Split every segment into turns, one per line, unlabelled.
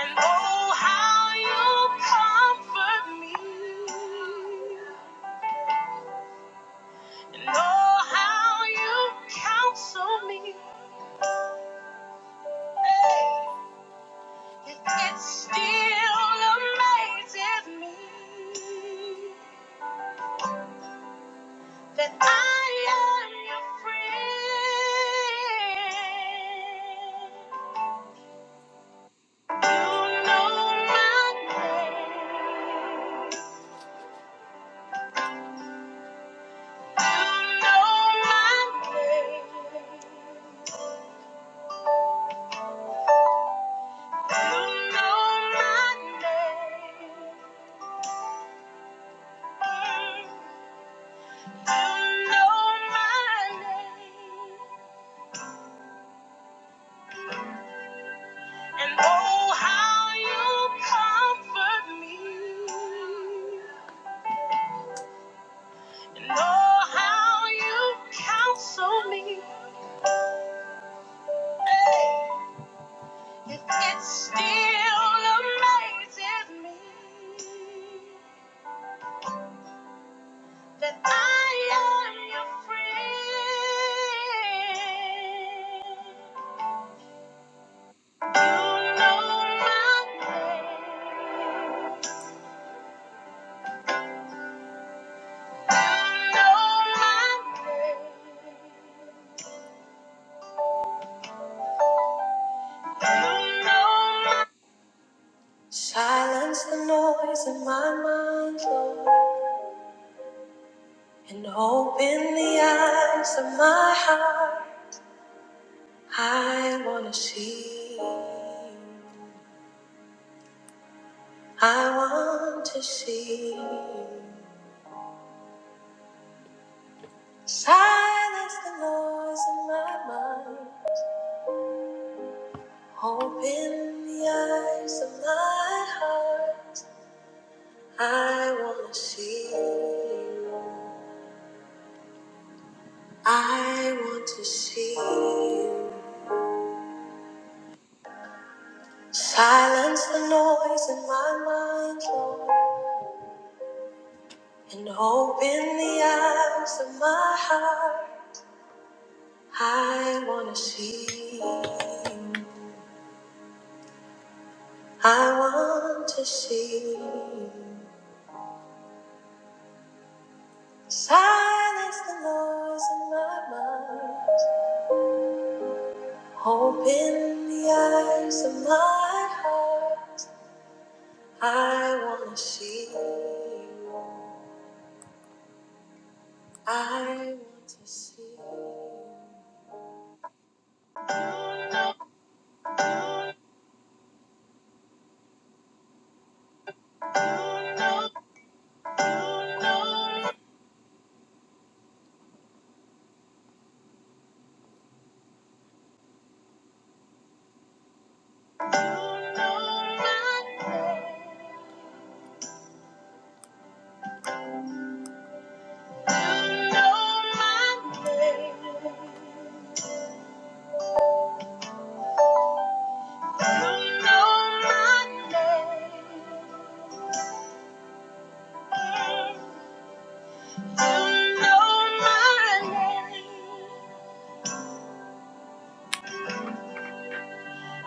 And oh, how you comfort me. And oh, how you counsel me. Hey, and It still amazes me that I am your friend. You know my name. You know my name. You know my name. You know my name. And oh, how you comfort me. And oh, how you counsel me. Hey, it still amazes me. that I am your friend. You know my name. You know my name. You know my Silence the noise in my mind, Lord, and open the eyes of my heart. I want to see you. I want to see you. Silence the noise in my mind. Open the eyes of my heart. I wanna see you. I want to see you. Silence the noise in my mind, Lord, and open the eyes of my heart. I wanna see you. I want to see you. Silence the noise in my mind. Hope in the eyes of my heart. I want to see you. I want to see you. You know my name. You know my name. You know my name. You know my name.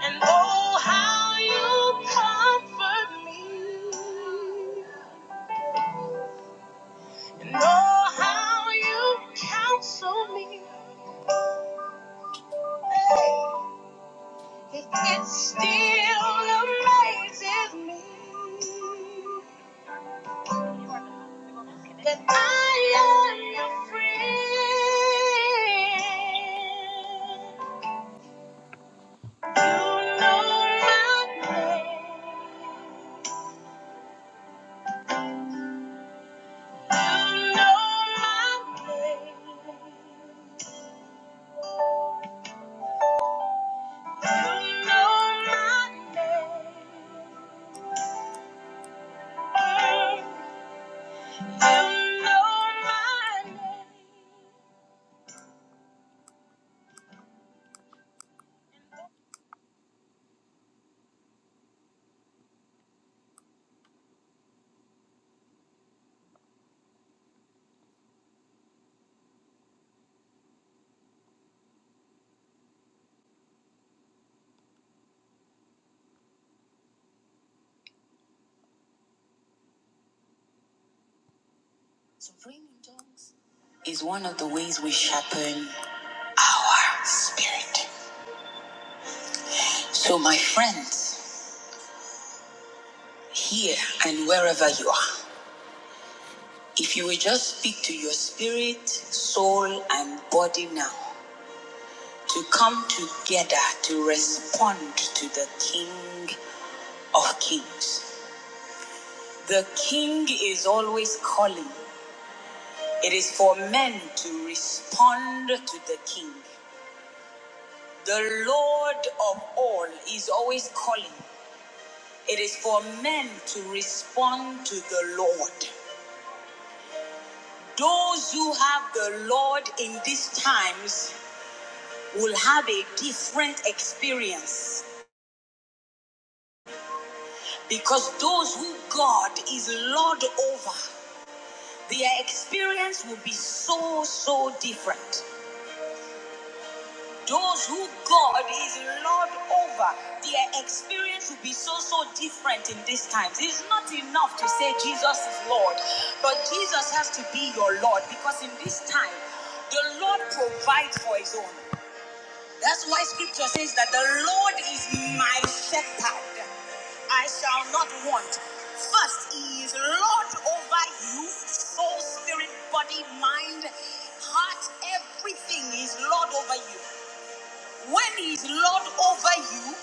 And oh, how you comfort me. And oh, how you counsel me. Hey, it still amazes me that I am your friend. You know my name. Is one of the ways we sharpen our spirit. So, my friends, here and wherever you are, if you will just speak to your spirit, soul, and body now to come together to respond to the King of Kings. The king is always calling. It is for men to respond to the king. The Lord of all is always calling. It is for men to respond to the Lord. Those who have the Lord in these times will have a different experience because those who God is Lord over, their experience will be so, so different. Those who God is Lord over, their experience will be so, so different in these times. It's not enough to say Jesus is Lord, but Jesus has to be your Lord because in this time, the Lord provides for his own. That's why scripture says that the Lord is my shepherd. I shall not want. First, he is Lord over you, soul, spirit, body, mind, heart, everything is Lord over you. When he is Lord over you,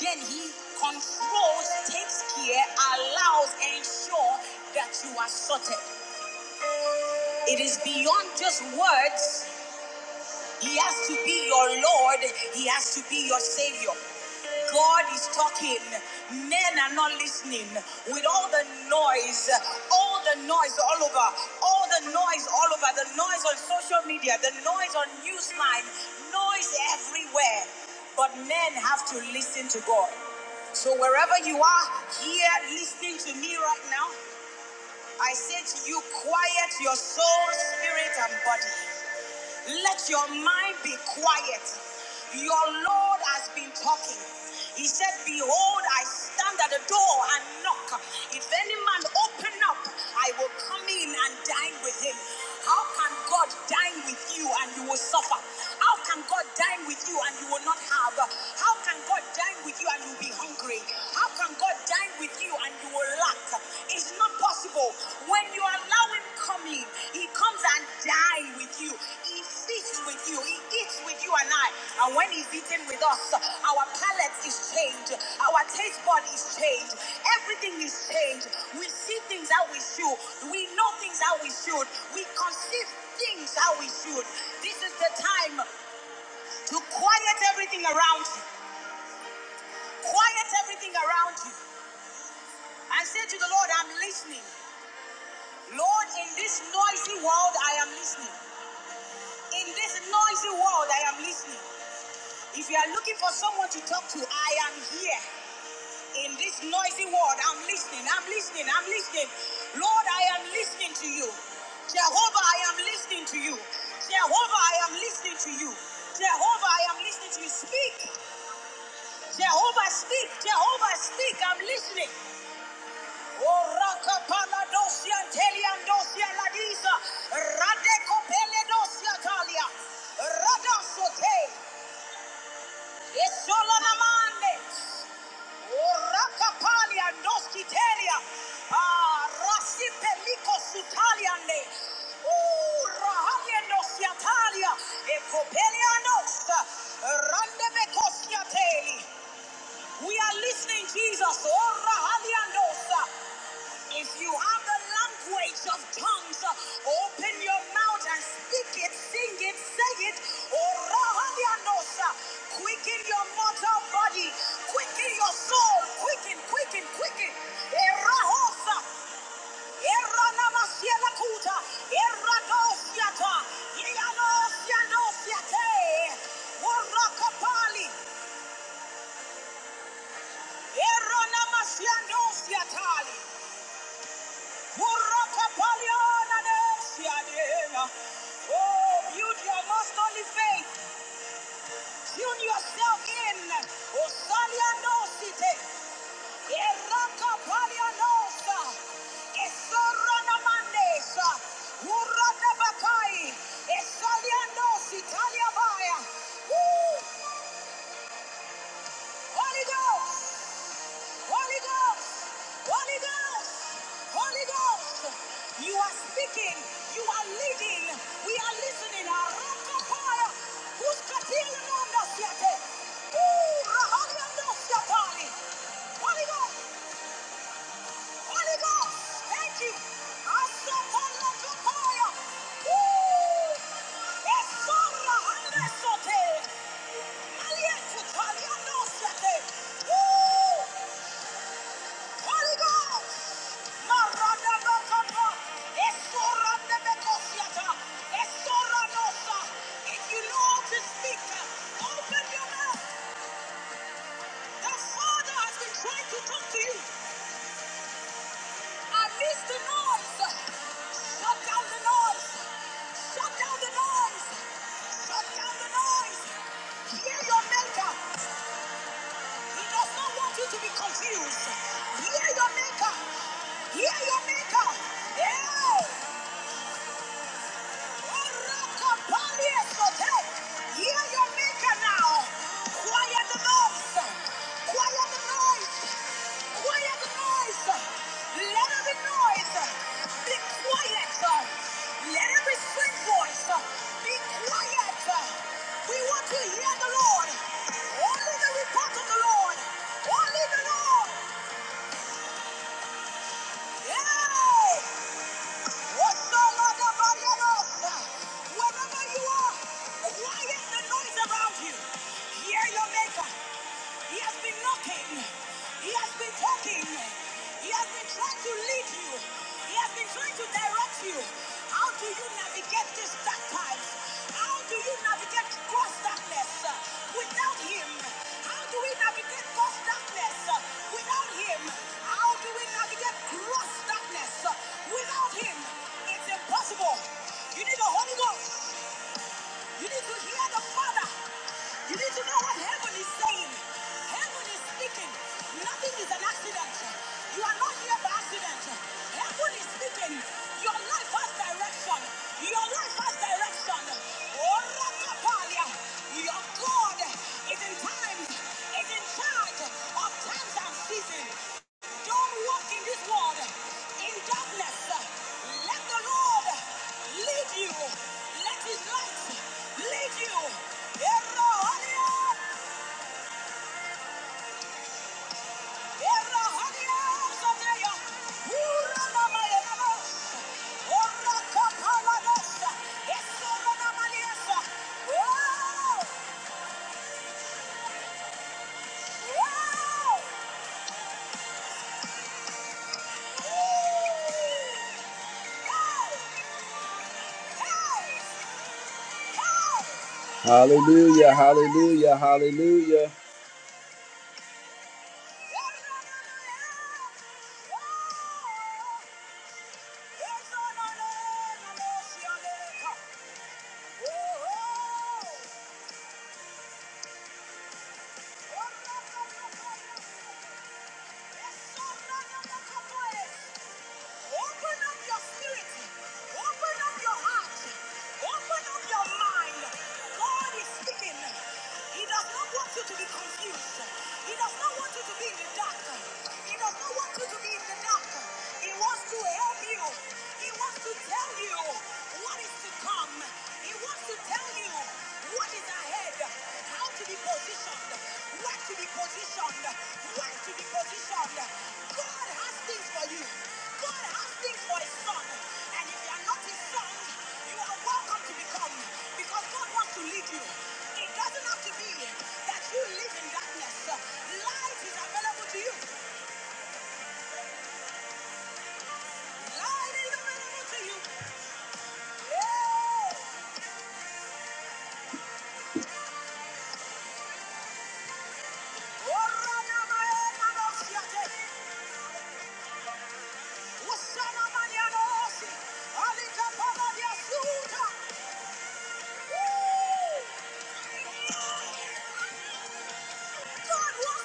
then he controls, takes care, allows, ensures that you are sorted. It is beyond just words. He has to be your Lord. He has to be your Savior. God is talking. Men are not listening. With all the noise, all the noise all over, all the noise all over, the noise on social media, the noise on Newsline, noise everywhere. But men have to listen to God. So wherever you are here listening to me right now, I say to you, quiet your soul, spirit, and body. Let your mind be quiet. Your Lord has been talking. He said, Behold, I stand at the door and knock. If any man open up, I will come in and dine with him. How can God dine with you and you will suffer? How can God dine with you and you will not have? How can God dine with you and you will be hungry? How can God dine with you and you will lack? It's not possible. When you allow him come in, he comes and die with you. He feasts with you. He eats with you and I. And when he's eating with us, our palate is changed. Our taste bud is changed. Everything is changed. We see things how we should. We know things how we should. We conceive things how we should. This is the time to quiet everything around you. Quiet everything around you. And say to the Lord, I'm listening. Lord, in this noisy world, I am listening. In this noisy world, I am listening. If you are looking for someone to talk to, I am here. In this noisy world, I'm listening, I'm listening, I'm listening. Lord, I am listening to you. Jehovah, I am listening to you. Jehovah, I am listening to you. Jehovah, I am listening to you. Speak. Jehovah, speak. Jehovah, speak. I'm listening. Ah, Oh, We are listening, Jesus. Orahaliandosa. If you have the language of tongues, uh, open your mouth and speak it, sing it, say it. Orahadianosa. Quicken your mortal body, quicken your soul, quicken, quicken, quicken. Erahosa. Eranamasielakuta. Eradosiata. Yeanosianosiate. Warakapali. Eranamasianosiatali. Oh, build your most holy faith. Tune yourself in. Osalianosite. Erakapalianosa. Esoranamandesa. Uradabakai. Esalianositaliabaya. Woo! Holy Ghost. Holy Ghost! Holy Ghost! Holy Ghost! You are speaking, you are leading, we are listening. Arakapaya, uskatili manda siate. Ooh, rahabiando siatali. Holy Ghost! Holy Ghost! Thank you! Asapalakapaya. Ooh, esora handesote. Alietutaliando siate. Ooh, Holy Ghost! Maranda Bakapa! Esoranda Bekosiata! Esoranosa! If you know how to speak, open your mouth! The Father has been trying to talk to you! Arrest the noise! Shut down the noise! Shut down the noise! Shut down the noise! Hear your maker! He does not want you to be confused! Hear your maker! Hear your maker! Yeah! Hear your maker now. Quiet the noise. Quiet the noise. Quiet the noise. Let every noise be quiet. Let every strange voice be quiet. We want to hear the Lord. Only the report of the Lord. Only the Lord. Yeah. Wherever you are, quiet the noise around you. Hear your maker. He has been knocking. He has been talking. He has been trying to lead you. He has been trying to direct you. How to you not beget this baptize? How do you not beget gross darkness uh, without him? How do we not beget gross darkness uh, without him? How do we not beget gross darkness uh, without him? It's impossible. You need the Holy Ghost. You need to hear the Father. You need to know what heaven is saying. Heaven is speaking. Nothing is an accident. You are not here by accident. Heaven is speaking. Your life has direction. Your life has direction. Oh, Rakapalia. Your God is in time, is in charge of times and seasons. Don't walk in this world in darkness. Let the Lord lead you. Let His light lead you. Erohania, erohania, soteya. Uranamayanaba, orakapaladosa, esoranamaniasa. Wow, wow, hey, hey, hey. Hallelujah, hallelujah, hallelujah. Oh, Open up your spirit. Open up your heart. Open up your mind. God is speaking. He does not want you to be confused. He does not want you to be in the dark. He does not want you to be in the dark. He wants to help you. He wants to tell you what is to come. He wants to tell you what is ahead? How to be positioned? Where to be positioned? Where to be positioned? God has things for you. God has things for his son. And if you are not his son, you are welcome to become. Because God wants to lead you. It doesn't have to be that you live in darkness. Light is available to you. Light is available to you. Yeah. Oh, Rana, my own, my own, God wants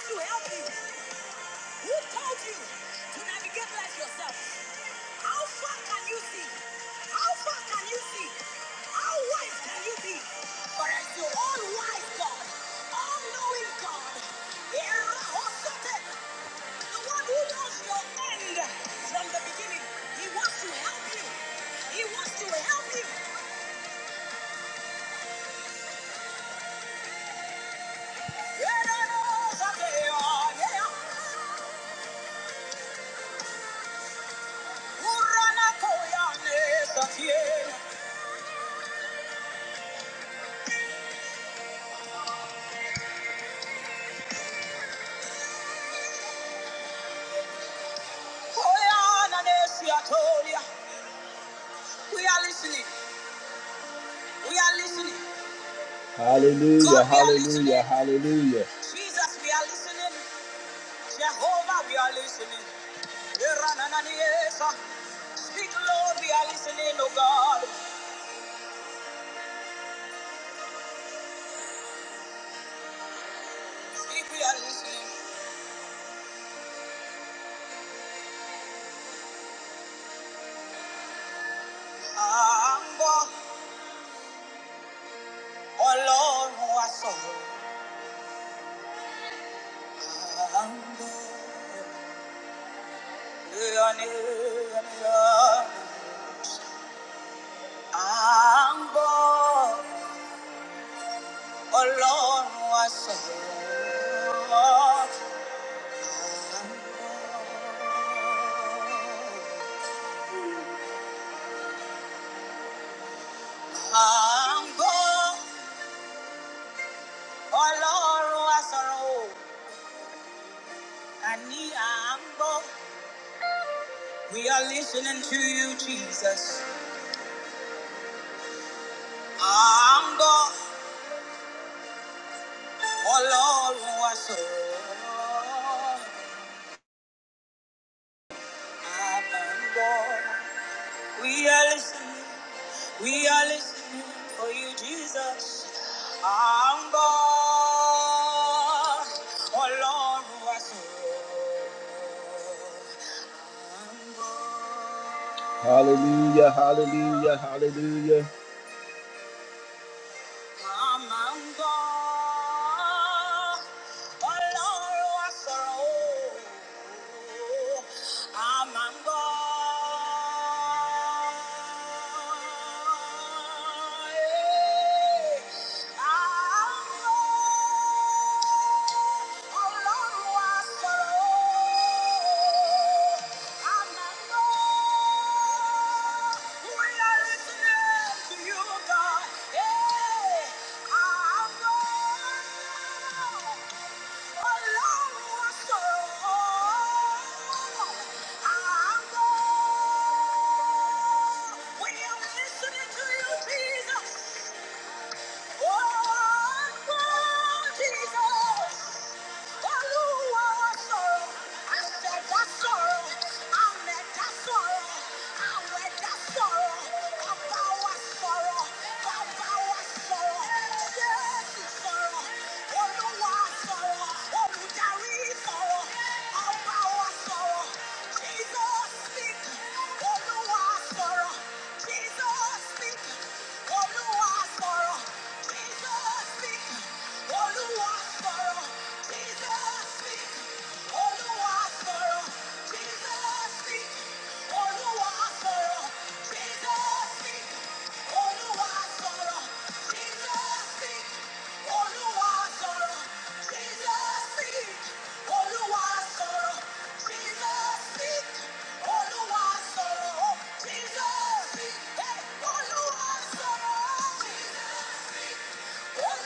to help you. Who told you to navigate life yourself? How far can you see? How far can you see? How wise can you be? For as your all wise God, all knowing God, the one who knows your end from the beginning, he wants to help you. He wants to help you. We are listening. We are listening. Hallelujah, hallelujah, hallelujah. Jesus, we are listening. Jehovah, we are listening. Speak, Lord, we are listening, oh God. Speak, we are listening. Ambo, Ọlọ́run wa sọ̀rọ̀. Ambo. We are listening to you, Jesus. I'm God, Ọlọ́run wa sọ̀rọ̀. I'm God. We are listening. We are listening for you, Jesus. I'm born, Ọlọ́run wá sọ̀rọ̀. Hallelujah, hallelujah, hallelujah. Màmá ń bọ̀, Ọlọ́run á sọ̀rọ̀ o. A máa ń bọ̀. Ee, a ń bọ̀. We are listening to you, Jesus. Oh, Jesus. Jesus speak, Oluwa sọ̀rọ̀, Jesus speak, Jesus, speak. hey, Oluwa sọ̀rọ̀. Sorrow,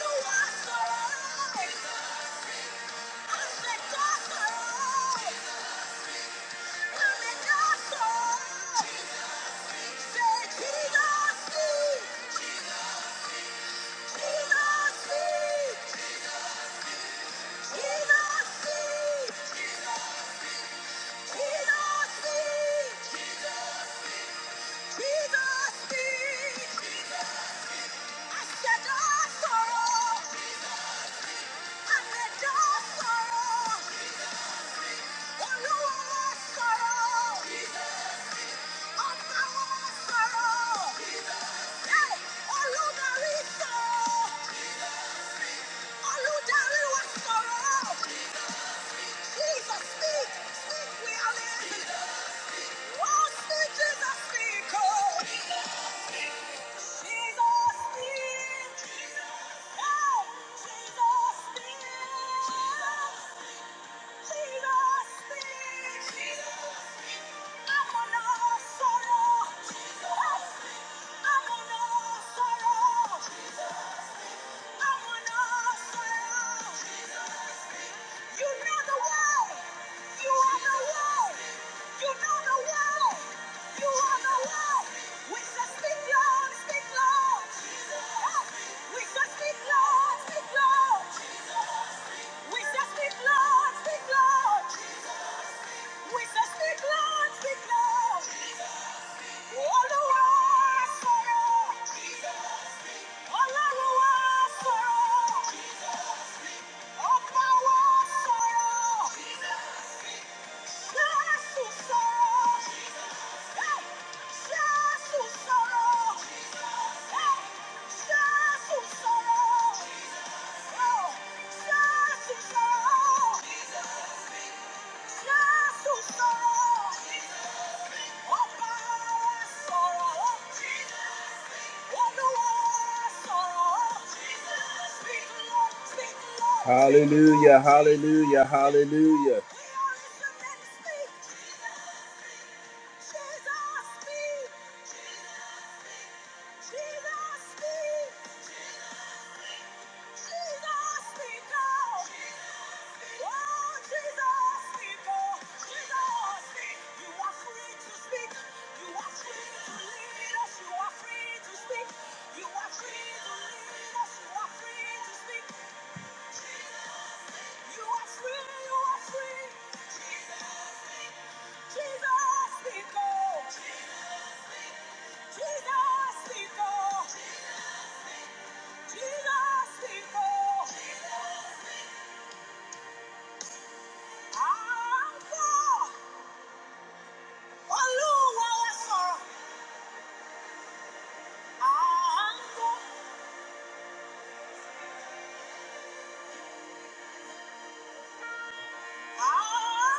Hey! We say, stick close, stick close, stick close, we say, stick close, stick close, all the way through, all the way through, up to the top, Jesus, Jesus, Jesus, Jesus. Hallelujah, hallelujah, hallelujah. Oh, Jesus, people, Jesus, you are free to speak. You are free to lead us. You are free to speak. You are free to lead us. You are free to speak. You are free. You are free. Jesus, Jesus, people, Jesus, people, Jesus, people. I'm for Oluwa wa sọ̀rọ̀. I'm for, i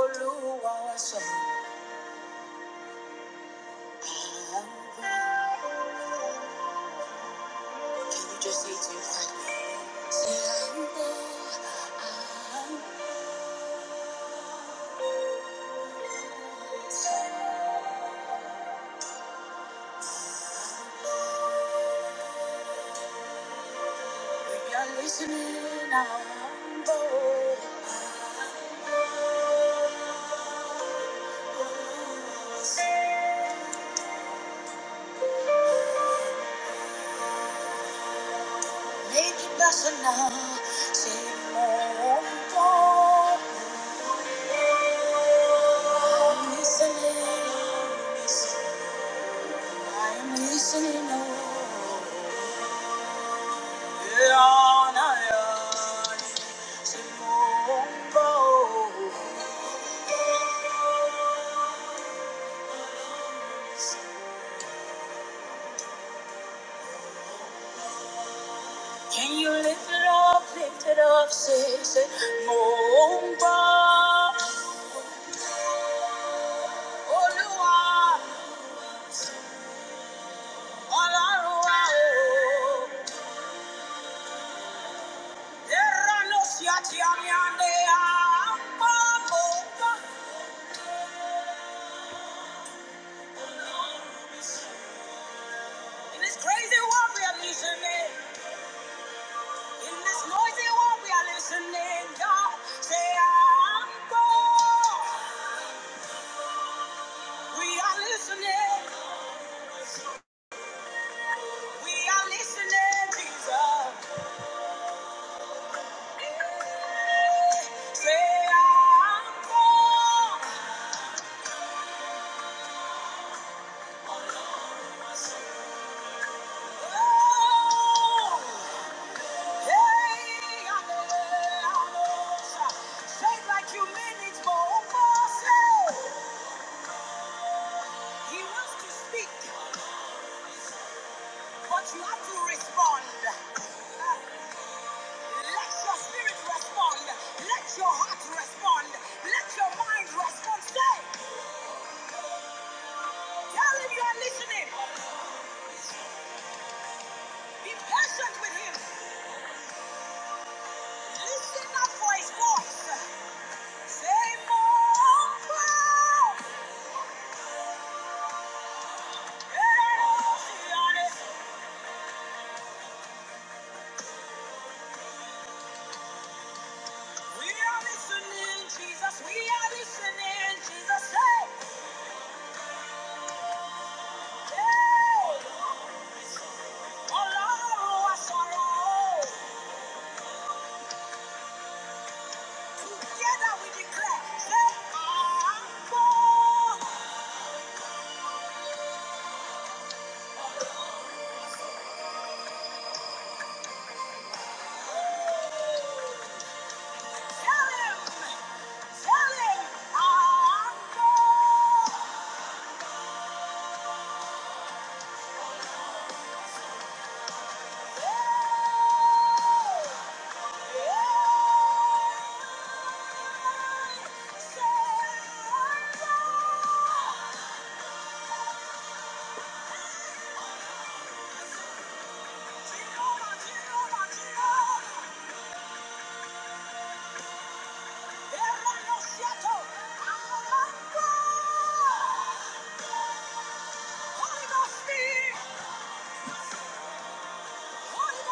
Olúwa wa sọ̀rọ̀. Can you just say it to your partner? Say, I'm humble. If you're listening, I'm humble. Make it personal. Say, more humble. I'm listening. I'm listening. Oh, yeah, nah, yeah. Can you lift it up, lift it up, say, say, Momba, Olua, Alarua, oh. Erra no siati amiande, Amba, Momba. In this crazy world we are listening, in this noisy world we are listening, God, say, Amba. He wants to speak, but you have to respond. Let your spirit respond. Let your heart respond. Let your mind respond. Say, tell him you are listening. Be patient with him. Listen up his voice. Say, Mom, we are listening, Jesus. We are listening, Jesus. Say, Ọlọ́run Together we declare, say, "À ń Tell him, tell him, "À ń bọ̀."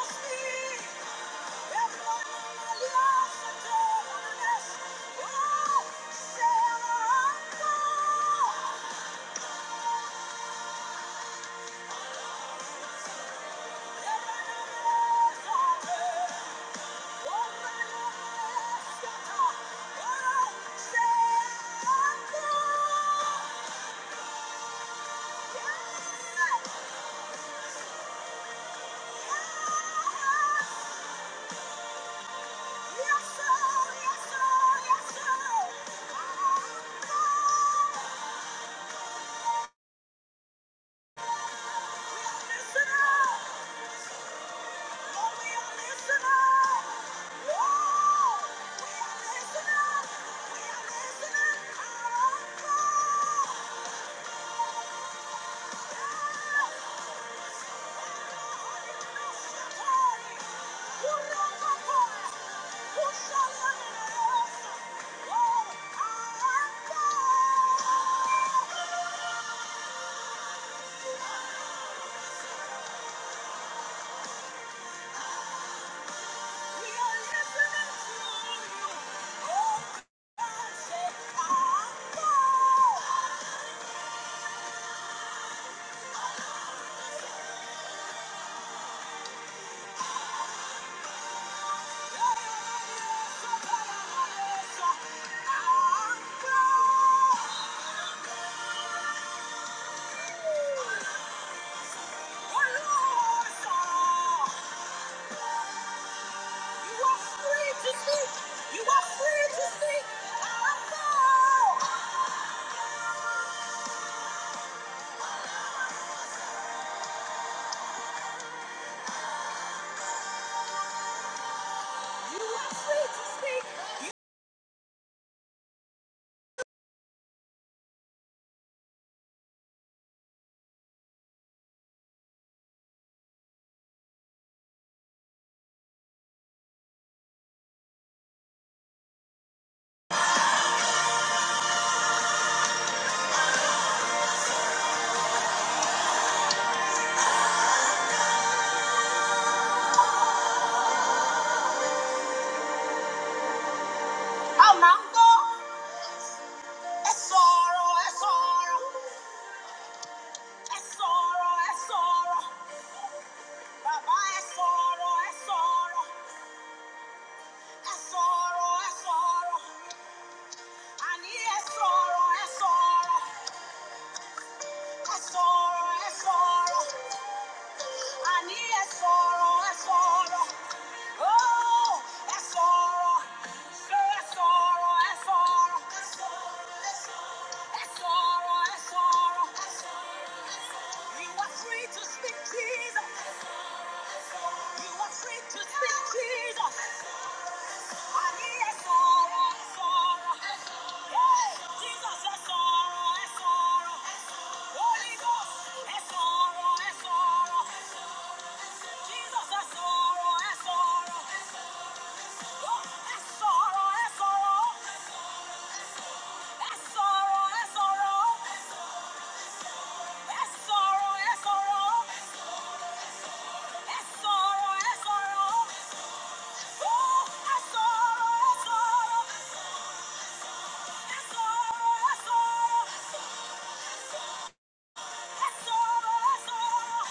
Sí ọmọlé àjò we are listening, we are listening. Àkọ́rí, kúrò kọ́kọ́, kúṣọ́ lọ́nà lọ́sọ̀ọ́. À ń bọ̀. Sorrow, sorrow, I need a sorrow, a sorrow. Oh, that's sorrow. Say that's sorrow, that's sorrow. That's sorrow, that's sorrow. You are free to speak Jesus. You are free to speak Jesus. I hear sorrow, that's sorrow. Hey, Jesus, sorrow, sorrow. Holy Ghost, sorrow, sorrow. Jesus, sorrow, sorrow. Oh, that's sorrow, that's sorrow. That's sorrow, that's sorrow. That's sorrow, that's sorrow. That's sorrow, that's sorrow. Ooh, that's sorrow, that's sorrow. That's sorrow, that's sorrow. That's sorrow, that's sorrow.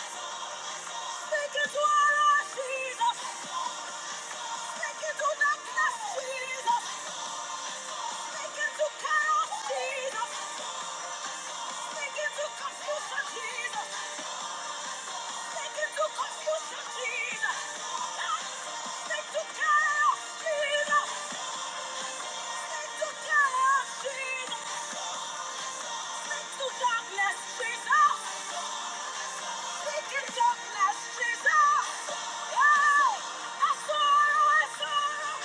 Speak it to our Lord Jesus. Speak it to Jesus. Speak it to us, Jesus. Yeah. That's sorrow, that's sorrow.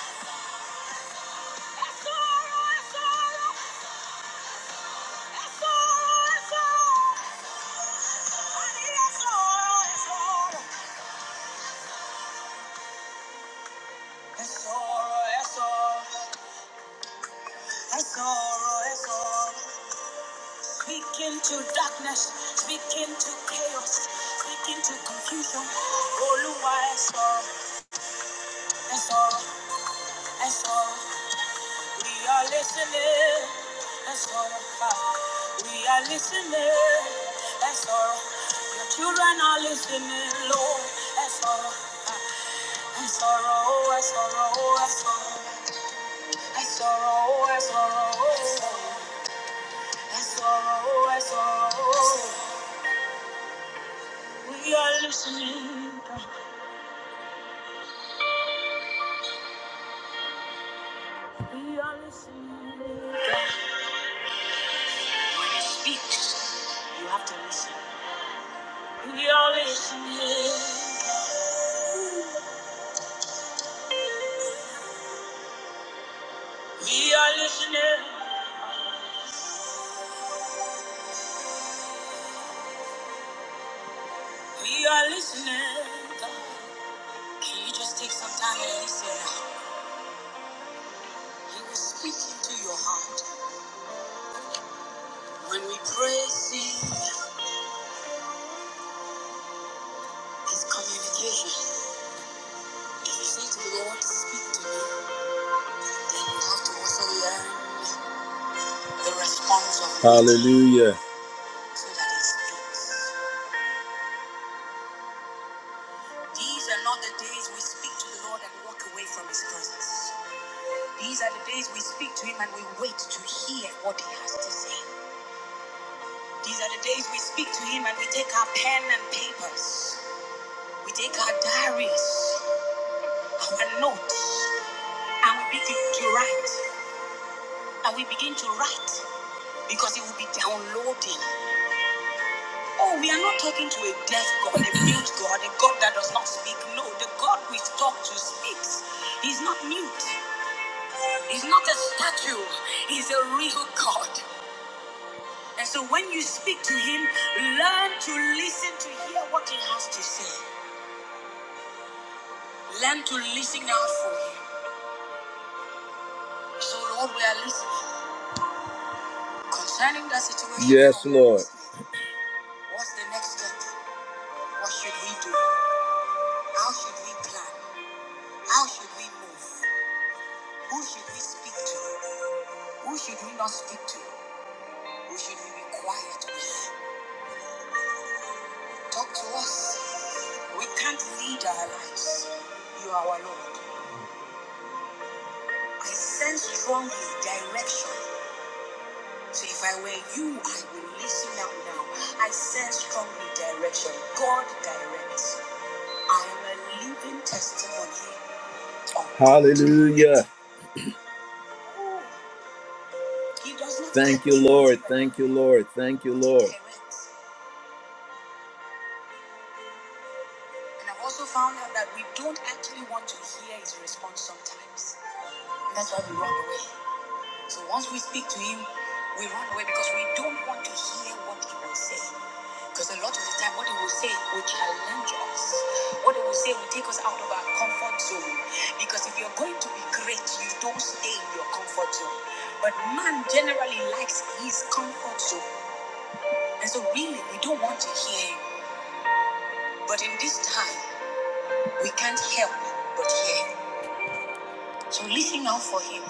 That's sorrow, that's sorrow. Honey, that's sorrow, that's sorrow. That's sorrow, that's sorrow. I sorrow, I sorrow. Speak into darkness, speak into chaos, speak into confusion. Oluwa, I sorrow, I sorrow, I sorrow. We are listening, I sorrow. We are listening, I sorrow. Your children are listening, Lord, I sorrow. I sorrow, I sorrow, I sorrow. I sorrow, I sorrow, I sorrow, I sorrow. We are listening. We are listening. We are listening. We are listening. We are listening. God, Can you just take some time and listen? He will speak into your heart. When we pray, see His communication. If you say to the Lord, speak to me, then you have to also learn the response of God. Hallelujah. So that He speaks. These are not the days we speak to the Lord and walk away from His presence. These are the days we speak to Him and we wait to hear what He has to say. These are the days we speak to Him and we take our pen and papers, we take our diaries, our notes, and we begin to write. And we begin to write because He will be downloading. Oh, we are not talking to a deaf God, a mute God, a God that does not speak. No, the God we talk to speaks. He's not mute. He's not a statue. He's a real God. And so when you speak to him, learn to listen to hear what he has to say. Learn to listen out for him. So Lord, we are listening concerning that situation. Yes, Lord. What's the next step? What should we do? How should we plan? How should we move? Who should we speak to? Who should we not speak to? Who should we be quiet with? Talk to us. We can't lead our lives. You are our Lord. I sense strongly direction. So if I were you, I would listen up now. I sense strongly direction. God directs. I am a living testimony. Hallelujah. Thank you, Lord. Thank you, Lord. Thank you, Lord. And I've also found out that we don't actually want to hear his response sometimes. And that's why we run away. So once we speak to him, we run away because we don't want to hear what he will say. Because a lot of the time, what he will say will challenge us. What he will say will take us out of our comfort zone. Because if you're going to be great, you don't stay in your comfort zone. But man generally likes his comfort zone. And so, really, we don't want to hear him. But in this time, we can't help but hear him. So, listen out for him.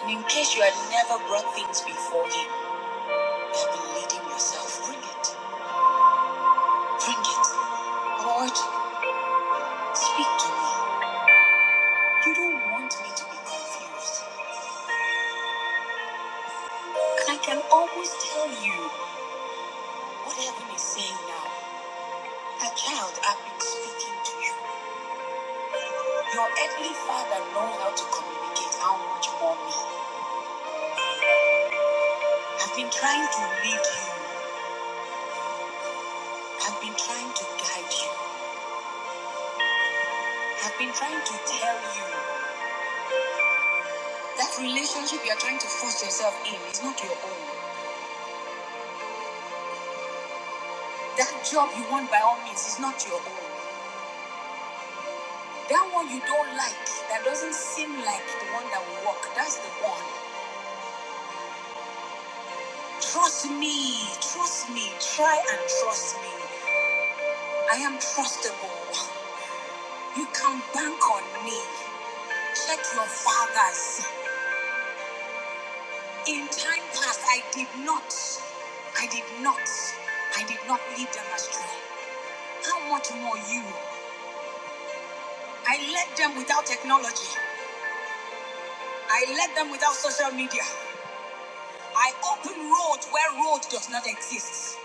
And in case you had never brought things before him, you have been leading yourself. Bring it. Bring it. Lord, speak to me. You don't want me to be confused. I can always tell you what heaven is saying now. A child, I've been speaking to you. Your earthly father knows how to communicate how much more me. I've been trying to lead you. I've been trying to guide you. I've been trying to tell you that relationship you're trying to force yourself in is not your own. That job you want by all means is not your own. That one you don't like, that doesn't seem like the one that will work, that's the one. Trust me, trust me, try and trust me. I am trustable. You can bank on me. Check your fathers. In time past, I did not, I did not, I did not lead them astray. How much more you? I led them without technology. I led them without social media. I open roads where road does not exist.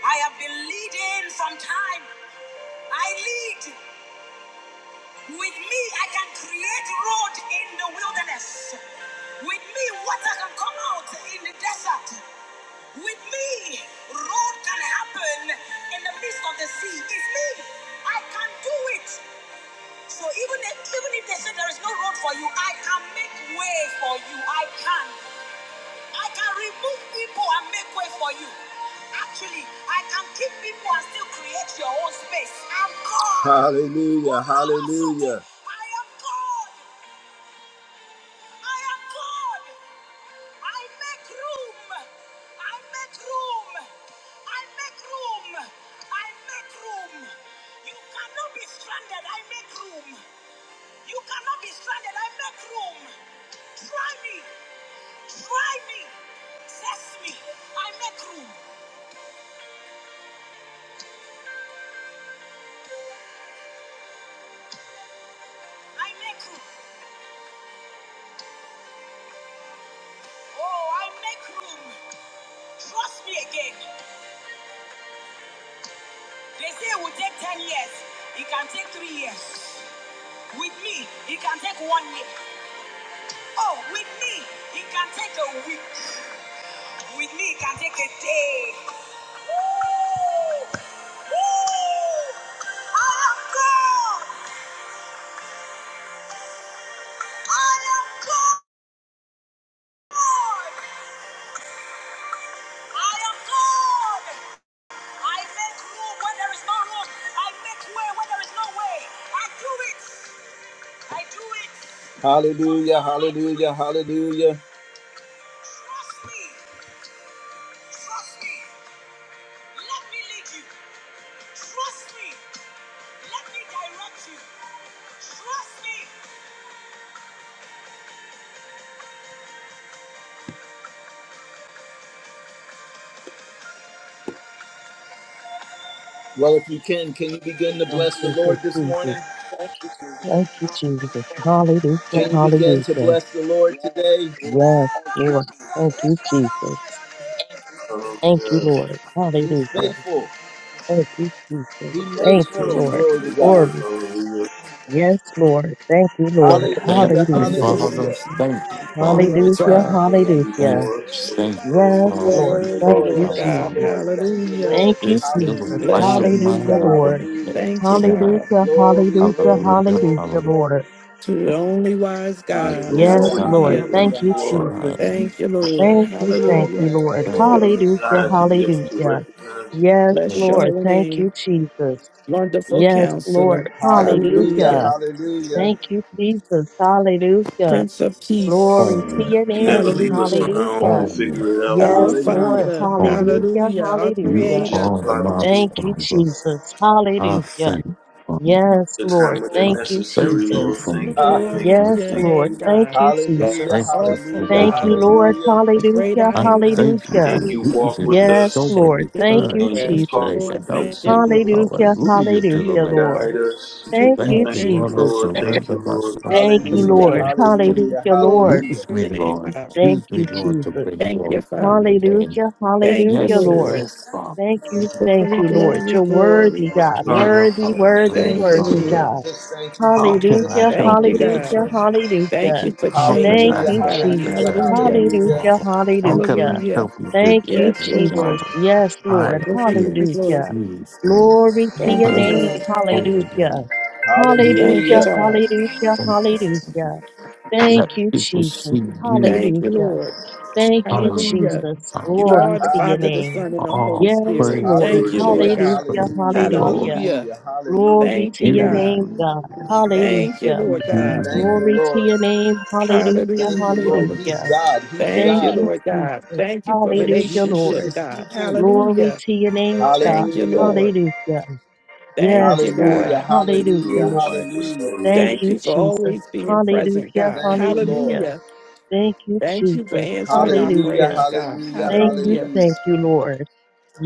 I have been leading from time. I lead. With me, I can create road in the wilderness. With me, water can come out in the desert. With me, road can happen in the midst of the sea. It's me. I can do it. So even if, even if they say there is no road for you, I can make way for you. I can. I can remove people and make way for you. Actually, I can keep people and still create your own space. I'm God. Hallelujah. Hallelujah. I am God. I am God. I make room. I make room. I make room. I make room. You cannot be stranded. I make room. You cannot be stranded. I make room. Try me. Try me. Test me. I make room. I make room. Oh, i make room. Trust me again. They say it will take 10 years. It can be years. With me, it with be. I am God. I make room where there is no room. I make way where there is no way. I do it. I do it. Hallelujah, hallelujah, hallelujah. Trust me, trust me. Let me lead you. Trust me. Let me direct you. Trust me. Well, if you can, can you begin to
Oh,
bless the
thank
Lord
you,
this
Jesus.
morning?
Thank you, Jesus. Hallelujah,
Can you begin to
hallelujah.
bless the Lord today?
Yes, Lord. Thank you, Jesus. Thank you,
Hallelujah.
Lord.
He's
Hallelujah.
faithful.
Thank you, Jesus.
He
For
makes
this
Thank you,
room.
Lord.
Glory to
testimony,
God.
Lord.
Glory.
Hallelujah.
Yes, Lord. Thank you, Lord.
Hallelujah.
Thank
Hallelujah.
you,
Thank you,
Hallelujah.
Father.
Lord.
Hallelujah.
Thank you,
Thank
Father.
you,
Thank you
Hallelujah,
God.
for going
Thank
hallelujah.
you.
before us, Lord.
Thank you,
Yes,
You are
Father.
Hallelujah.
Lord.
Thank
You
you,
worthy,
Thank
are
Lord.
you,
Lord
my
Thank you,
God.
Father.
Jesus.
Lord. Thank you,
Hallelujah.
Thank
Lord.
you,
This little
Jesus.
Hallelujah.
Bless
light
your
of mine,
name,
Hallelujah,
Hallelujah.
I'm
Lord.
going
Lord.
to let it
Hallelujah.
Thank you,
shine.
God.
Hallelujah,
Glory,
hallelujah,
glory,
Hallelujah.
hallelujah,
glory,
Hallelujah.
glory.
Lord.
To the only wise
Thank you
God.
for
Hallelujah.
Yes,
already
Lord.
being
Hallelujah.
Shine, let
who
Thank
Hallelujah.
it
you,
you are,
Hallelujah.
Jesus.
shine.
Thank you, Lord.
Thank
Thank you,
you,
thank
Lord.
you,
Hallelujah.
Thank
Lord.
you,
Thank you.
Lord.
giving us
Hallelujah,
Thank
eyes to
you.
be able
Thank
to
hallelujah.
recognize you.
Yes,
you.
Bless your
Lord.
holy
Thank you,
name.
Jesus.
Wonderful
Yes,
counselor.
Lord.
Hallelujah.
Hallelujah.
Hallelujah.
Hallelujah.
Thank you, Jesus. Hallelujah.
Prince of
Glory
peace.
to
Only,
your
You never
name.
leave
Mm.
us on
Hallelujah.
our own to
Hallelujah.
only,
figure it out,
Our
Yes,
Lord.
Hallelujah.
Lord.
Father.
only.
Hallelujah,
Hallelujah. Our
You
We
hallelujah.
just
Creator.
are
apply the
my
tools
Thank you,
Father.
Jesus.
I
Hallelujah.
thank you, Father.
Yes,
at the time
Lord.
when they're
I
Thank you,
necessary,
thank you
Lord.
Jesus.
for me.
Thank you, thank
Glory
I
you,
to
Yes,
your
thank
thank
Lord.
name,
you.
Thank
God.
you,
I
You're
Hallelujah,
an
thank
Jesus.
you
awesome
for
hallelujah,
Thank
making
you,
God.
me.
Lord.
hallelujah,
the great
Hallelujah,
I
I
am.
thank you
hallelujah.
for
And you
Hallelujah.
walk
using
with
me
Yes,
so
us,
Lord.
many
Thank you,
Thank you,
Lord.
times
and you
Thank
just to
you,
talk
make
Jesus.
Lord.
a
with
help
Thank
us,
you,
people.
Lord.
Hallelujah.
Hallelujah to the
Hallelujah,
Hallelujah.
Lamb. And
Lord.
guide us.
Do
Thank
Thank
all
you,
you,
Thank you,
Lord.
things
I
Jesus.
Lord.
well.
Thank
surrender
you, Lord.
myself to
Make
Thank you,
you
hallelujah,
Lord.
again
mistakes.
today.
hallelujah,
Hallelujah,
Glory
Lord.
hallelujah.
Use
to
me,
your name, of
Lord.
God.
Thank
Use me,
you,
Mm.
Lord, to
Jesus.
bring
Thank you,
glory to
Father.
your name.
Hallelujah.
Thank you,
Hallelujah,
Yes,
Lord.
Lord.
yes, Father.
Thank you.
Yes,
Thank
Glory,
Father.
you, Lord.
glory,
You're worthy,
glory.
God.
Hallelujah,
Worthy,
Hallelujah.
worthy,
Thank
hallelujah,
Thank
you,
you,
worthy,
Lord.
hallelujah.
God.
Jesus. Thank
How
you,
can
Jesus.
I
Hallelujah.
Thank
help
Thank
you,
you,
you this
God.
Hallelujah.
morning?
Jesus.
Thank
Hallelujah.
you for
How can
changing
Thank
I
Hallelujah,
us,
you,
help
God.
you this
Jesus.
hallelujah,
Hallelujah.
afternoon,
Hallelujah.
hallelujah,
Father? How can
Hallelujah.
I
Hallelujah.
help you
Lord
this
Thank you,
Jesus.
Yes,
evening,
Lord.
Jesus.
Father?
Yes,
I
Lord.
am
Glory,
here.
glory, glory.
Hallelujah.
Use me.
Glory to
Thank
your
you,
Praise
name.
the
Lord.
holy
Hallelujah.
name. Mm,
Thank
hallelujah.
you,
Hallelujah.
God.
Hallelujah.
thank you, Father.
Hallelujah. Thank
Let
you,
people
Jesus.
see you.
Thank you,
Hallelujah.
Lord.
Thank you,
Hallelujah.
Hallelujah.
Jesus.
You
Ha,
are
Glory
the
to
ha.
your
Father, the
name.
Son, and the Holy
Oh,
Yes,
Spirit.
Thank
praise
you,
Lord.
Thank
the
Lord
you, Lord
Hallelujah,
Lord.
Jesus.
God.
Hallelujah.
Praise the
hallelujah,
Lord.
Hallelujah.
Hallelujah.
hallelujah, hallelujah.
Glory
Thank
to
you,
your
Use
God.
name,
me.
God.
Thank you,
Hallelujah.
Lord God.
Use
Thank
me.
you,
Glory to
Lord.
your name. Hallelujah.
Thank you,
Hallelujah.
Lord. He's
Hallelujah.
Hallelujah.
God. He's
Thank
Thank
you,
God.
you,
Lord God.
Jesus.
Thank you for
And
Hallelujah,
Jesus
relationship,
Lord.
is
God.
speaking.
Glory
Hallelujah.
to your name, God.
Thank you,
Hallelujah,
Lord.
Hallelujah.
Thank
Yes,
you,
Lord.
hallelujah,
God.
Thank you,
Hallelujah,
hallelujah,
Lord
Lord.
Jesus.
hallelujah.
Thank
Hallelujah.
Thank
you,
you for
Jesus.
always being present,
Hallelujah.
God.
Thank you, Lord.
Hallelujah.
Hallelujah.
Thank you,
Thank you for
Jesus.
answering our
Hallelujah,
Hallelujah.
prayers, God.
hallelujah,
Thank you.
Hallelujah.
hallelujah.
Thank you, Lord.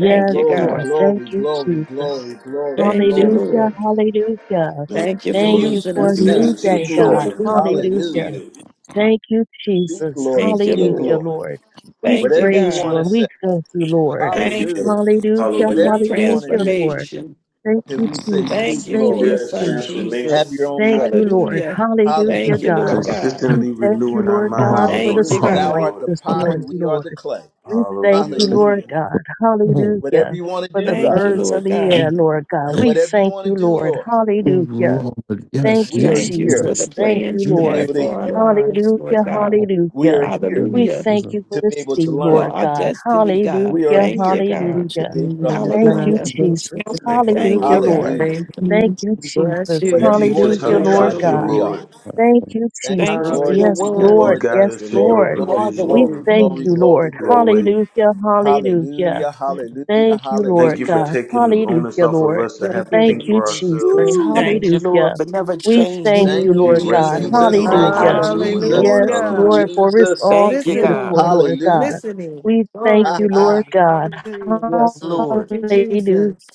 Thank you,
Glory,
Lord.
God.
Thank
glory,
you,
glory,
Jesus.
glory, glory,
Thank you,
glory.
Hallelujah.
Lord.
Hallelujah.
Thank
Thank you
you,
for
Thank
Lord.
We,
you
using
we
for a
us,
You
say,
made
new
God.
us
Speak,
your
day, God.
Lord.
children, Lord.
Hallelujah.
Hallelujah.
Hallelujah.
Hallelujah.
Thank you,
Speak,
Jesus.
Lord.
Thank you,
Speak,
Hallelujah,
Lord.
Lord.
Lord. We
Thank you,
Whatever you
praise you
want
God.
and
to say.
we thank you, Lord.
Thank you,
Thank
Hallelujah.
Lord.
Hallelujah,
you for
Whatever
Hallelujah.
you want to
hallelujah,
do.
Lord.
transformation.
Thank
Till
you,
we say, Speak,
Thank
Jesus.
you for
Thank
Lord.
your
you,
Yes,
son,
Jesus.
transformation.
Have your
Jesus.
own
Thank
way.
you, Lord.
Hallelujah.
Hallelujah,
Thank
Yes,
you,
Hallelujah.
Lord
God.
Lord.
God.
We
Consistently
thank you,
renewing our
Lord
minds
God,
to
Follow,
for
your
the
Thank you,
Hallelujah.
truths,
Thou
God.
sunlight
art
Lord.
the
this
potter,
morning,
we are the
Lord.
clay.
We thank you,
Hallelujah.
Lord
Hallelujah.
God.
follow.
Whatever
Hallelujah.
you want to
For
do,
the
Mm,
Thank
God.
you,
mm,
birds of
Lord
the
mm.
God.
air,
And
Lord God. We
Whatever you
thank
want to
you,
do,
Lord.
Lord.
Hallelujah.
Lord, yes,
Thank
We
you,
are
use
Thank you
me.
here
for the
Jesus. Thank you,
plans you
to
Use
be
Lord.
have
able to
for our
hear.
lives, Lord
Hallelujah,
God.
me.
We
hallelujah.
are here
Hallelujah.
We
Hallelujah.
There's
thank
a
you for
to be
this
able
day,
to
For
learn.
Lord
our
God.
destiny, God.
We
Hallelujah,
are
Thank you,
here
God.
Praise
to
hallelujah.
be
you,
able to
Lord
Thank
understand.
God.
you,
We
Hallelujah.
new
bless
Jesus.
you.
Thank you,
fire.
Thank you,
Hallelujah,
Lord.
We
God.
Lord.
Hallelujah.
Thank
Thank
you.
you,
We Bless
Jesus.
You
you.
Whatever you
teach
want
We
us
to
how
Hallelujah,
to
do,
Thank you,
glorify
Lord
God,
your
trust
here
you,
God.
Lord.
we
name.
are.
Lord.
Lord.
Thank you,
Thank you,
Thank you
Jesus.
for
Lord.
your
Yes,
Thank you,
Hallelujah.
word.
You
Lord.
Lord.
guide
Yes,
Thank you,
us to
Lord.
your
Lord.
You are
Glory,
the
provision,
We
glory,
word.
thank
glory,
you,
Mhm.
Lord.
glory,
your
glory.
way.
Hallelujah, hallelujah.
Hallelujah, hallelujah,
Thank you,
Thank
Lord
you for
hallelujah.
God.
taking the onus
Hallelujah,
off of
Lord.
us to have
Thank
to
you.
Thank
think
Lord.
you,
for
God.
ourselves.
Jesus.
Thank you.
Woo!
Thank
Lord.
you, Lord,
Hallelujah.
for never
We thank
changing.
you,
Thank you,
We
Lord
rest
God.
in
Jesus.
what
Jesus.
you're
Thank you,
Hallelujah.
already doing,
Hallelujah.
Jesus.
Lord.
Yes,
Thank you,
Hallelujah.
Hallelujah.
Lord, for it's
Jesus.
all
Thank you, God.
Listening,
beautiful, Lord
Lord.
Hallelujah.
God.
Listening.
We thank
Glory
Ha
you,
to
Lord
ha.
God.
God.
Hallelujah.
Yes,
Mm,
Lord.
Thank you,
Hallelujah,
Jesus.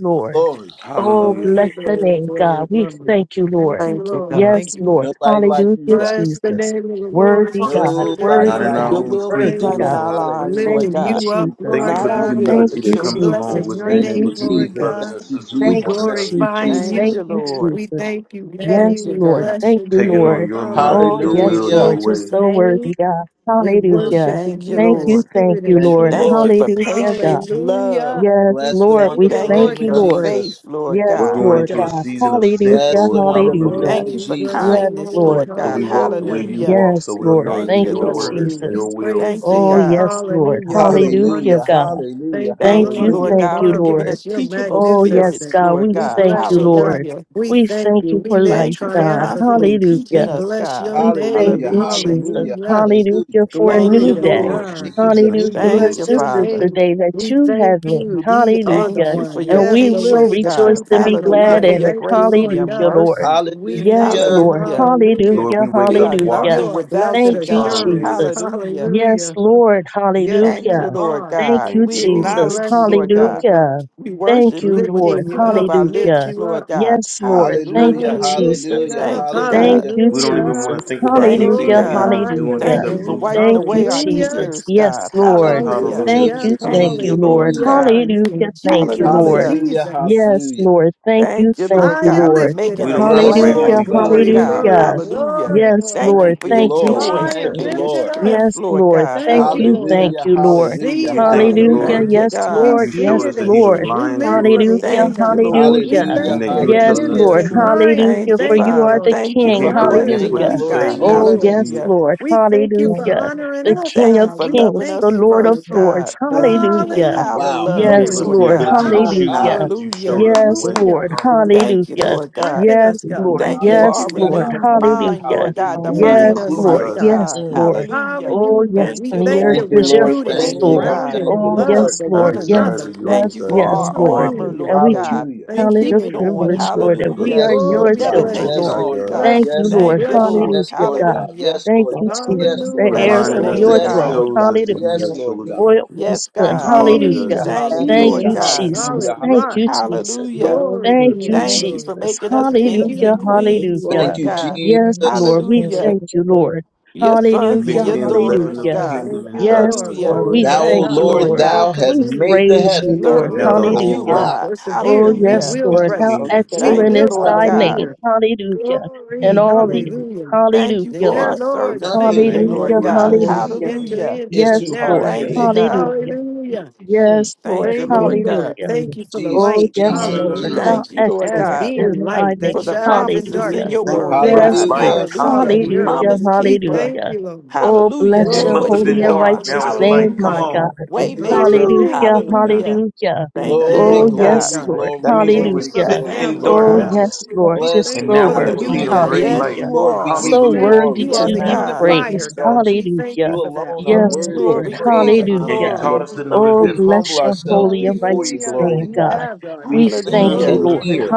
Lord.
glory.
Oh,
Hallelujah.
bless
Glory,
your
glory,
name,
glory,
God. We
glory.
thank you,
Thank
Lord.
you,
Thank you,
Lord.
God.
Thank
Yes,
you.
Lord.
Nobody like you,
Hallelujah,
God.
Bless the
Jesus.
name of the Lord.
Worthy
You are
God,
so good and
Nobody
Not
worthy
in
worthy
like
God,
our
to
Your
be
you.
own
will be
strength
worthy
either,
done in
God.
praised.
our
Lord.
We're
lives,
Hallelujah.
Thank
Lord
lifting
you,
God.
you up,
Hallelujah.
Jesus.
Thank you
Lord
Not
for the
our
Hallelujah.
God.
will,
Thank
humility
but
that
you,
your
We're
comes
will.
Jesus.
along
blessing
with
your
being
Thank
Thank you,
you,
name,
able to be
Lord
Jesus.
Jesus.
Thank
brothers
God.
and
you,
sisters
We
with
Thank
one
Jesus.
you,
Thank
another,
you,
Jesus.
glorifying
Thank
Thank
Jesus.
you,
you.
you,
Lord.
We
Jesus.
thank you, Daddy.
Thank
Yes,
you,
We
Lord.
God.
bless
Thank
your
you,
taking on
name.
Lord.
your
Oh,
mind,
Hallelujah.
your
In
yes,
will, your
Lord.
Hallelujah.
You're
Jesus'
way.
so worthy,
name,
God.
we
Mm.
Hallelujah.
worship
Thank you,
you
Thank
in
you,
Lord.
thank
spirit
you,
and
Thank you,
Lord.
truth.
Thank you
Lord.
for
Hallelujah, God.
patience,
Hallelujah.
love.
Yes,
We
Bless the
Lord.
thank
We
you,
wonderful
Thank you
thank
name
Lord
you,
of
for
God.
Lord.
faith,
Jesus.
Lord
We're
Yes,
God.
going
Glory
Lord
into a
God.
God.
season of scent,
Hallelujah,
Bless the
Lord.
wonderful
Hallelujah.
hallelujah.
name
Thank
of
you
Glory
for
bless
Jesus.
you,
Yes,
kindness,
Lord.
Lord.
Lord
So
God.
we walk the way
Hallelujah.
you
Hallelujah.
walk, so
Yes,
we'll
Lord.
know to
We
do
Thank
Thank
you,
your
you,
bless
Lord.
thee.
word, and
We
Jesus.
your will.
praise
Thank you,
Oh,
thee.
God.
yes, Lord.
Hallelujah. You're
Hallelujah,
Hallelujah.
God.
wonderful.
Hallelujah.
Thank you,
Thank
Thank you,
you,
Lord.
Lord
You're
Hallelujah.
thank
God,
you,
for giving
Lord.
us
marvelous. You're
teachable
Oh, yes,
spirits,
magnificent.
God,
Lord
we
We
God.
thank
bless
you,
you, God.
Lord.
Hallelujah.
We
We
thank
thank
you.
you
We
for
live
life,
Thank you for
God.
constantly
triumphantly.
teaching
Hallelujah.
We
us,
bless
God.
your
We thank
Hallelujah.
name.
you,
Hallelujah.
Jesus.
Hallelujah.
Hallelujah.
Hallelujah
Hallelujah.
for a
Thank
Glory
you,
new
Thank
Mm.
you,
to
day.
Lord
Lord.
God.
Jesus.
Hallelujah,
We
Thank
Jesus.
you,
Thank
because
Lord.
you,
bless
this
your
is
Father.
the
name.
day that
We
you
thank
have made.
you. Thee are the
Thank
Hallelujah.
you for
one.
your
And
Yes,
we
the
will
way,
patience,
the
rejoice
God.
truth,
and be
and the
Hallelujah.
glad
life.
For
in
your
it.
Thank you,
grace and
Lord
your
Hallelujah,
God.
Lord.
mercy.
We
Yes,
thank
Hallelujah.
you.
Lord.
Hallelujah.
Hallelujah.
Lord, we
Hallelujah,
wake
We
up
are
hallelujah.
You
nothing
washed.
are blessed
without you,
Thank you,
God.
Hallelujah.
assurance.
Jesus.
Hallelujah.
Yes,
Hallelujah.
Lord.
Yes,
Thank
you
you,
Hallelujah.
Lord
are.
Thank
God.
you,
Thank you,
We
We
Lord.
Jesus.
acknowledge you,
bless you,
Lord God.
Lord
Hallelujah.
God.
We
Thank
worship
you,
you with the
Lord.
Lifting you
fruit of
up,
our
lift
lips,
Hallelujah.
you
Lord
up.
God.
Yes, Lord. Thank
Hallelujah.
you,
Hallelujah.
Hallelujah, lift
Jesus.
it
Hallelujah.
up.
Thank you,
Thank
God.
Hallelujah.
you,
We don't even
Hallelujah.
want
Jesus.
to think about
Thank you,
anything
Hallelujah.
the
God.
enemy's
Glorify
doing
your
Hallelujah.
Thank
except
you
Hallelujah.
for
name.
losing.
wiping
Thank you,
away
Holy,
our
Hallelujah.
Jesus.
tears,
Yes,
God.
Lord.
Jesus,
Hallelujah.
Hallelujah.
Thank
Hallelujah.
you.
Jesus,
Thank
Thank
holy, holy.
you,
you,
Jesus,
Lord
Lord.
Jesus.
Hallelujah.
God.
You are
Hallelujah. Thank you,
Jesus.
Lord.
Hallelujah.
Hallelujah,
Jesus.
Yes,
hallelujah.
Lord. Thank you.
Thank you,
Thank
Lord
I
you,
God,
am
for
Lord.
lifted
making
We
up.
don't
us
Yes,
operate in
laugh,
Glory,
Hallelujah.
Lord
weakness,
God.
Lord
the
glory,
enemy
God.
glory,
Hallelujah.
does.
Hallelujah.
glory,
Yes,
Thank
glory.
you
Lord.
Thank
for
you,
your
Thank you,
Lord.
I
joy
Jesus.
Thank
am
you,
and your
lifted
Lord.
up.
strength,
Yes,
Lord
Lord.
God.
Thank
Thank you,
you.
Lord.
Hallelujah.
Thank
Hallelujah,
you, Lord.
See
hallelujah,
We
it,
thank you,
Hallelujah.
Lord.
hallelujah.
hallelujah.
Thank you,
Yes,
We
God.
Lord.
You
see
Yes,
showed
it
us that
the
he was
Lord.
end. We
lying
live
to
for
us
the
Hallelujah.
end
Thank you,
times.
Lord.
We
Hallelujah.
and
Hallelujah,
thank
that you
you.
were
The
Yes,
telling
end
us the
is
hallelujah.
Lord.
in
truth.
mind. We
Hallelujah.
Thank you,
For
thank
you
you,
are
Father.
the
Lord.
Thank
We
you
King.
We
for
can't go
honor
against
blessing
Thank
you.
what
you,
you
Hallelujah.
We
us,
Lord
say
God.
thank you
because
Oh,
we
Jesus.
for it.
yes,
see it.
Hallelujah.
Lord.
We thank you for
Hallelujah.
honoring
The
us,
King
Thank you
of
God.
for
We
loving
Kings,
thank
the
you,
us
Lord of
Lord.
first,
Lords.
God, teaching us
Hallelujah.
how
Hallelujah.
to
Wow.
You
love,
gave
Yes,
us
40
Lord
the
Lord.
God.
Ha,
ability to
ha,
hour.
choose,
ha.
Hallelujah.
but you
Hallelujah.
showed us the
Yes,
way.
Hallelujah.
Lord.
Hallelujah.
Thank you,
Hallelujah.
Lord God.
Strengthen
Yes,
us, God.
Lord.
We
Thank you for
thank
Yes,
you
our
for
Hallelujah,
Lord.
that.
renewed
hallelujah,
mind,
Hallelujah.
Lord God, the
hallelujah.
You
mind
Building
Yes,
of
us
include
up,
Lord.
Christ,
us,
God.
Yes,
God.
Mm.
Lord.
Hallelujah.
Oh, yes,
Hallelujah.
Thank
We
and
you,
the
thank
earth
Thank
you.
Lord.
you,
We're
is your
Lord.
rooted
Thank you,
Thank
and
you,
footstool.
Lord.
God.
grounded
Thank you,
in
Oh,
love
Lord.
yes,
for
our
one
Lord. Yes,
desires are
another.
your
Thank
yes,
you for
desires,
yes,
Thank
our
Lord.
armor,
you.
Hallelujah.
And
Lord
we count
God.
Hallelujah.
We
Thank
it
keep
a
it
you,
on.
Thank
privilege,
you,
Lord, that we
Lord.
brothers
Hallelujah.
are
Yes,
and
Oh,
We
Lord
your
we
sisters
Father.
never
of
God.
the
Hallelujah.
bless
take
children,
Most
it
you.
Yes,
High
Lord.
off,
Lord
God,
God.
Bless
God.
Thank you,
you.
Yes,
We
Lord.
Yes,
Thank
Lord
you,
God.
bless
Father.
Lord.
you.
Yes,
Hallelujah,
Lord
God.
God.
Hallelujah.
Yes,
Thank
Lord
Let
you,
God.
Jesus,
Yes,
kingdom
the
Lord
Hallelujah.
come.
Bless
God.
heirs
your
of
reminding us
name,
Glory.
your
that you
Yes,
God.
throne.
Hallelujah.
Lord
chose
God.
us to be
Hallelujah.
your
Yes,
Yes,
Lord God.
children.
Lord.
Royal
Yes.
Yes,
You
priesthood.
God.
fathered
Hallelujah.
Hallelujah.
us.
Jesus,
Thank you,
Thank
Lord
Hallelujah.
you,
Admiration.
Jesus,
God.
Jesus.
solid
Hallelujah.
Thank
rock.
you,
Hallelujah.
Jesus.
Hallelujah.
Glory
Glory,
to
Mm.
Thank
your
you,
glory,
name.
Thank you
glory.
for
Jesus.
making us
Thank
Thank
kings
you,
Hallelujah,
and
you for
queens,
Jesus.
you are
hallelujah.
Thank
Lord
you,
King
God.
of
Yes,
Kings
Jesus.
Lord,
and
we
Lord of
Hallelujah.
thank you,
Lords.
Lord.
Your
You
sons and
Hallelujah,
mixed
your
in the
Hallelujah,
leaven
daughters,
of the
hallelujah.
God.
kingdom
Thank
hallelujah.
you,
inside
Yes,
of
Lord.
us,
We
Lord,
Hallelujah.
Lord.
will
we
Thou,
Lord
not
is
O
thank
Thank you,
you,
stop.
Lord,
Lord,
Lord
We
Lord.
will
God.
thou have
We
continue.
made the
praise you,
Lord
heaven.
We
is
Lord.
Now
will
Servants
the
of
Lord,
you,
whole
continue to
Hallelujah.
lump
Ah,
God.
Oh,
persevere. We
yes,
Hallelujah.
will
is
Lord,
the
how
press.
wonderful
kingdom.
We
Thank
glory
excellent
Savior.
you,
to
will
is
Lord
God.
thy
God.
name.
persevere.
Hallelujah.
Hallelujah. And
Glory.
Thank you,
all the
Lord
Hallelujah.
Thank you
hallelujah,
Yeah,
for our
Lord.
Lord. Thank
servanthood,
Nothing
you,
Thank you,
Lord
Lord
Lord
Hallelujah,
is
Lord
God.
God.
Lord,
for
is
Jesus.
We
hallelujah.
enter
Lord.
Hallelujah.
into
is
the
too
Yes,
hard
narrow
Lord.
for
Thank you,
Thank
thee.
gate.
God.
you,
Hallelujah.
Hallelujah.
Mm.
Yes,
Thank
Lord.
you,
Thank
Lord.
you,
Lord
Thank
God.
Lord.
Hallelujah.
Thank
you, Lord.
you for the
Jesus,
Oh,
light.
yes,
Jesus,
We
Lord.
Mm.
Hallelujah,
Hallelujah.
How
Jesus.
Thank you, Lord
As
excellent
God.
is
being
thy
light that
for
hallelujah.
name.
the
shines in
promises
Lord
in
Hallelujah.
is
your
darkness.
Thank
Lord,
you
word,
for
Thank you
the
Yes,
for
God.
being
light.
Lord.
the
Hallelujah.
salt of
Hallelujah.
from
the
Hallelujah.
earth.
glory
Hallelujah.
Promise
to
We
glory.
keeper.
thank
Hallelujah.
you, Lord.
Oh,
Hallelujah.
bless
It
That's
Hallelujah.
your
must
what
have
Glory,
holy
you
been
and
God, for
dark.
are.
Now
righteous
it's
the
name,
light.
Thank
Come
you,
my
Hallelujah.
God.
on.
Father, for
we
who
bless
you
your
are.
Waymaker.
Woo!
name,
Hallelujah,
Lord God.
Hallelujah.
hallelujah.
Who
Thank you,
we
Glory,
Oh,
Hey,
are.
Lord
Lord.
Lord
God.
yes,
glory,
God.
Lord.
That
glory,
means we
Thank
were
you
glory,
for the
Hallelujah.
sitting
glory,
Thank
in
you,
family of
Oh,
glory.
darkness
God.
God.
Blessed
yes,
be thy
Lord.
We
Bless
name.
Just
thank
the
and
you
so
now
for
we
the
have
wonderful
worthy.
seen a
name
Hallelujah.
of
unity
great
that you,
Yes,
Jesus.
Hallelujah.
light.
Hallelujah.
you
Lord, we
are.
we
give
So
you
Hallelujah.
thank you.
worthy
glory.
You
We
are
Yes,
to
the
Thank
be
God.
you,
magnify and
unifier,
praised.
wonderful.
God.
exalt you.
We thank you
You
Hallelujah.
for that.
alone
Thank
are
Yes,
you,
Mm.
worthy of
Lord.
Glory,
Master.
Thank you,
praise,
glory,
Lord.
honor,
And you
and
Hallelujah.
Hallelujah.
taught
glory.
us to
glory.
know the
Oh,
We
difference.
bless
humble
your
Thank
ourselves
holy and
before
you,
you,
righteous
Hallelujah.
glory
name,
God.
to
You
God.
God.
have done
We
We
us.
Yes,
lend
thank
Mm,
you,
Hallelujah.
an
mm,
Whoa,
Lord.
mm.
ear.
Lord.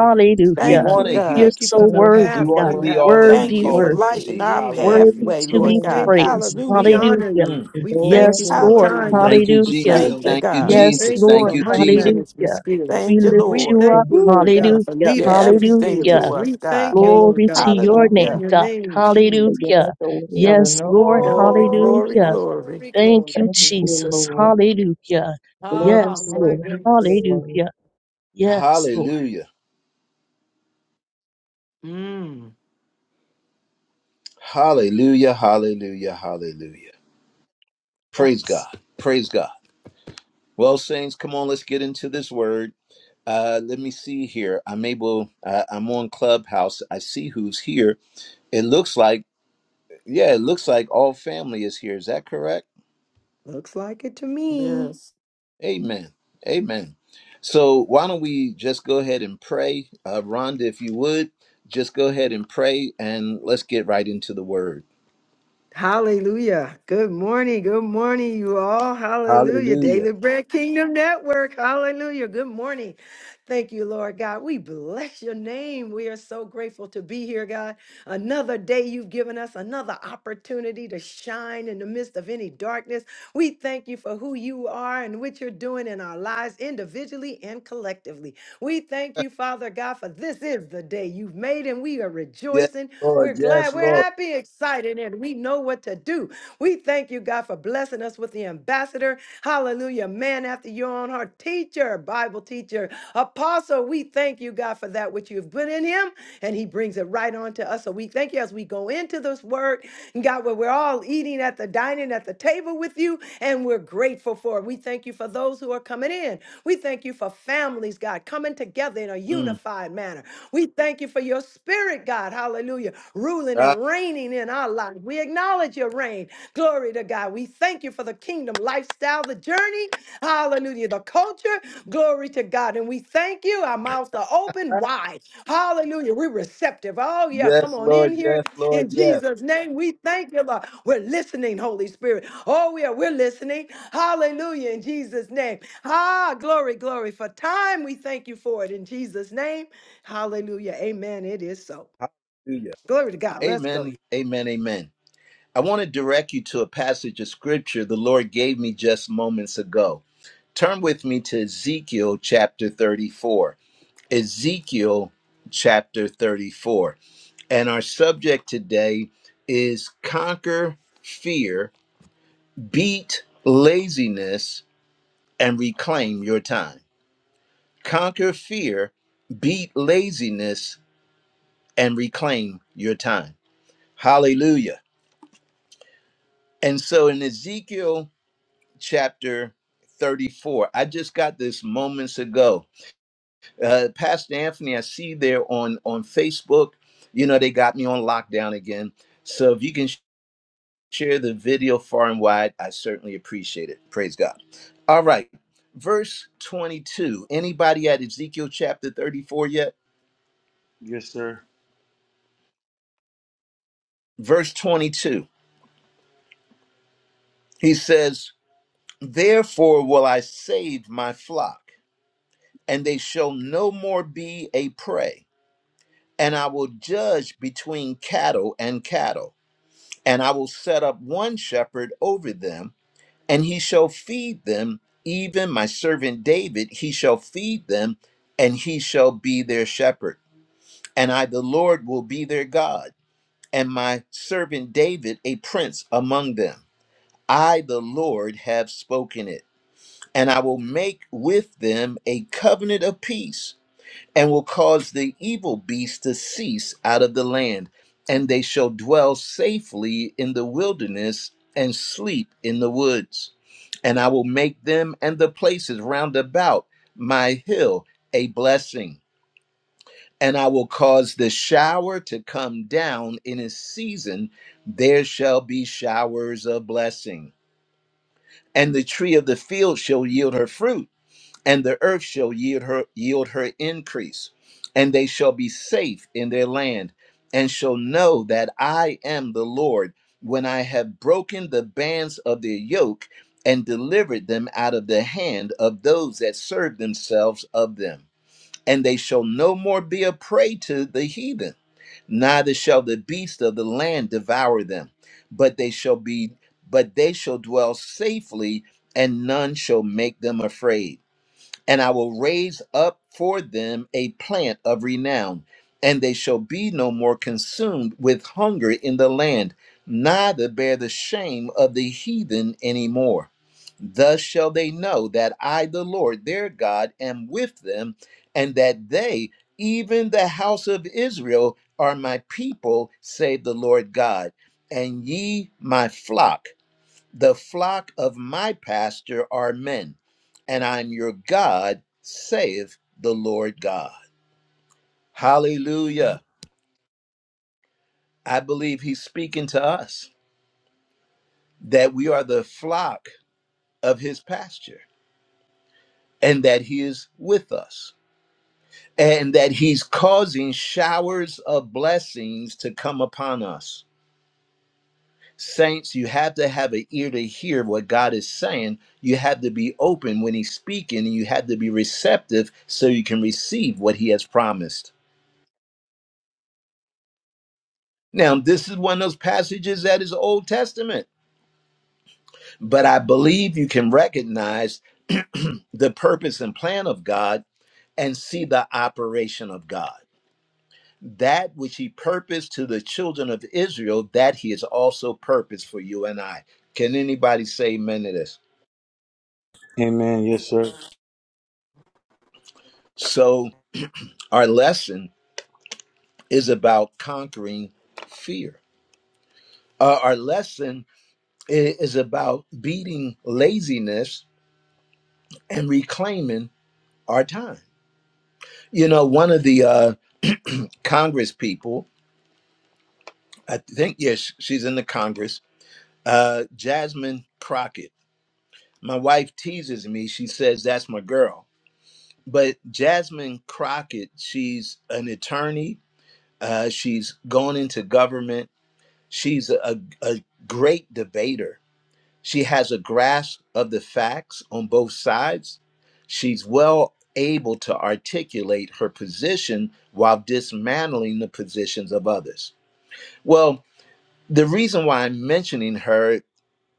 We
Thank you,
want to
We
God.
You're
hear.
thank you
so
for the
oh, how
We
worthy,
path
want
God.
to
you
wonderful
be
have
all
us
that
you are.
you
on.
Thank
Worthy,
you
We
called
for
us to
worthy.
bless your
lighting
be.
our
name, Lord.
Worthy
Hallelujah.
pathway,
to
We
Lord
be
God.
Glory
thank
to
you.
praised.
God.
We
Hallelujah.
honor
Hallelujah.
you.
Mm.
We thank you
Yes,
Glory
for
to
Lord.
time
God.
Hallelujah.
Thank you,
management
Hallelujah.
Jesus.
Thank you,
Thank
skills.
Thank you,
God.
We
you, Lord.
Yes,
Jesus.
thank you
Thank
Lord.
for
you,
money
Jesus.
management
Hallelujah.
skills.
We
Thank you,
lift
We
Lord.
you
thank
up.
Thank
you, Lord
Woo.
God, for
Hallelujah.
You're
leadership
everything
skills.
to
Hallelujah.
We
us, God.
thank you,
you,
Lord
Thank
Glory
you,
to
God,
your
God,
in
name,
Hallelujah.
your
God.
name,
for
Jesus.
your
Hallelujah.
work away out of
Yes, Lord.
nowhere.
Glory,
Hallelujah.
glory,
Glory,
Hallelujah.
glory.
glory, glory.
Thank you,
Thank you,
glory.
Jesus.
Lord.
Hallelujah.
Glory,
Ah,
Yes,
my
Lord.
glory,
goodness.
glory.
Hallelujah. Yes, Lord.
Hallelujah.
Mm,
Hallelujah, hallelujah, hallelujah. Praise
Yes.
God. Praise God. Well, Saints, come on, let's get into this word. Uh, let me see here. I'm able, uh, I'm on Clubhouse. I see who's here. It looks like, yeah, it looks like all family is here. Is that correct?
looks like it to me.
Yes.
Amen. Amen. So why don't we just go ahead and pray? Uh, Rhonda, if you would, just go ahead and pray and let's get right into the word.
Hallelujah. Good morning. Good morning, you all. Hallelujah. Daily Bread Kingdom Network. Hallelujah. Good morning. Thank you, Lord God. We bless your name. We are so grateful to be here, God. Another day you've given us, another opportunity to shine in the midst of any darkness. We thank you for who you are and what you're doing in our lives individually and collectively. We thank you, Father God, for this is the day you've made, and we are
Yes.
rejoicing we're glad, we're happy, excited, and we know what to do. We thank you, God, for blessing us with the ambassador. Hallelujah. Man after your own heart, teacher, Bible teacher, apostle. We thank you, God, for that which you've put in him, and he brings it right on to us. So we thank you as we go into this word, God, where we're all eating at the dining at the table with you, and we're grateful for it. We thank you for those who are coming in. We thank you for families, God, coming together in a
Mm.
unified manner. We thank you for your spirit, God. Hallelujah ruling and
Ah,
reigning in our life. We acknowledge your reign. Glory to God. We thank you for the kingdom lifestyle, the journey. Hallelujah. The culture. Glory to God. And we thank you. Our mouths are open wide. Hallelujah. We're receptive. Oh, yeah. Come
yes,
on in
Lord.
here
Yes, Lord.
in
Yes.
Jesus' name. We thank you, Lord. We're listening, Holy Spirit. Oh, yeah. We're listening. Hallelujah. In Jesus' name. Ah, glory, glory. For time, we thank you for it in Jesus' name. Hallelujah. Amen. It is so.
Hallelujah.
Glory to God. Let's go.
Amen. Amen. Amen. I want to direct you to a passage of scripture the Lord gave me just moments ago. Turn with me to Ezekiel chapter 34. Ezekiel chapter 34. And our subject today is conquer fear, beat laziness, and reclaim your time. Conquer fear, beat laziness, and reclaim your time. Hallelujah. And so in Ezekiel chapter 34. I just got this moments ago. Uh, Pastor Anthony, I see there on, on Facebook, you know, they got me on lockdown again. So if you can sh- share the video far and wide, I certainly appreciate it. Praise God. All right. Verse 22. Anybody at Ezekiel chapter 34 yet?
Yes, sir.
Verse 22. He says, Therefore will I save my flock, and they shall no more be a prey. and I will judge between cattle and cattle, and I will set up one shepherd over them, and he shall feed them, even my servant David, he shall feed them, and he shall be their shepherd. And I, the Lord, will be their God, and my servant David a prince among them. I, the Lord, have spoken it, and I will make with them a covenant of peace and will cause the evil beast to cease out of the land, and they shall dwell safely in the wilderness and sleep in the woods. And I will make them and the places round about my hill a blessing. And I will cause the shower to come down in its season. There shall be showers of blessing. And the tree of the field shall yield her fruit and the earth shall yield her yield her increase and they shall be safe in their land and shall know that I am the Lord when I have broken the bands of their yoke and delivered them out of the hand of those that serve themselves of them and they shall no more be a prey to the heathen neither shall the beast of the land devour them but they shall be but they shall dwell safely and none shall make them afraid and I will raise up for them a plant of renown, and they shall be no more consumed with hunger in the land, neither bear the shame of the heathen any more. Thus shall they know that I, the Lord their God, am with them, and that they, even the house of Israel, are my people, save the Lord God, and ye my flock the flock of my pasture are men, and I'm your God, saith the Lord God. Hallelujah. I believe he's speaking to us that we are the flock of his pasture and that he is with us and that he's causing showers of blessings to come upon us. Saints, you have to have an ear to hear what God is saying. You have to be open when He's speaking, and you have to be receptive so you can receive what He has promised. Now, this is one of those passages that is Old Testament, but I believe you can recognize the purpose and plan of God and see the operation of God. That which He purposed to the children of Israel, that He has also purposed for you and I. Can anybody say amen to this?
Amen. Yes, sir.
So, our lesson is about conquering fear. Uh, our lesson i- is about beating laziness and reclaiming our time. You know, one of the uh, Congress people, I think, yes, she's in the Congress, uh, Jasmine Crockett. My wife teases me. She says, that's my girl. But Jasmine Crockett, she's an attorney. Uh, she's gone into government. She's a, a great debater She has a grasp of the facts on both sides. She's well able to articulate her position while dismantling the positions of others. Well, the reason why I'm mentioning her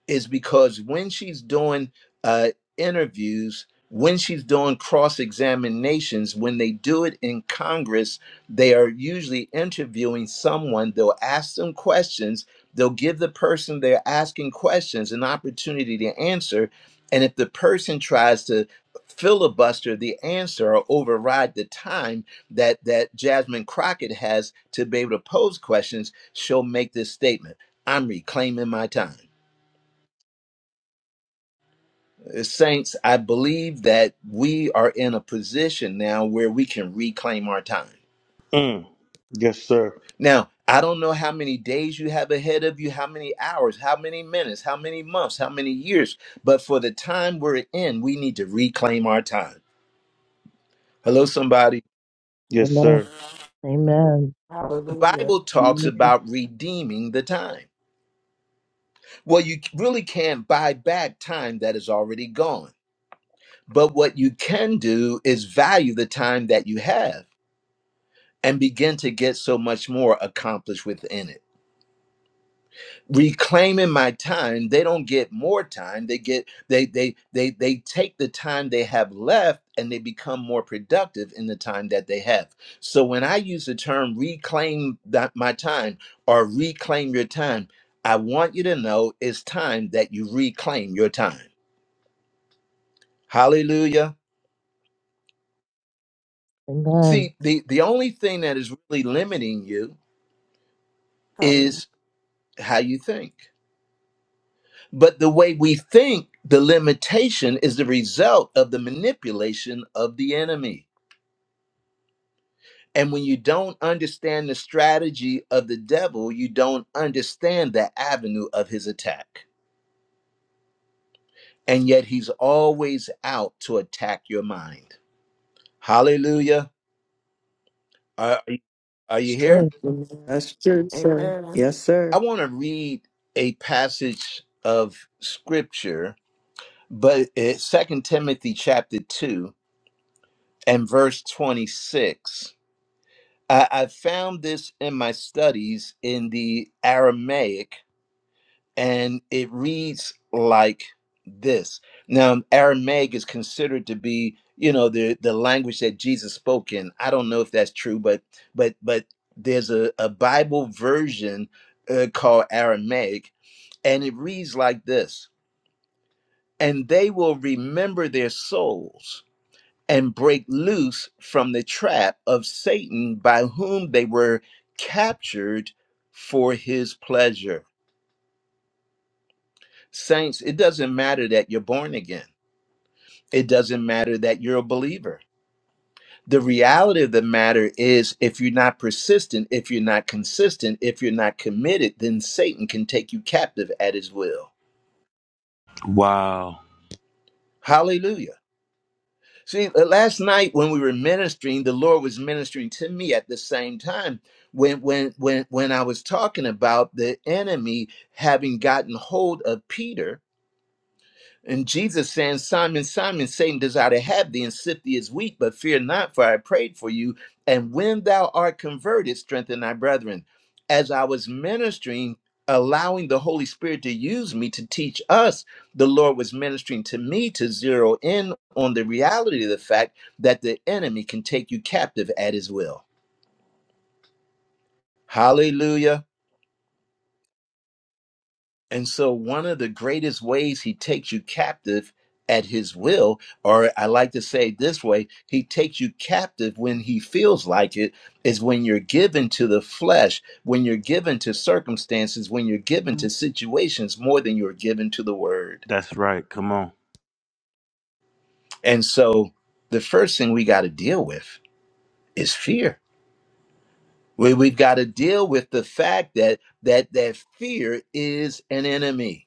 is because when she's doing uh, interviews, when she's doing cross examinations, when they do it in Congress, they are usually interviewing someone. They'll ask them questions. They'll give the person they're asking questions an opportunity to answer. And if the person tries to filibuster the answer or override the time that that Jasmine Crockett has to be able to pose questions, she'll make this statement: "I'm reclaiming my time." Uh, Saints, I believe that we are in a position now where we can reclaim our time.
Mm. Yes, sir.
Now, I don't know how many days you have ahead of you, how many hours, how many minutes, how many months, how many years, but for the time we're in, we need to reclaim our time. Hello, somebody.
Yes,
Amen.
sir.
Amen.
The
Hallelujah.
Bible talks
Amen.
about redeeming the time. Well, you really can't buy back time that is already gone, but what you can do is value the time that you have and begin to get so much more accomplished within it reclaiming my time they don't get more time they get they they they they take the time they have left and they become more productive in the time that they have so when i use the term reclaim that my time or reclaim your time i want you to know it's time that you reclaim your time hallelujah
Amen.
see the the only thing that is really limiting you
Hallelujah.
is how you think But the way we think, the limitation is the result of the manipulation of the enemy. And when you don't understand the strategy of the devil, you don't understand the avenue of his attack. And yet he's always out to attack your mind. Hallelujah. Are, are
It's
you here?
true.
That's true, sir.
Amen.
Yes,
I
sir.
want to read a passage of scripture, but it's 2 Timothy chapter 2 and verse 26 I, I found this in my studies in the Aramaic, and it reads like this. Now, Aramaic is considered to be, you know, the the language that Jesus spoke in. I don't know if that's true, but but but there's a, a Bible version uh, called Aramaic, and it reads like this: "And they will remember their souls." and break loose from the trap of Satan by whom they were captured for his pleasure. Saints, it doesn't matter that you're born again, it doesn't matter that you're a believer. The reality of the matter is, if you're not persistent, if you're not consistent, if you're not committed, then Satan can take you captive at his will. Hallelujah. See, uh, last night when we were ministering, the Lord was ministering to me at the same time when when when when I was talking about the enemy having gotten hold of Peter and Jesus saying, Simon, Simon, Satan desire to have thee and sift thee as wheat, but fear not, for I prayed for you. And when thou art converted, strengthen thy brethren. As I was ministering, allowing the Holy Spirit to use me to teach us, the Lord was ministering to me to zero in on the reality of the fact that the enemy can take you captive at his will. Hallelujah. And so, one of the greatest ways he takes you captive at his will, or I like to say it this way, he takes you captive when he feels like it, is when you're given to the flesh, when you're given to circumstances, when you're given to situations more than you're given to the word.
That's right. Come on.
And so, the first thing we got to deal with is fear. We, we've got to deal with the fact that that that fear is an enemy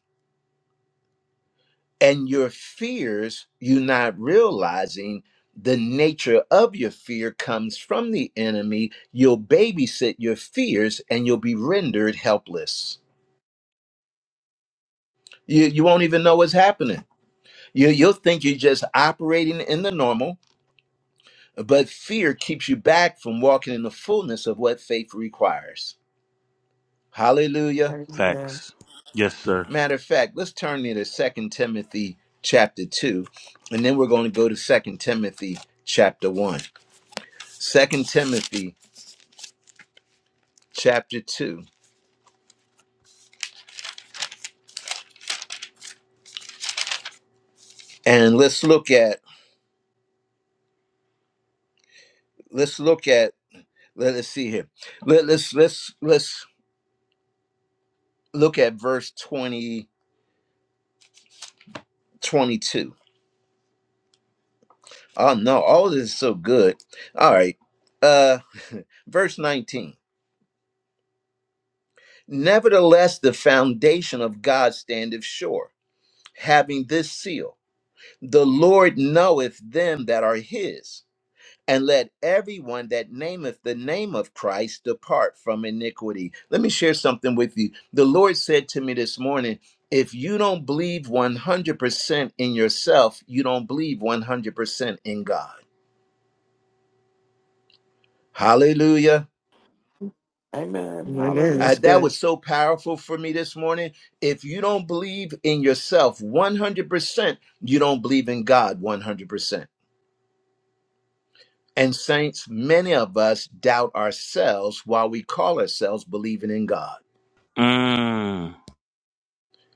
and your fears you not realizing the nature of your fear comes from the enemy you'll babysit your fears and you'll be rendered helpless you, you won't even know what's happening you, you'll think you're just operating in the normal but fear keeps you back from walking in the fullness of what faith requires hallelujah
Amen.
Facts. Yes, sir.
matter of fact let's turn to Second timothy chapter 2 and then we're going to go to Second timothy chapter 1 Second Timothy chapter two, and let's look at let's look at let us see here. Let, let's let's let's look at verse 20 22. Oh no, all this is so good. All right, uh, verse nineteen. Nevertheless, the foundation of God standeth sure, having this seal: the Lord knoweth them that are His. and let everyone that nameth the name of Christ depart from iniquity. Let me share something with you. The Lord said to me this morning, if you don't believe 100% in yourself, you don't believe 100% in God. Hallelujah.
Amen.
Amen.
Hallelujah.
Uh,
That's
that
good.
was so powerful for me this morning. If you don't believe in yourself 100%, you don't believe in God 100%. And, saints, many of us doubt ourselves while we call ourselves believing in God.
Mm.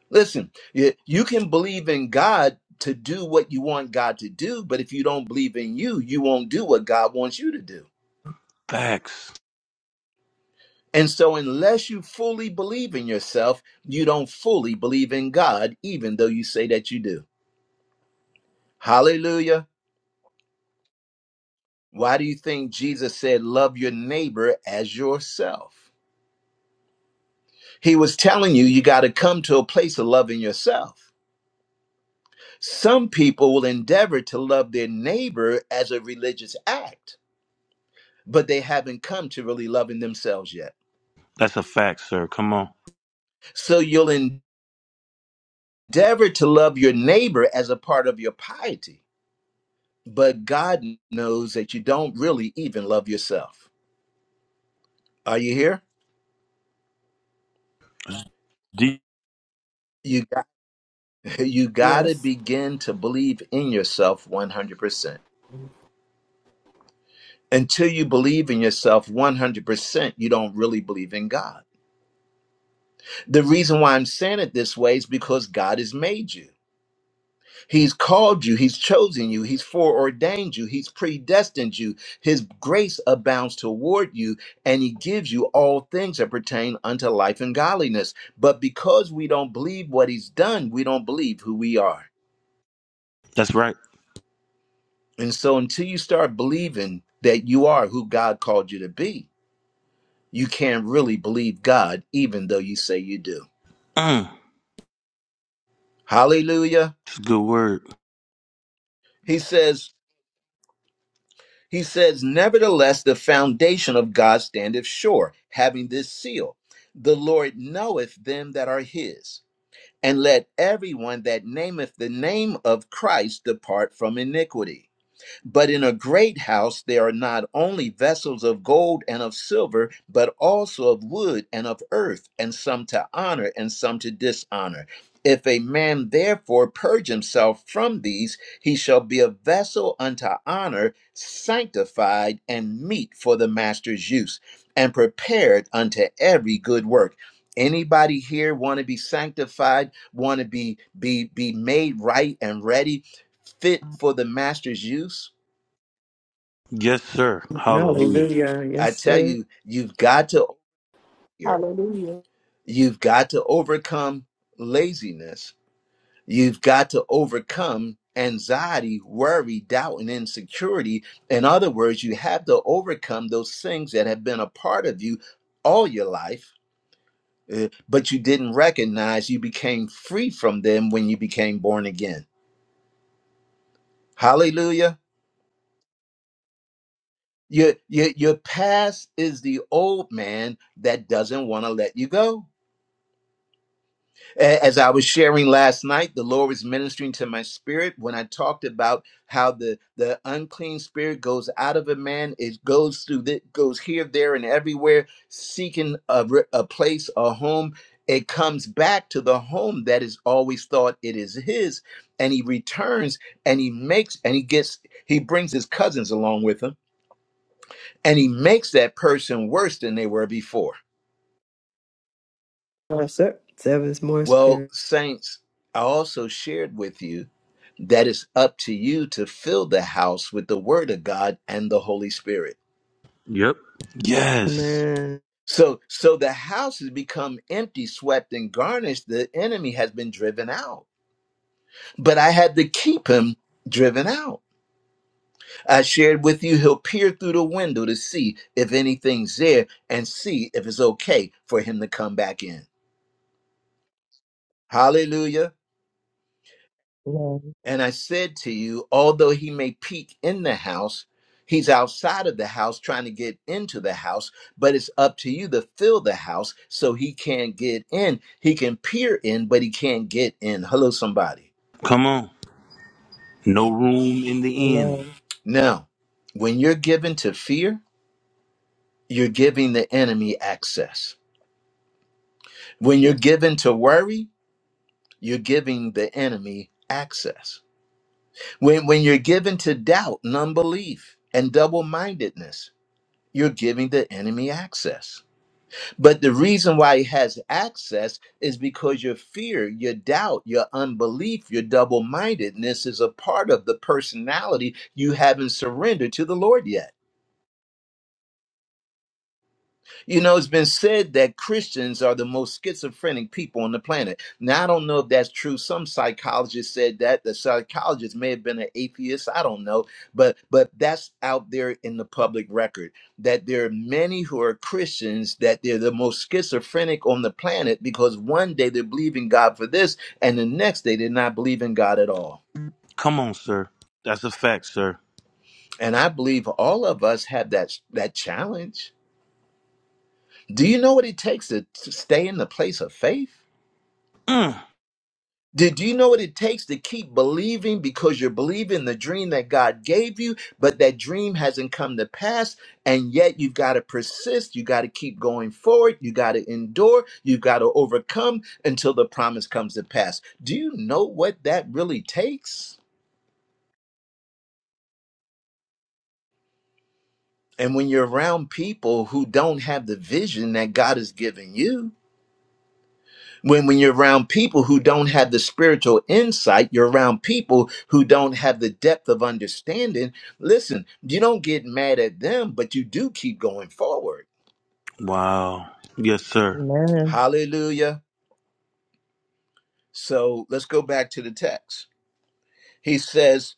Listen, you, you can believe in God to do what you want God to do, but if you don't believe in you, you won't do what God wants you to do.
Facts.
And so, unless you fully believe in yourself, you don't fully believe in God, even though you say that you do. Hallelujah. Why do you think Jesus said, Love your neighbor as yourself? He was telling you, you got to come to a place of loving yourself. Some people will endeavor to love their neighbor as a religious act but they haven't come to really loving themselves yet.
That's a fact, sir. Come on.
So you'll endeavor to love your neighbor as a part of your piety, but God knows that you don't really even love yourself. Are you here?
D-
You got, you got to
Yes.
begin to believe in yourself 100%. Until you believe in yourself 100%, you don't really believe in God. The reason why I'm saying it this way is because God has made you. He's called you, He's chosen you, He's foreordained you, He's predestined you. His grace abounds toward you, and He gives you all things that pertain unto life and godliness. But because we don't believe what He's done, we don't believe who we are.
That's right.
And so until you start believing that you are who God called you to be, you can't really believe God, even though you say you do.
Mm.
Hallelujah.
It's a good word.
He says, He says, Nevertheless, the foundation of God standeth sure, having this seal The Lord knoweth them that are his. And let everyone that nameth the name of Christ depart from iniquity. But in a great house there are not only vessels of gold and of silver, but also of wood and of earth, and some to honor and some to dishonor. If a man therefore purge himself from these, he shall be a vessel unto honor, sanctified and meet for the master's use, and prepared unto every good work. Anybody here want to be sanctified, want to be be be made right and ready, fit for the master's use?
Yes, sir. Hallelujah.
Hallelujah.
I
Yes,
tell
sir.
you, you've got to here.
Hallelujah.
You've got to overcome laziness. You've got to overcome anxiety, worry, doubt, and insecurity. In other words, you have to overcome those things that have been a part of you all your life, uh, but you didn't recognize you became free from them when you became born again. Hallelujah. Your, your, your past is the old man that doesn't want to let you go A- As I was sharing last night, the Lord was ministering to my spirit when I talked about how the, the unclean spirit goes out of a man. It goes through, the, goes here, there, and everywhere, seeking a, re- a place, a home. It comes back to the home that is always thought it is his, and he returns and he makes and he gets he brings his cousins along with him, and he makes that person worse than they were before.
Yes, sir. Seven's more
Well,
spirit.
saints, I also shared with you. that it's up to you to fill the house with the word of God and the Holy Spirit.
Yes.
Amen.
So so the house has become empty, swept and garnished. The enemy has been driven out. But I had to keep him driven out. I shared with you he'll peer through the window to see if anything's there and see if it's okay for him to come back in. Hallelujah.
Amen.
And I said to you, although he may peek in the house, he's outside of the house trying to get into the house, but it's up to you to fill the house so he can't get in. He can peer in, but he can't get in. Hello, somebody.
Come on. No room in the end.
Amen.
Now, when you're given to fear, you're giving the enemy access. When you're given to worry, you're giving the enemy access. When, when you're given to doubt and unbelief and double mindedness, you're giving the enemy access But the reason why he has access is because your fear, your doubt, your unbelief, your double mindedness is a part of the personality you haven't surrendered to the Lord yet. You know, it's been said that Christians are the most schizophrenic people on the planet. Now, I don't know if that's true. Some psychologist said that. The psychologist may have been an atheist. I don't know, but but that's out there in the public record that there are many who are Christians that they're the most schizophrenic on the planet because one day they are believing God for this, and the next day they're not believing God at all.
Come on, sir. That's a fact, sir.
And I believe all of us have that that challenge. Do you know what it takes to to stay in the place of faith?
Mm.
Did you know what it takes to keep believing because you're believing the dream that God gave you, but that dream hasn't come to pass, and yet you've got to persist, you got to keep going forward, you got to endure, you got to overcome until the promise comes to pass. Do you know what that really takes? And when you're around people who don't have the vision that God has given you, when when you're around people who don't have the spiritual insight you're around people who don't have the depth of understanding listen you don't get mad at them but you do keep going forward
Wow. Yes, sir.
Amen.
hallelujah so let's go back to the text he says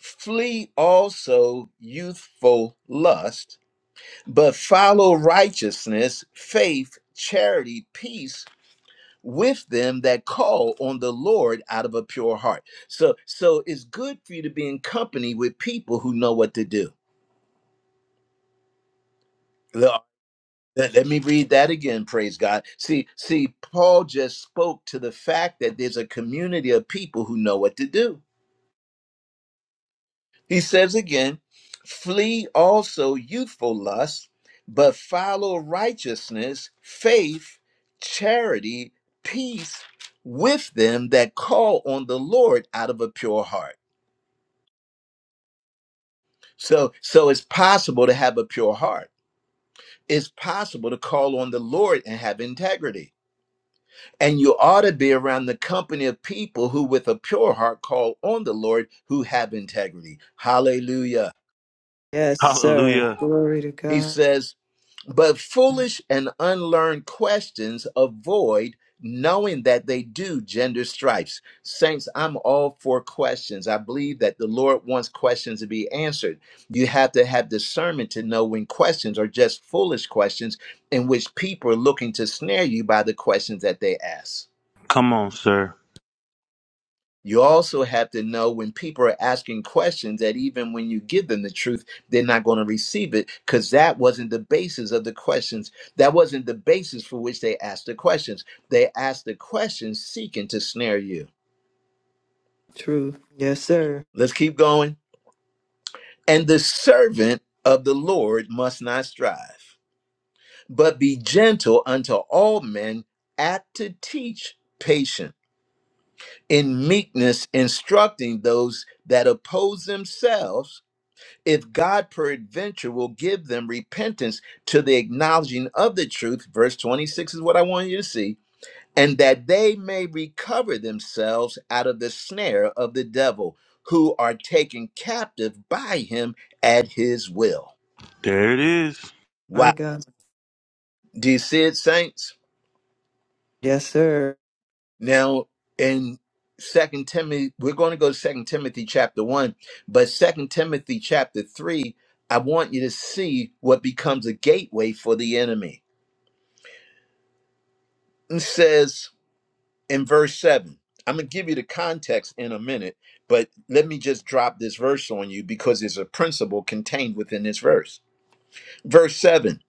flee also youthful lust but follow righteousness faith charity peace with them that call on the Lord out of a pure heart. So so it's good for you to be in company with people who know what to do. Let, let me read that again, praise God. See, see, Paul just spoke to the fact that there's a community of people who know what to do. He says again, flee also youthful lusts, but follow righteousness, faith, charity, peace with them that call on the Lord out of a pure heart. So so it's possible to have a pure heart. It's possible to call on the Lord and have integrity. And you ought to be around the company of people who with a pure heart call on the Lord who have integrity. Hallelujah.
Yes, sir.
Hallelujah.
Glory to
He
God.
says But foolish and unlearned questions avoid knowing that they do gender stripes. Saints, I'm all for questions. I believe that the Lord wants questions to be answered. You have to have discernment to know when questions are just foolish questions in which people are looking to snare you by the questions that they ask.
Come on, sir.
You also have to know when people are asking questions that even when you give them the truth, they're not going to receive it because that wasn't the basis of the questions. That wasn't the basis for which they asked the questions. They asked the questions seeking to snare you.
Truth. Yes, sir.
Let's keep going. And the servant of the Lord must not strive, but be gentle unto all men, apt to teach, patient, in meekness instructing those that oppose themselves if God peradventure will give them repentance to the acknowledging of the truth, verse 26 is what I want you to see, and that they may recover themselves out of the snare of the devil, who are taken captive by him at his will.
There it is.
My
Wow.
God.
Do you see it, saints?
Yes, sir.
Now, in Second Timothy, we're going to go to Second Timothy chapter one, but Second Timothy chapter three, I want you to see what becomes a gateway for the enemy. It says in verse 7, I'm going to give you the context in a minute, but let me just drop this verse on you because there's a principle contained within this verse. Verse 7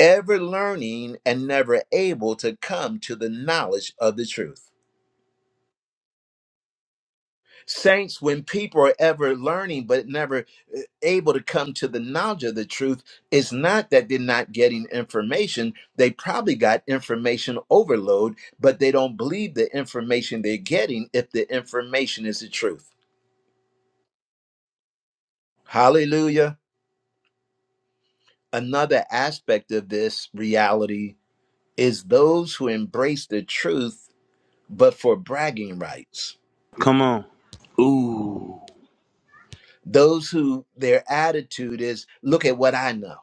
ever learning and never able to come to the knowledge of the truth. Saints, when people are ever learning but never uh, able to come to the knowledge of the truth, it's not that they're not getting information. They probably got information overload, but they don't believe the information they're getting if the information is the truth. Hallelujah. Another aspect of this reality is those who embrace the truth but for bragging rights,
Come on. Ooh.
those who their attitude is, look at what I know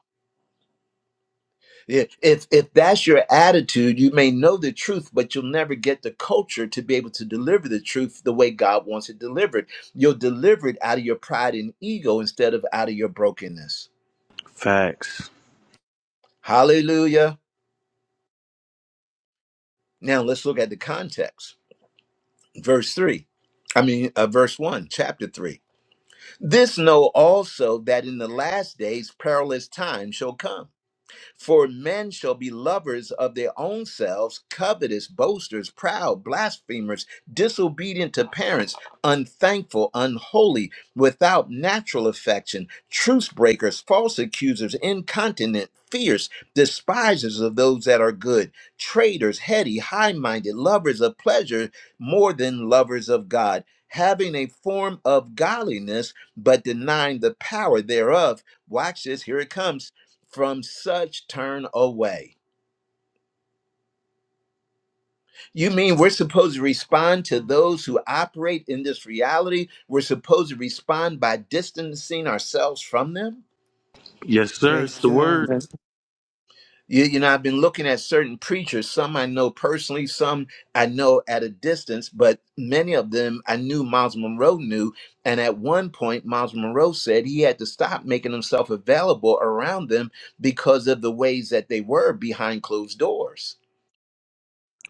I- If if that's your attitude, you may know the truth, but you'll never get the culture to be able to deliver the truth the way God wants it delivered. You'll deliver it out of your pride and ego instead of out of your brokenness.
Facts.
Hallelujah. Now let's look at the context. Verse 3. I mean, uh, verse 1, chapter 3. This know also that in the last days perilous times shall come. For men shall be lovers of their own selves, covetous, boasters, proud, blasphemers, disobedient to parents, unthankful, unholy, without natural affection, truce breakers, false accusers, incontinent, fierce, despisers of those that are good, traitors, heady, high minded, lovers of pleasure more than lovers of God, having a form of godliness, but denying the power thereof. Watch this, here it comes from such turn away. You mean we're supposed to respond to those who operate in this reality? We're supposed to respond by distancing ourselves from them?
Yes, sir. It's the
God,
word.
That's
You, you know, I've been looking at certain preachers, some I know personally, some I know at a distance, but many of them I knew Miles Monroe knew. And at one point, Miles Monroe said he had to stop making himself available around them because of the ways that they were behind closed doors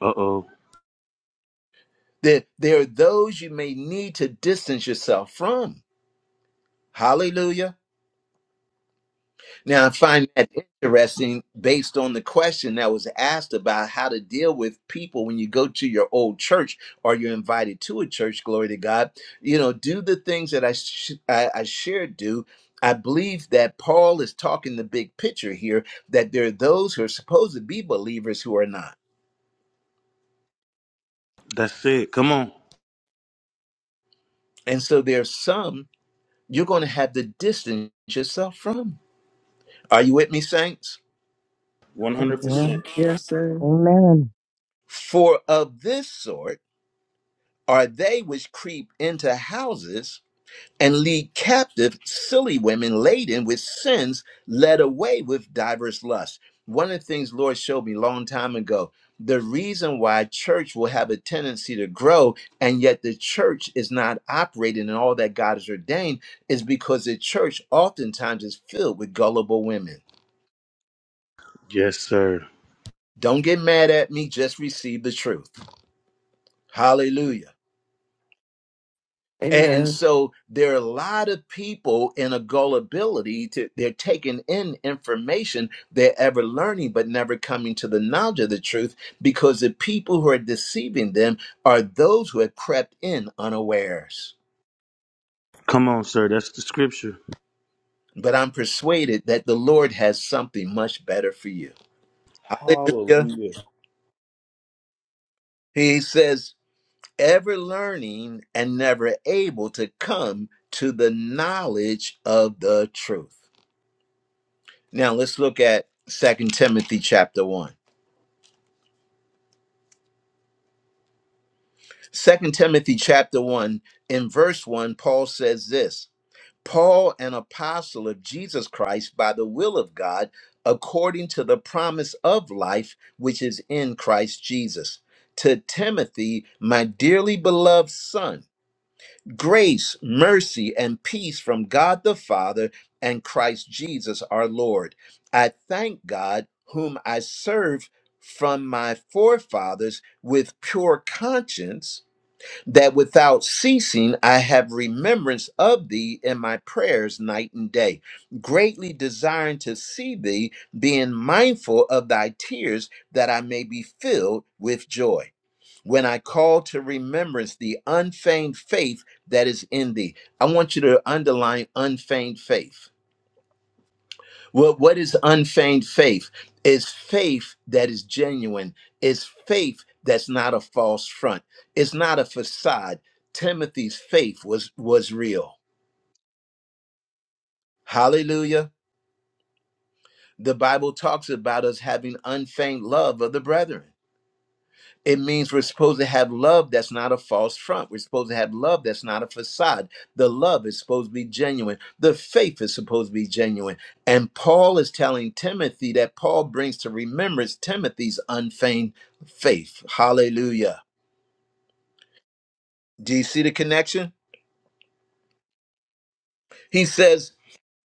Uh oh.
There, there are those you may need to distance yourself from. Hallelujah. Now, I find that interesting based on the question that was asked about how to deal with people when you go to your old church or you're invited to a church. Glory to God. You know, do the things that I, sh- I, I shared, do. I believe that Paul is talking the big picture here that there are those who are supposed to be believers who are not.
That's it. Come on.
And so there's some you're going to have to distance yourself from. Are you with me, saints?
One hundred
Yeah.
percent.
yes, sir.
Amen.
For of this sort are they which creep into houses and lead captive silly women laden with sins, led away with diverse lusts. One of the things Lord showed me a long time ago, the reason why church will have a tendency to grow and yet the church is not operating in all that God has ordained is because the church oftentimes is filled with gullible women.
Yes, sir.
Don't get mad at me, just receive the truth. Hallelujah. And,
Amen.
so there are a lot of people in a gullibility to they're taking in information they're ever learning but never coming to the knowledge of the truth because the people who are deceiving them are those who have crept in unawares.
Come on, sir. That's the scripture.
But I'm persuaded that the Lord has something much better for you. Hallelujah.
Hallelujah.
He says, ever learning and never able to come to the knowledge of the truth. Now let's look at Second Timothy chapter 1. Second Timothy chapter 1, in verse 1, Paul says this Paul, an apostle of Jesus Christ by the will of God, according to the promise of life which is in Christ Jesus. To Timothy, my dearly beloved son Grace, mercy, and peace from God the Father and Christ Jesus our Lord. I thank God, whom I serve from my forefathers with pure conscience, that without ceasing I have remembrance of thee in my prayers night and day, greatly desiring to see thee, being mindful of thy tears, that I may be filled with joy when I call to remembrance the unfeigned faith that is in thee. I want you to underline unfeigned faith. Well, what is unfeigned faith? It's faith that is genuine, it's faith that's not a false front, it's not a facade. Timothy's faith was, was real. Hallelujah. The Bible talks about us having unfeigned love of the brethren. It means we're supposed to have love that's not a false front. We're supposed to have love that's not a facade. The love is supposed to be genuine. The faith is supposed to be genuine. And Paul is telling Timothy that Paul brings to remembrance Timothy's unfeigned faith. Hallelujah. Do you see the connection? He says,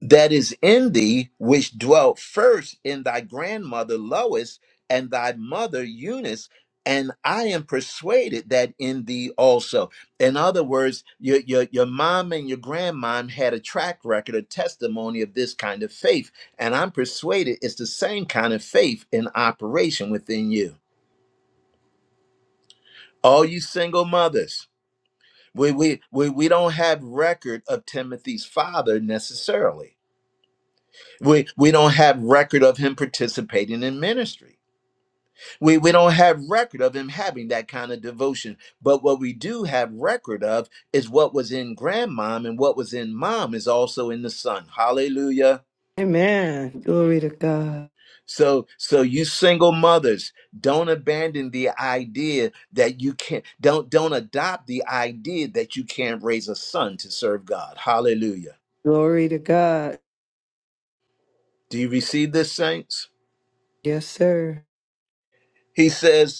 that is in thee, which dwelt first in thy grandmother Lois and thy mother Eunice. And I am persuaded that in thee also. In other words, your, your, your mom and your grandmom had a track record, a testimony of this kind of faith. And I'm persuaded it's the same kind of faith in operation within you. All you single mothers, we, we, we, we don't have record of Timothy's father necessarily We we don't have record of him participating in ministry. We we don't have record of him having that kind of devotion. But what we do have record of is what was in grandmom and what was in mom is also in the son. Hallelujah.
Amen. Glory to God.
So so you single mothers, don't abandon the idea that you can't don't don't adopt the idea that you can't raise a son to serve God. Hallelujah.
Glory to God.
Do you receive this, saints?
Yes, sir.
He says.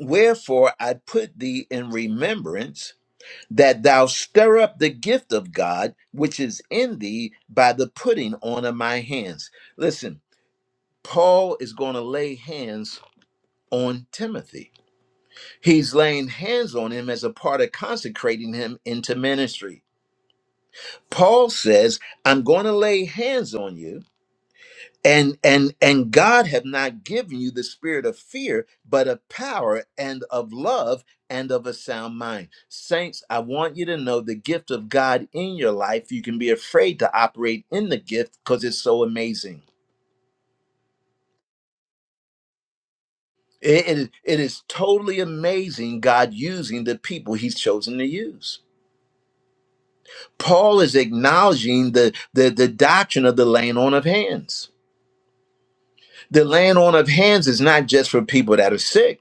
Wherefore I put thee in remembrance that thou stir up the gift of God which is in thee by the putting on of my hands. Listen, Paul is going to lay hands on Timothy. He's laying hands on him as a part of consecrating him into ministry. Paul says, I'm going to lay hands on you and and and god have not given you the spirit of fear but of power and of love and of a sound mind saints i want you to know the gift of god in your life you can be afraid to operate in the gift because it's so amazing it, it is it is totally amazing god using the people he's chosen to use paul is acknowledging the the, the doctrine of the laying on of hands the laying on of hands is not just for people that are sick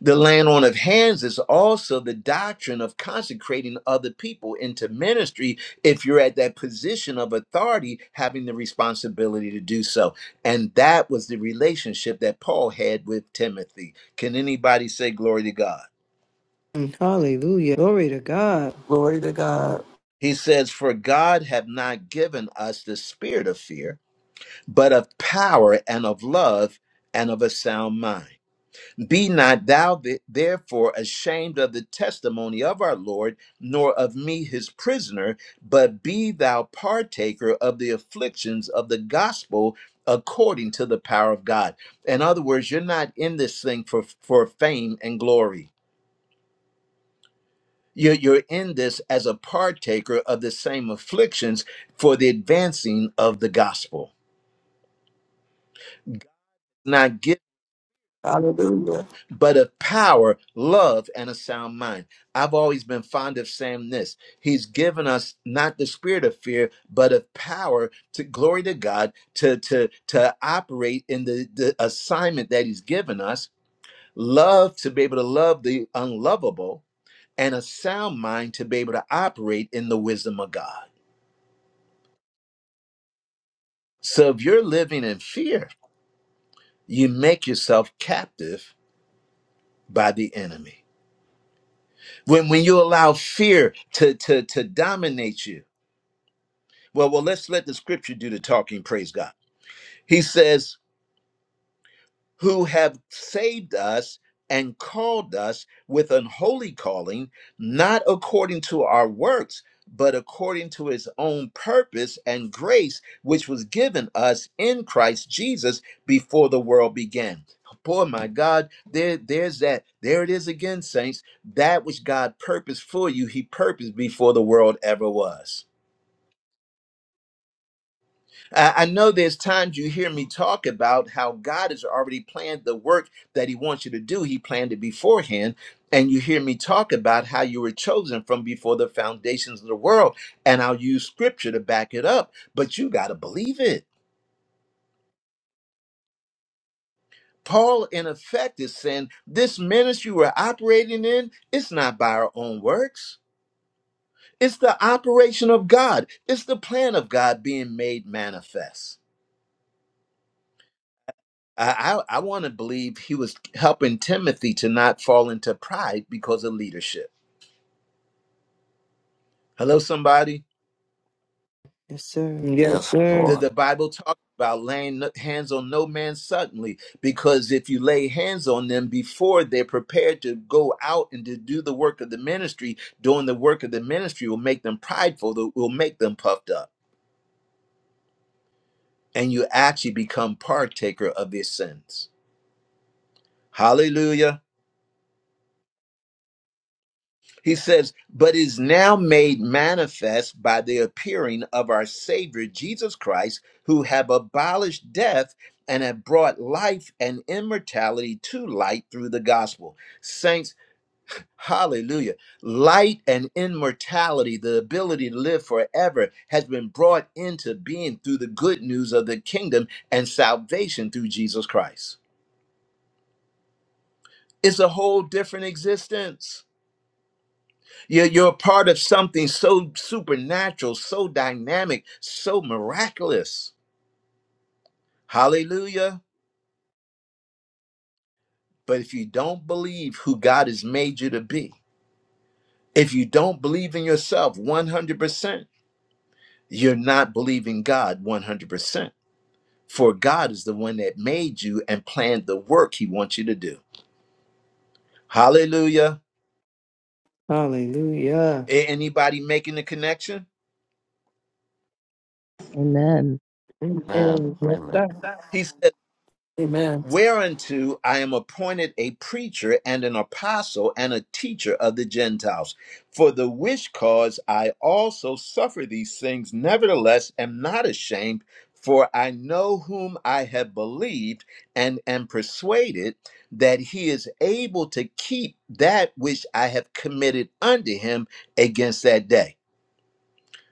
The laying on of hands is also the doctrine of consecrating other people into ministry if you're at that position of authority, having the responsibility to do so. And that was the relationship that Paul had with Timothy. Can anybody say glory to God?
Mm, Hallelujah. Glory to God.
Glory to God.
He says, For God have not given us the spirit of fear, but of power and of love and of a sound mind. Be not thou th- therefore ashamed of the testimony of our Lord, nor of me his prisoner, but be thou partaker of the afflictions of the gospel according to the power of God. In other words, you're not in this thing for, for fame and glory. You're, you're in this as a partaker of the same afflictions for the advancing of the gospel Not
Hallelujah.
but of power, love, and a sound mind. I've always been fond of saying this. He's given us not the spirit of fear, but of power to glory to God to to to operate in the, the assignment that He's given us. Love to be able to love the unlovable, and a sound mind to be able to operate in the wisdom of God. So if you're living in fear, you make yourself captive by the enemy. When when you allow fear to to to dominate you Well, well, let's let the scripture do the talking, praise God. He says, Who have saved us and called us with an holy calling, not according to our works, but according to his own purpose and grace, which was given us in Christ Jesus before the world began. Boy, my God, there, there's that. There it is again, saints. That which God purposed for you, he purposed before the world ever was. I I know there's times you hear me talk about how God has already planned the work that He wants you to do. He planned it beforehand. And you hear me talk about how you were chosen from before the foundations of the world. And I'll use scripture to back it up, but you got to believe it. Paul, in effect, is saying this ministry we're operating in, it's not by our own works, it's the operation of God, it's the plan of God being made manifest. I, I, I want to believe he was helping Timothy to not fall into pride because of leadership. Hello, somebody.
Yes, sir. Yes,
Yes,
sir.
The,
Lord.
the Bible talks about laying no- hands on no man suddenly, because if you lay hands on them before they're prepared to go out and to do the work of the ministry, doing the work of the ministry will make them prideful, that will make them puffed up, and you actually become partaker of their sins. Hallelujah. He says, but is now made manifest by the appearing of our Savior Jesus Christ, who have abolished death and have brought life and immortality to light through the gospel. Saints, hallelujah. Light and immortality, the ability to live forever, has been brought into being through the good news of the kingdom and salvation through Jesus Christ. It's a whole different existence. You're, you're a part of something so supernatural, so dynamic, so miraculous. Hallelujah. But if you don't believe who God has made you to be, if you don't believe in yourself 100%, you're not believing God 100%. For God is the one that made you and planned the work he wants you to do. Hallelujah.
Hallelujah.
A- Anybody making the connection?
Amen.
Amen.
Amen.
Yes,
Amen.
sir.
He said.
Amen.
Whereunto I am appointed a preacher and an apostle and a teacher of the Gentiles. For the which cause I also suffer these things, nevertheless am not ashamed, for I know whom I have believed and am persuaded that he is able to keep that which I have committed unto him against that day.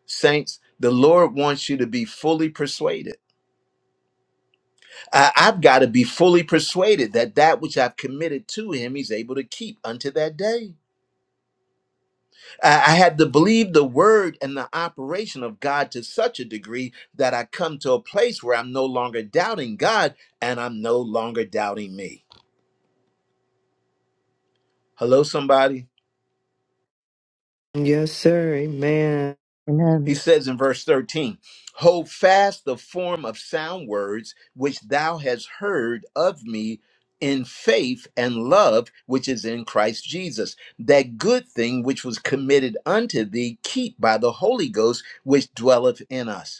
Saints, the Lord wants you to be fully persuaded I- I've got to be fully persuaded that that which I've committed to him, he's able to keep unto that day. I I had to believe the word and the operation of God to such a degree that I come to a place where I'm no longer doubting God and I'm no longer doubting me. Hello, somebody.
Yes, sir. Amen.
Amen.
He says in verse 13, Hold fast the form of sound words which thou hast heard of me in faith and love which is in Christ Jesus. That good thing which was committed unto thee, keep by the Holy Ghost which dwelleth in us.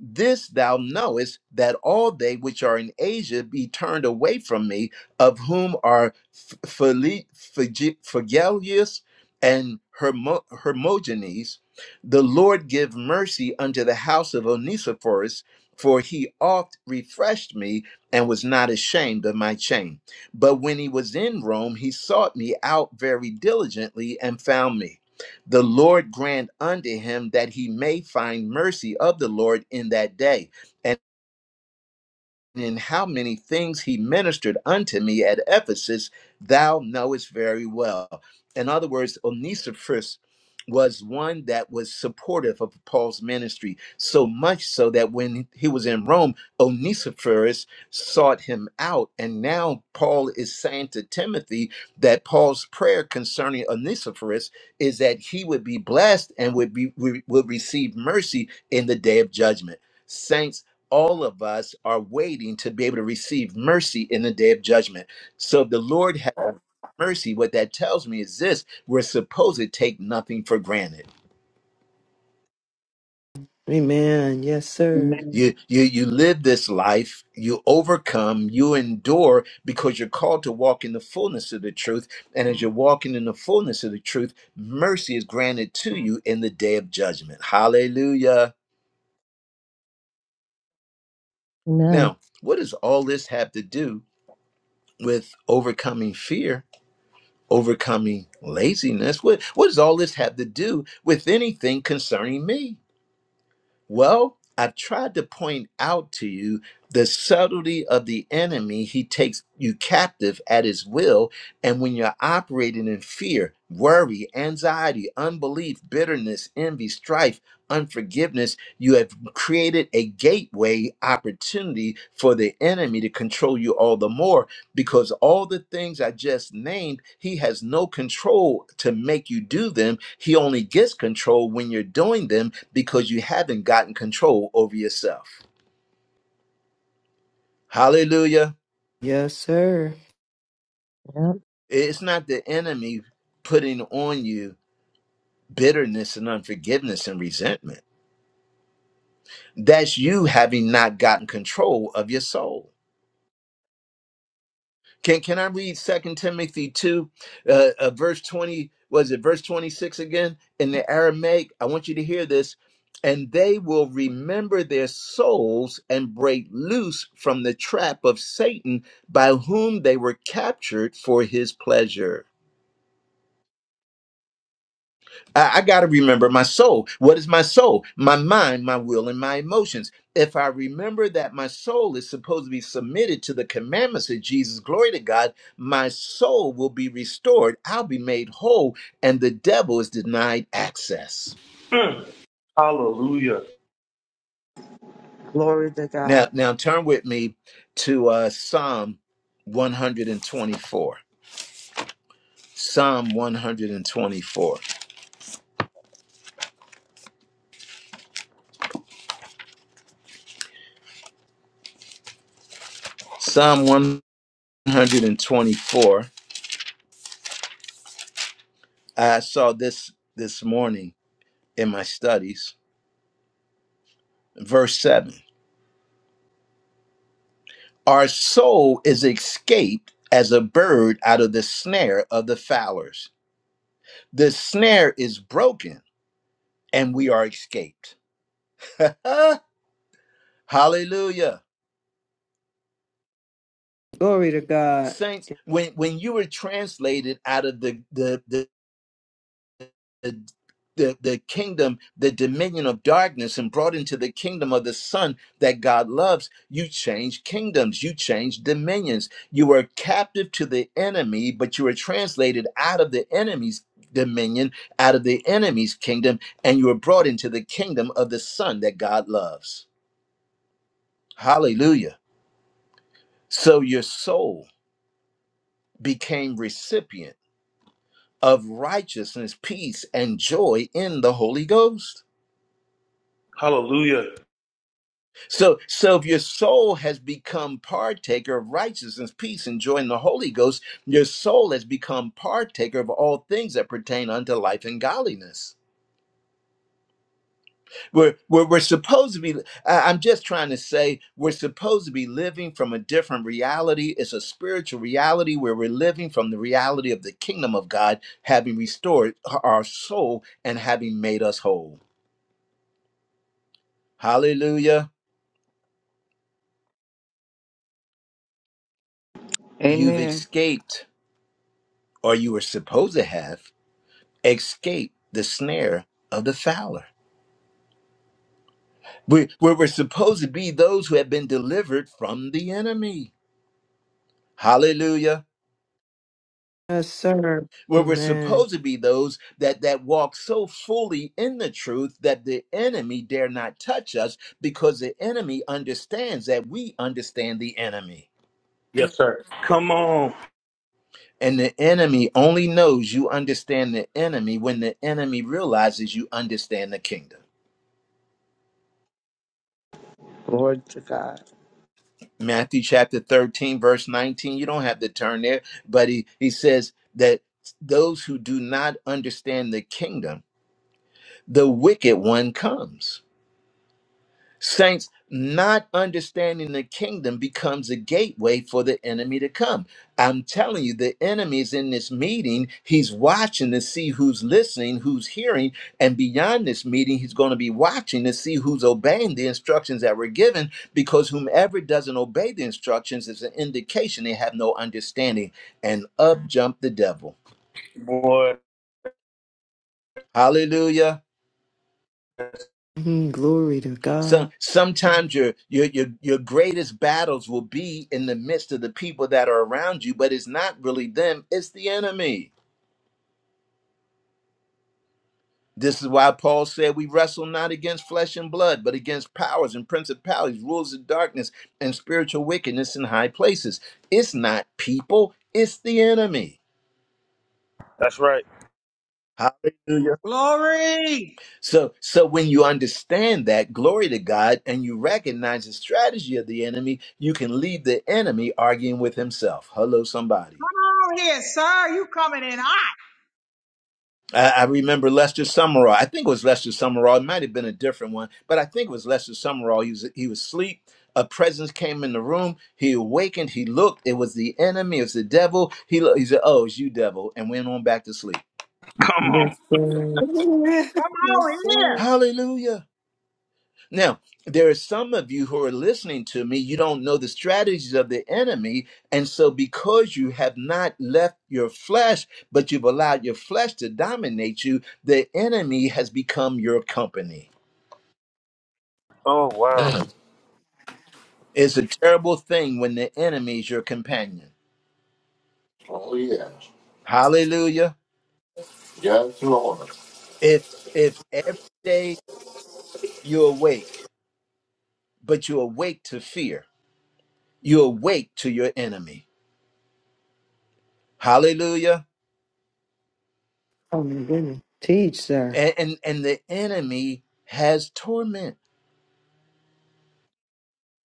This thou knowest that all they which are in Asia be turned away from me, of whom are F- Phile- Phige- Phygellus and Hermo- Hermogenes. The Lord give mercy unto the house of Onesiphorus, for he oft refreshed me and was not ashamed of my shame. But when he was in Rome, he sought me out very diligently and found me. The Lord grant unto him that he may find mercy of the Lord in that day in how many things he ministered unto me at Ephesus, thou knowest very well. In other words, Onesiphorus was one that was supportive of Paul's ministry, so much so that when he was in Rome, Onesiphorus sought him out. And now Paul is saying to Timothy that Paul's prayer concerning Onesiphorus is that he would be blessed and would be would receive mercy in the day of judgment. Saints all of us are waiting to be able to receive mercy in the day of judgment. So if the Lord has mercy. What that tells me is this: we're supposed to take nothing for granted.
Amen. Yes, sir.
Amen.
You you you live this life, you overcome, you endure because you're called to walk in the fullness of the truth. And as you're walking in the fullness of the truth, mercy is granted to you in the day of judgment. Hallelujah.
Amen.
Now, what does all this have to do with overcoming fear? overcoming laziness. What, what does all this have to do with anything concerning me? Well, I tried to point out to you the subtlety of the enemy. He takes you captive at his will. And when you're operating in fear, worry, anxiety, unbelief, bitterness, envy, strife, unforgiveness, you have created a gateway opportunity for the enemy to control you all the more because all the things I just named, he has no control to make you do them. He only gets control when you're doing them because you haven't gotten control over yourself. Hallelujah.
Yes, sir.
It's not the enemy putting on you bitterness and unforgiveness and resentment. That's you having not gotten control of your soul. Can can I read Second Timothy two, uh, uh, verse twenty? Was it verse twenty six again in the Aramaic? I want you to hear this. And they will remember their souls and break loose from the trap of Satan, by whom they were captured for his pleasure. I, I got to remember my soul. What is my soul? My mind, my will, and my emotions. If I remember that my soul is supposed to be submitted to the commandments of Jesus, glory to God, my soul will be restored. I'll be made whole, and the devil is denied access.
Mm. Hallelujah.
Glory to
Now,
God.
now turn with me to uh, Psalm 124. Psalm 124. Psalm 124. I saw this this morning in my studies. Verse 7 Our soul is escaped as a bird out of the snare of the fowlers. The snare is broken and we are escaped. Hallelujah.
Glory to God.
Saints, when, when you were translated out of the, the the. the the, the kingdom, the dominion of darkness, and brought into the kingdom of the Son that God loves, you change kingdoms, you change dominions. You were captive to the enemy, but you were translated out of the enemy's dominion, out of the enemy's kingdom, and you were brought into the kingdom of the Son that God loves. Hallelujah. So your soul became recipient of righteousness, peace, and joy in the Holy Ghost.
Hallelujah.
So, so if your soul has become partaker of righteousness, peace, and joy in the Holy Ghost, your soul has become partaker of all things that pertain unto life and godliness. We're, we're, we're supposed to be, I- I'm just trying to say, we're supposed to be living from a different reality. It's a spiritual reality where we're living from the reality of the kingdom of God, having restored our soul and having made us whole. Hallelujah. You've
Amen.
escaped, or you were supposed to have escape the snare of the fowler. We, we're, we're supposed to be those who have been delivered from the enemy. Hallelujah.
Yes, sir.
Where we're
Amen.
supposed to be those that, that walk so fully in the truth that the enemy dare not touch us because the enemy understands that we understand the enemy.
Yes, sir. Come on,
And the enemy only knows you understand the enemy when the enemy realizes you understand the kingdom.
Glory to God.
Matthew chapter 13, verse 19. You don't have to turn there, but he, he says that those who do not understand the kingdom, the wicked one comes. Saints, not understanding the kingdom becomes a gateway for the enemy to come. I'm telling you, the enemy's in this meeting. He's watching to see who's listening, who's hearing, and beyond this meeting, he's going to be watching to see who's obeying the instructions that were given. Because whomever doesn't obey the instructions is an indication they have no understanding. And up jump the devil.
boy.
Hallelujah.
Mhm. Glory to
Some
God.
sometimes your your your your greatest battles will be in the midst of the people that are around you, but it's not really them, it's the enemy. This is why Paul said we wrestle not against flesh and blood, but against powers and principalities, rules of darkness, and spiritual wickedness in high places. It's not people, it's the enemy.
That's right.
Hallelujah.
Glory.
So so when you understand that, glory to God, and you recognize the strategy of the enemy, you can leave the enemy arguing with himself. Hello, somebody.
Come on here, sir. You coming in hot.
I, I remember Lester Summerall. I think it was Lester Summerall. It might have been a different one, but I think it was Lester Summerall. He was he was asleep. A presence came in the room. He awakened. He looked. It was the enemy. It was the devil. He looked, he said, "Oh, it's you, devil," and went on back to sleep.
Come on.
Yes, sir.
Come
yes,
on here.
sir.
Hallelujah. Now there are some of you who are listening to me. You don't know the strategies of the enemy, and so because you have not left your flesh, but you've allowed your flesh to dominate you, the enemy has become your company.
Oh wow.
Amen.
It's a terrible thing when the enemy is your companion.
Oh, yeah.
Hallelujah.
Yes, Lord.
If if every day you awake, but you awake to fear, you awake to your enemy. Hallelujah.
Oh, my goodness. Teach, sir.
And and, and the enemy has torment.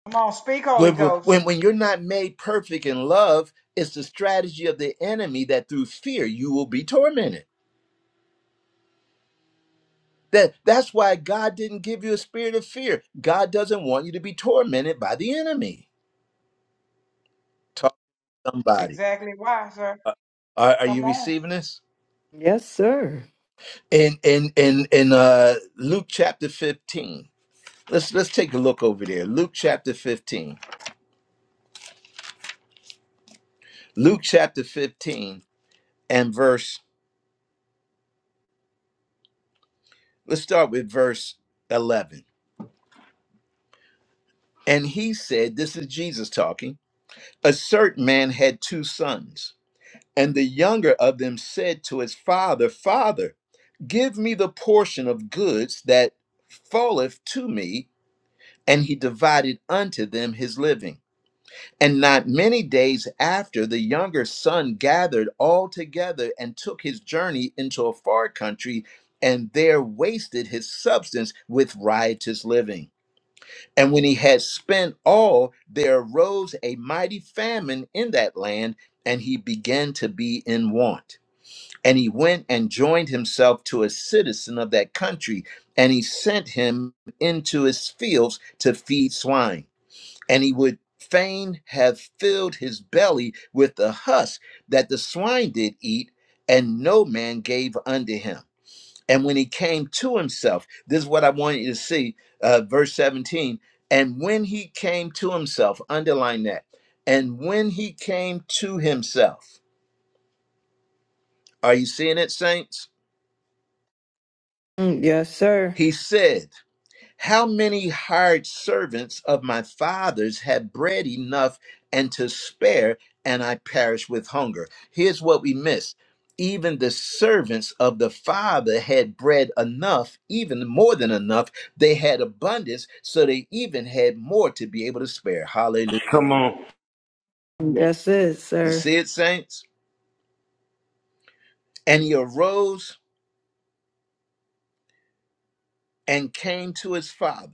Come on, speak, Holy
When,
Ghost.
when, when you're not made perfect in love, it's the strategy of the enemy that through fear you will be tormented. That that's why God didn't give you a spirit of fear. God doesn't want you to be tormented by the enemy. Talk to
That's
somebody.
exactly why, sir.
Uh, Are, are you
Come on.
receiving this?
Yes, sir.
In in in in uh, Luke chapter fifteen. Let's let's take a look over there. Luke chapter fifteen. Luke chapter fifteen and verse. Let's start with verse eleven. And he said, "This is Jesus talking. A certain man had two sons, and the younger of them said to his father, Father, give me the portion of goods that falleth to me.'" And he divided unto them his living. And not many days after, the younger son gathered all together and took his journey into a far country, and there wasted his substance with riotous living. And when he had spent all, there arose a mighty famine in that land, and he began to be in want. And he went and joined himself to a citizen of that country, and he sent him into his fields to feed swine and he would fain have filled his belly with the husk that the swine did eat, and no man gave unto him. And when he came to himself, this is what I want you to see, uh, verse 17. And when he came to himself, underline that. And when he came to himself, are you seeing it, saints?
Mm, Yes, sir.
He said, How many hired servants of my father's had bread enough and to spare, and I perish with hunger? Here's what we miss. Even the servants of the father had bread enough, even more than enough. They had abundance, so they even had more to be able to spare. Hallelujah.
Come on.
That's it,
You
sir.
see it, saints? And he arose and came to his father.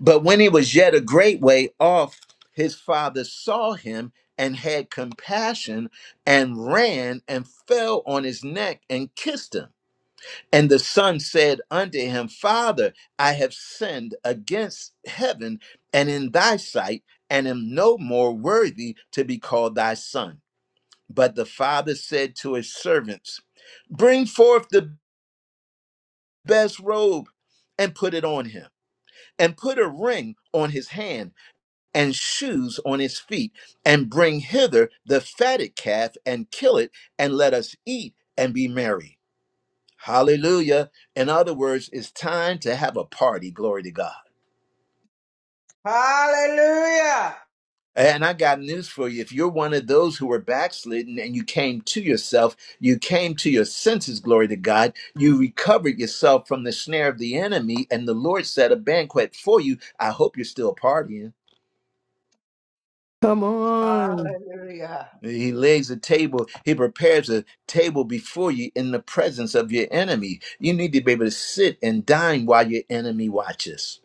But when he was yet a great way off, his father saw him and had compassion and ran and fell on his neck and kissed him. And the son said unto him, Father, I have sinned against heaven and in thy sight, and am no more worthy to be called thy son. But the father said to his servants, Bring forth the best robe and put it on him, and put a ring on his hand and shoes on his feet, and bring hither the fatted calf and kill it, and let us eat and be merry. Hallelujah. In other words, it's time to have a party. Glory to God.
Hallelujah.
And I got news for you. If you're one of those who were backslidden and you came to yourself, you came to your senses, glory to God, you recovered yourself from the snare of the enemy, and the Lord set a banquet for you. I hope you're still partying.
Come on.
Hallelujah.
He lays a table, he prepares a table before you in the presence of your enemy. You need to be able to sit and dine while your enemy watches.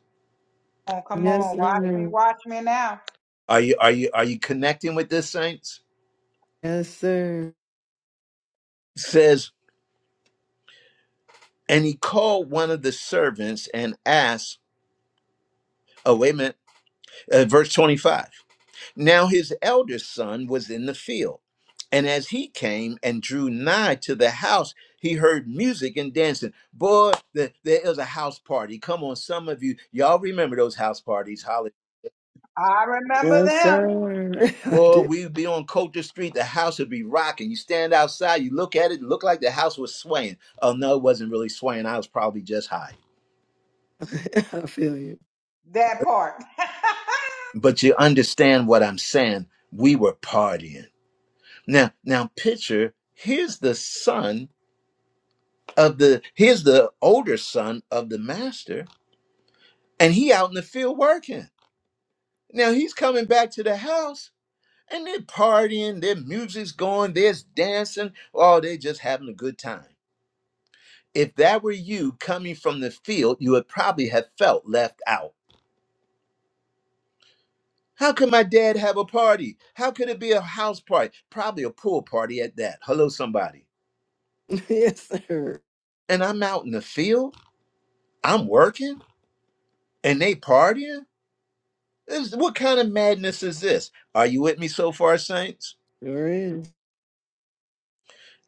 Oh, come
Yes,
on. Watch me,
sir.
watch me now.
Are you are you are you connecting with this saints?
Yes, sir.
It says, and he called one of the servants and asked, oh wait a minute, uh, verse 25. Now his eldest son was in the field, and as he came and drew nigh to the house, he heard music and dancing. Boy, the, there is a house party. Come on, some of you, y'all remember those house parties, Holly.
I remember
Yes,
them.
sir. I
Boy,
did.
we'd be on Coulter Street, the house would be rocking. You stand outside, you look at it, it looked like the house was swaying. Oh no, it wasn't really swaying. I was probably just high.
I feel you.
That part.
But you understand what I'm saying. We were partying. Now, now picture, here's the son of the here's the older son of the master and he out in the field working now he's coming back to the house and they're partying their music's going there's dancing oh they just having a good time if that were you coming from the field you would probably have felt left out how could my dad have a party how could it be a house party probably a pool party at that hello somebody
Yes, sir.
and i'm out in the field i'm working and they partying This- what kind of madness is this? Are you with me so far, saints?
Sure is.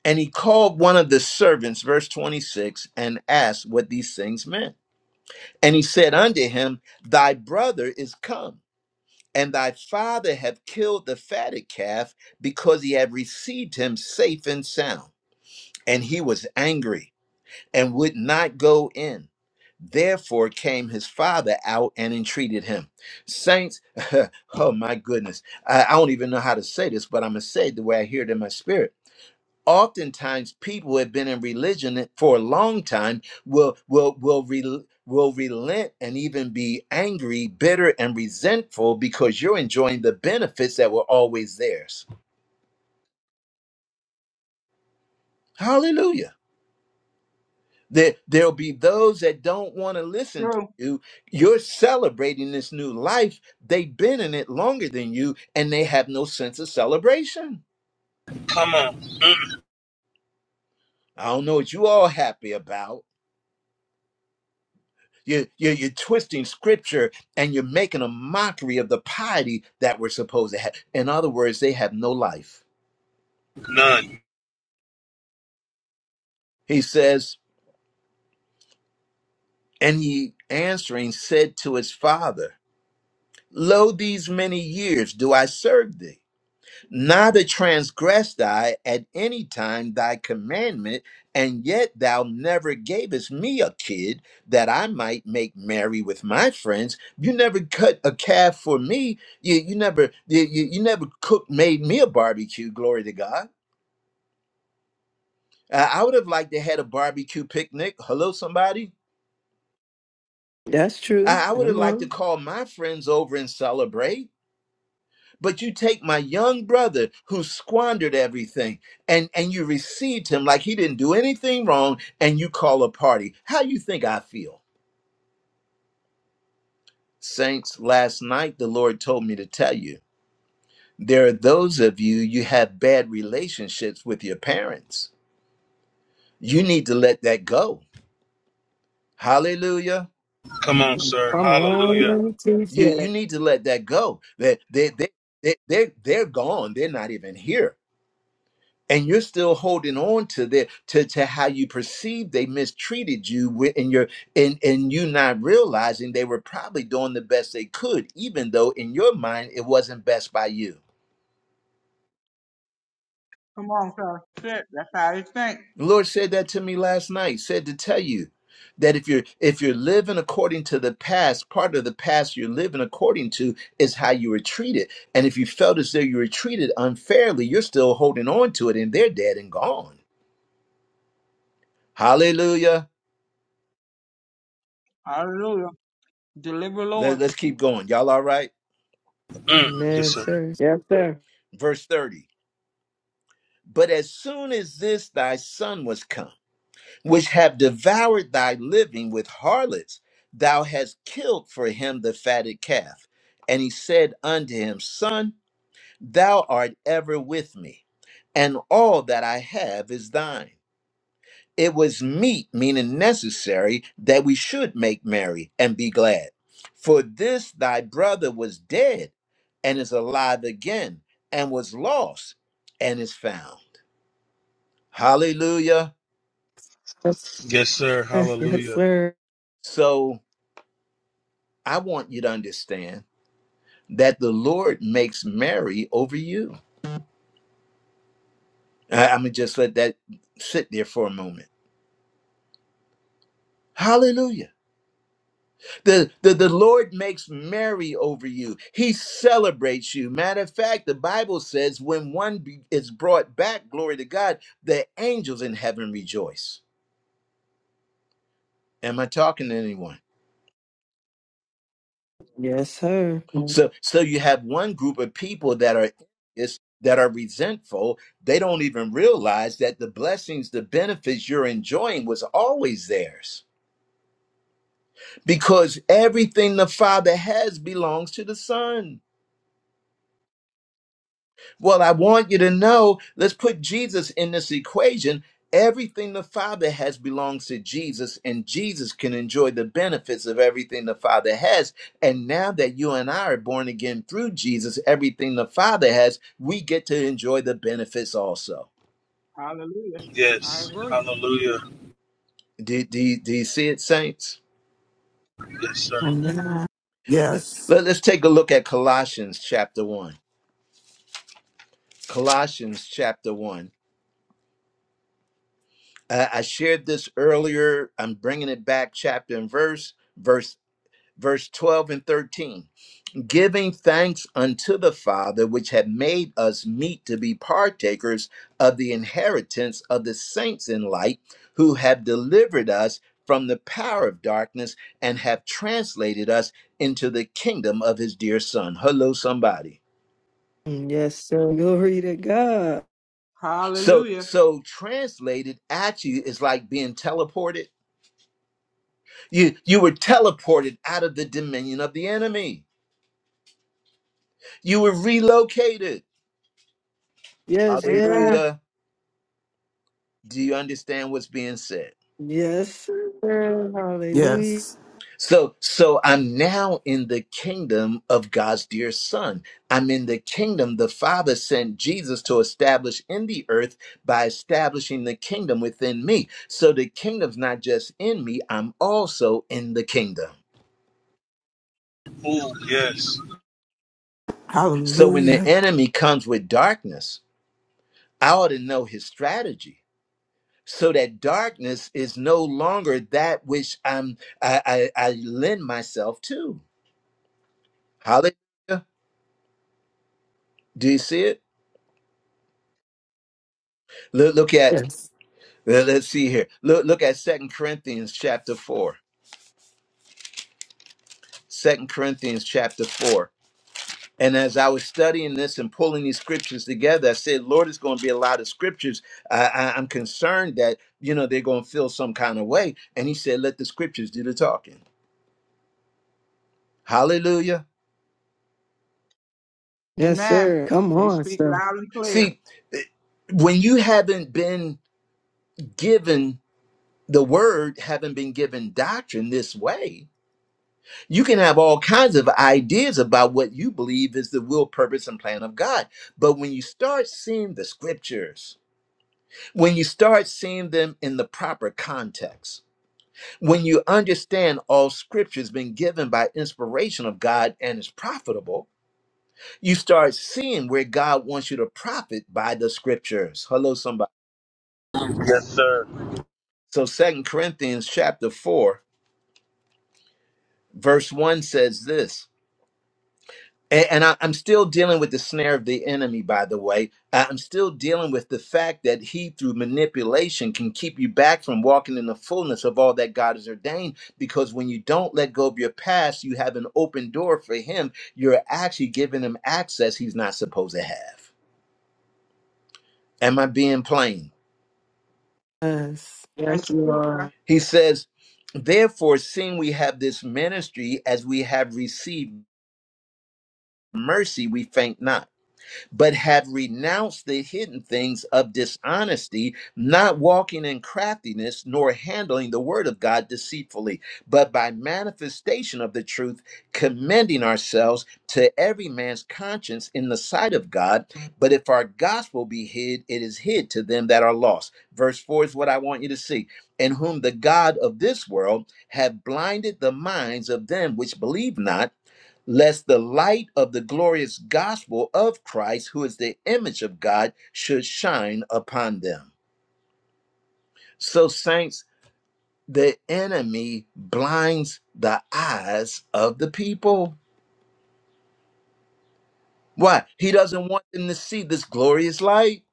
And he called one of the servants, verse 26, and asked what these things meant. And he said unto him, Thy brother is come, and thy father hath killed the fatted calf, because he had received him safe and sound. And he was angry and would not go in. Therefore came his father out and entreated him. Saints, oh my goodness, I, I don't even know how to say this, but I'm going to say it the way I hear it in my spirit. Oftentimes, people who have been in religion for a long time will will will rel will relent and even be angry, bitter, and resentful because you're enjoying the benefits that were always theirs. Hallelujah. There, there'll be those that don't want to listen to
True.
you. You're celebrating this new life. They've been in it longer than you, and they have no sense of celebration.
Come on. Mm.
I don't know what you all happy about. You, you, you're twisting scripture and you're making a mockery of the piety that we're supposed to have. In other words, they have no life.
None.
He says, and he answering said to his father, Lo, these many years do I serve thee neither transgressed I at any time thy commandment, and yet thou never gavest me a kid that I might make merry with my friends. You never cut a calf for me. You, you never you, you you never cooked made me a barbecue. Glory to God. I I would have liked to had a barbecue picnic. Hello, somebody.
That's true.
I I would have
Come
liked to
on.
call my friends over and celebrate. But you take my young brother who squandered everything and, and you received him like he didn't do anything wrong and you call a party. How you think I feel? Saints, last night the Lord told me to tell you there are those of you you have bad relationships with your parents. You need to let that go. Hallelujah.
Come on, sir.
Come
Hallelujah.
on.
You you
Teacher.
need to let that go. They they they they they're, they're gone. They're not even here and you're still holding on to their to, to how you perceive they mistreated you wi- and you're and and you not realizing they were probably doing the best they could even though in your mind it wasn't best by you
Come on, sir. That's That's how they think.
the lord said that to me last night said to tell you that if you're if you're living according to the past part of the past you're living according to is how you were treated and if you felt as though you were treated unfairly you're still holding on to it and they're dead and gone hallelujah
Hallelujah. Deliver,
Let,
Lord.
let's keep going y'all all right?
Mm. Yes,
Amen,
sir.
sir. Yes, sir.
verse 30 but as soon as this thy son was come which have devoured thy living with harlots thou hast killed for him the fatted calf and he said unto him son thou art ever with me and all that i have is thine it was meet meaning necessary that we should make merry and be glad for this thy brother was dead and is alive again and was lost and is found Hallelujah.
Yes, sir.
Yes, sir.
Yes,
Hallelujah.
sir.
So I want you to understand that the Lord makes merry over you. I, am gonna just let that sit there for a moment. Hallelujah. The, the the Lord makes merry over you. He celebrates you. Matter of fact, the Bible says when one be- is brought back, glory to God, the angels in heaven rejoice. Am I talking to anyone?
Yes, sir. Mm,
So so you have one group of people that are is that are resentful. They don't even realize that the blessings, the benefits you're enjoying was always theirs. Because everything the Father has belongs to the Son. Well, I want you to know, let's put Jesus in this equation. Everything the Father has belongs to Jesus, and Jesus can enjoy the benefits of everything the Father has. And now that you and I are born again through Jesus, everything the Father has, we get to enjoy the benefits also.
Hallelujah. I
Yes.
agree.
Hallelujah.
Do, do, do you see it, saints?
Yes, sir.
Amen. Yes.
Let, us take a look at Colossians chapter 1. Colossians chapter 1. Uh, I shared this earlier. I'm bringing it back, chapter and verse. Verse verse 12 and 13 giving thanks unto the father which had made us meet to be partakers of the inheritance of the saints in light who have delivered us from the power of darkness and have translated us into the kingdom of his dear son hello somebody
Yes, sir. Glory to God.
so
Hallelujah.
so translated at you is like being teleported you you were teleported out of the dominion of the enemy you were relocated
Yes,
Amen.
yes.
hallelujah Do you understand what's being said?
Yes, sir. Hallelujah.
Yes.
So so I'm now in the kingdom of God's dear son. I'm in the kingdom the Father sent Jesus to establish in the earth by establishing the kingdom within me. So the kingdom's not just in me, I'm also in the kingdom.
Ooh, yes.
So when the
Hallelujah.
enemy comes with darkness, I ought to know his strategy. So that darkness is no longer that which I'm I, I, I lend myself to. Hallelujah. Do you see it? Look, look at
Yes.
let- let's see here. Look look at Second Corinthians chapter 4. Second Corinthians chapter 4. And as I was studying this and pulling these scriptures together, I said, Lord, it's going to be a lot of scriptures. I, I, I'm concerned that, you know, they're going to feel some kind of way. And he said, let the scriptures do the talking. Hallelujah.
Yes,
Amen.
sir. Come
They
on,
speak
sir.
loud and clear.
See, eh, when you haven't been given the word, haven't been given doctrine this way, You can have all kinds of ideas about what you believe is the will, purpose, and plan of God. But when you start seeing the scriptures, when you start seeing them in the proper context, when you understand all scripture has been given by inspiration of God and is profitable, you start seeing where God wants you to profit by the scriptures. Hello, somebody.
Yes, sir.
So Second Corinthians chapter 4, verse 1 says this. A- And I, I'm still dealing with the snare of the enemy, by the way. I- I'm still dealing with the fact that he, through manipulation, can keep you back from walking in the fullness of all that God has ordained. Because when you don't let go of your past, you have an open door for him. You're actually giving him access he's not supposed to have. Am I being plain?
Yes.
That's
Thank
the
you,
truth, sir.
Lord.
He says, Therefore, seeing we have this ministry as we have received mercy, we faint not but have renounced the hidden things of dishonesty, not walking in craftiness, nor handling the word of God deceitfully, but by manifestation of the truth, commending ourselves to every man's conscience in the sight of God. But if our gospel be hid, it is hid to them that are lost. Verse 4 is what I want you to see. In whom the God of this world have blinded the minds of them which believe not lest the light of the glorious gospel of Christ, who is the image of God, should shine upon them. So, saints, the enemy blinds the eyes of the people. Why? He doesn't want them to see this glorious light.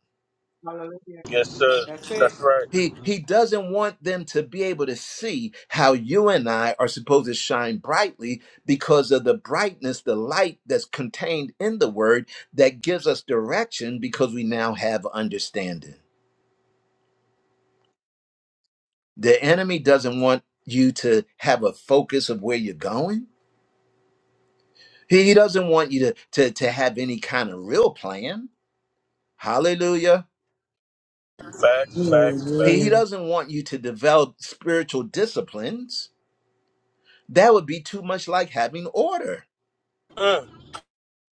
Hallelujah.
Yes, sir.
That's
That's
it.
right.
He, he doesn't want them to be able to see how you and I are supposed to shine brightly because of the brightness, the light that's contained in the word that gives us direction because we now have understanding. The enemy doesn't want you to have a focus of where you're going. He doesn't want you to, to, to have any kind of real plan. Hallelujah.
Facts, facts,
He, he
Hallelujah.
facts.
doesn't want you to develop spiritual disciplines. That would be too much like having order.
Mm.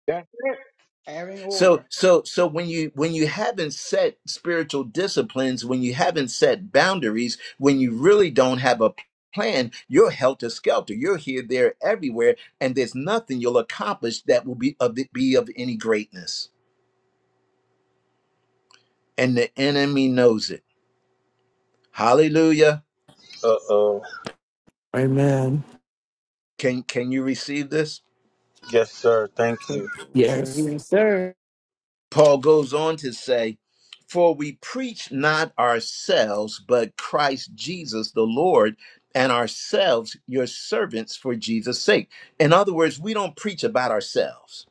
Yeah. That's it. Having
So
order.
so so when you when you haven't set spiritual disciplines, when you haven't set boundaries, when you really don't have a plan, you're helter skelter. You're here, there, everywhere, and there's nothing you'll accomplish that will be of be of any greatness. And the enemy knows it. Hallelujah.
Uh oh.
Amen.
Can can you receive this?
Yes, sir. Thank you.
Yes, sir.
Yes.
Yes, sir.
Paul goes on to say, For we preach not ourselves, but Christ Jesus the Lord, and ourselves your servants for Jesus' sake. In other words, we don't preach about ourselves.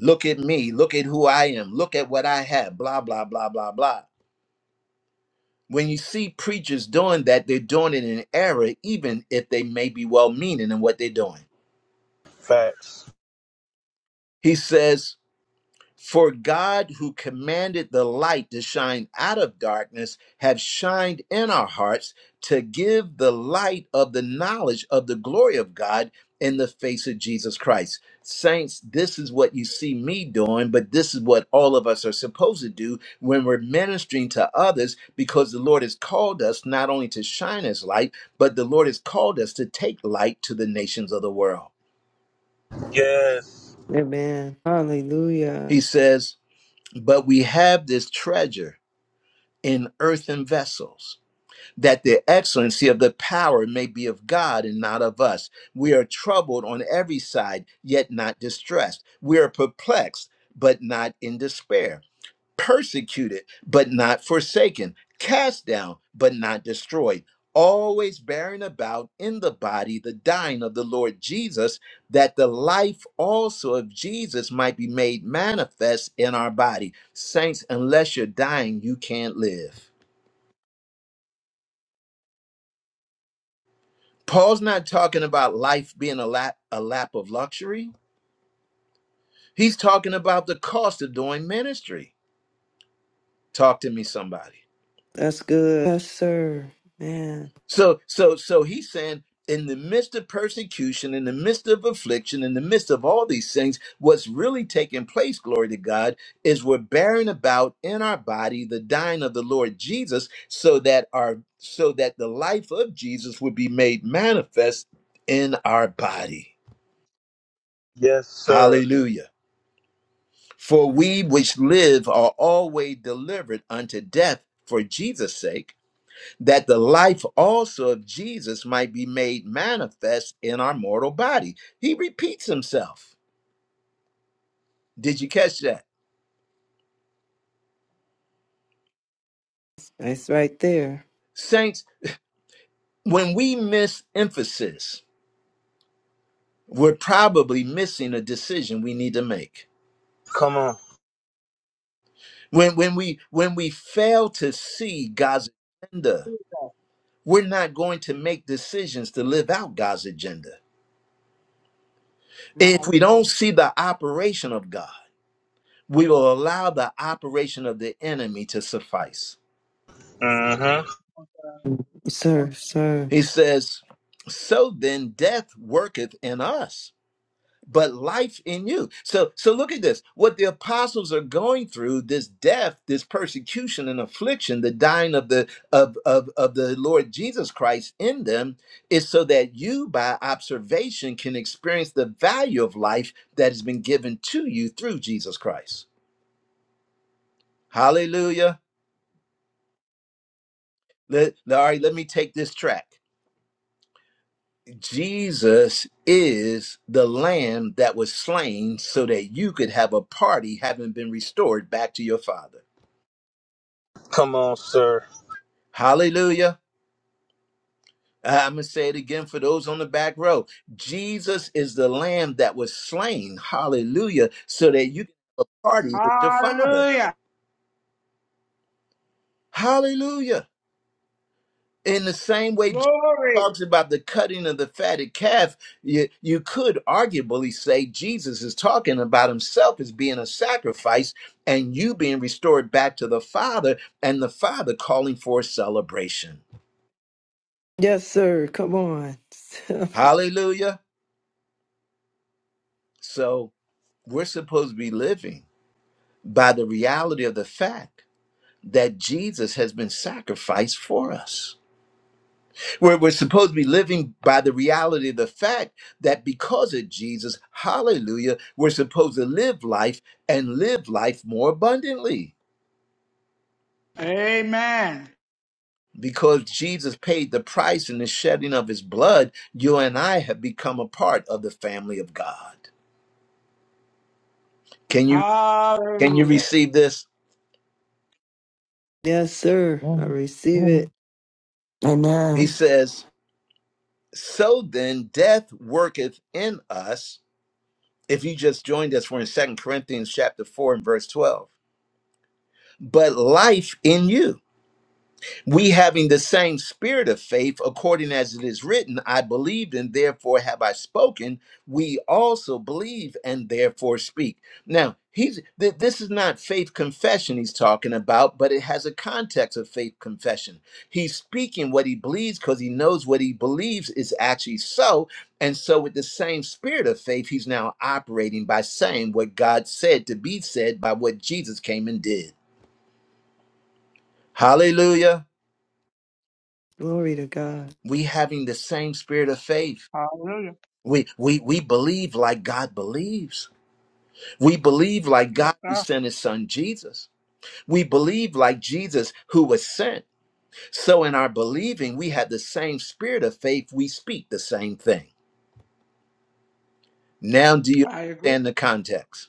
Look at me, look at who I am, look at what I have, blah, blah, blah, blah, blah. When you see preachers doing that, they're doing it in error, even if they may be well meaning in what they're doing.
Facts.
He says, For God, who commanded the light to shine out of darkness, have shined in our hearts to give the light of the knowledge of the glory of God in the face of Jesus Christ. Saints, this is what you see me doing, but this is what all of us are supposed to do when we're ministering to others because the Lord has called us not only to shine his light, but the Lord has called us to take light to the nations of the world.
Yes.
Amen. Hallelujah.
He says, But we have this treasure in earthen vessels, that the excellency of the power may be of God and not of us. We are troubled on every side, yet not distressed. We are perplexed, but not in despair. Persecuted, but not forsaken. Cast down, but not destroyed. Always bearing about in the body the dying of the Lord Jesus, that the life also of Jesus might be made manifest in our body. Saints, unless you're dying, you can't live. Paul's not talking about life being a lap, a lap of luxury. He's talking about the cost of doing ministry. Talk to me, somebody.
That's good. Yes, sir. Man,
So, so, so he's saying, in the midst of persecution, in the midst of affliction, in the midst of all these things, what's really taking place, glory to God, is we're bearing about in our body the dying of the Lord Jesus, so that our so that the life of Jesus would be made manifest in our body.
Yes, sir.
Hallelujah. For we which live are always delivered unto death for Jesus' sake, that the life also of Jesus might be made manifest in our mortal body. He repeats himself. Did you catch that?
that's right there.
Saints, when we miss emphasis, we're probably missing a decision we need to make.
Come on.
When, when we when we fail to see God's agenda,
Jesus,
we're not going to make decisions to live out God's agenda
my
If we
Lord.
don't see the operation of God, we will allow the operation of the enemy to suffice.
Mm hmm.
Yes, Sir, sir.
He says, So then death worketh in us, but life in you. So so look at this. What the apostles are going through, this death, this persecution and affliction, the dying of the of, of, of the Lord Jesus Christ in them, is so that you by observation can experience the value of life that has been given to you through Jesus Christ. Hallelujah. Let, all right, let me take this track. Jesus is the lamb that was slain so that you could have a party having been restored back to your father.
Come on, sir.
Hallelujah. I'm going to say it again for those on the back row. Jesus is the lamb that was slain. Hallelujah. So that you can have a party with your father.
Hallelujah.
Hallelujah. In the same way Jesus
Glory.
talks about the cutting of the fatted calf, you, you could arguably say Jesus is talking about himself as being a sacrifice and you being restored back to the Father and the Father calling for a celebration.
Yes, sir. Come on.
Hallelujah. So we're supposed to be living by the reality of the fact that Jesus has been sacrificed for us. We're, we're supposed to be living by the reality of the fact that because of Jesus, hallelujah, we're supposed to live life and live life more abundantly.
Amen.
Because Jesus paid the price in the shedding of his blood, you and I have become a part of the family of God. Can you can you
Hallelujah.
receive this?
yes, sir.
Yeah.
I receive
Yeah.
it.
He
Amen.
says, So then death worketh in us. If you just joined us, we're in Second Corinthians chapter 4 and verse 12. But life in you. We having the same spirit of faith, according as it is written, I believed and therefore have I spoken. We also believe and therefore speak. Now, he's th- this is not faith confession he's talking about, but it has a context of faith confession. He's speaking what he believes because he knows what he believes is actually so. And so, with the same spirit of faith, he's now operating by saying what God said to be said by what Jesus came and did. Hallelujah.
Glory to God.
we having the same spirit of faith
Hallelujah.
we we we believe like god believes we believe like god who
Sir,
sent his son jesus we believe like jesus who was sent so in our believing we have the same spirit of faith we speak the same thing now do you
I agree.
understand the context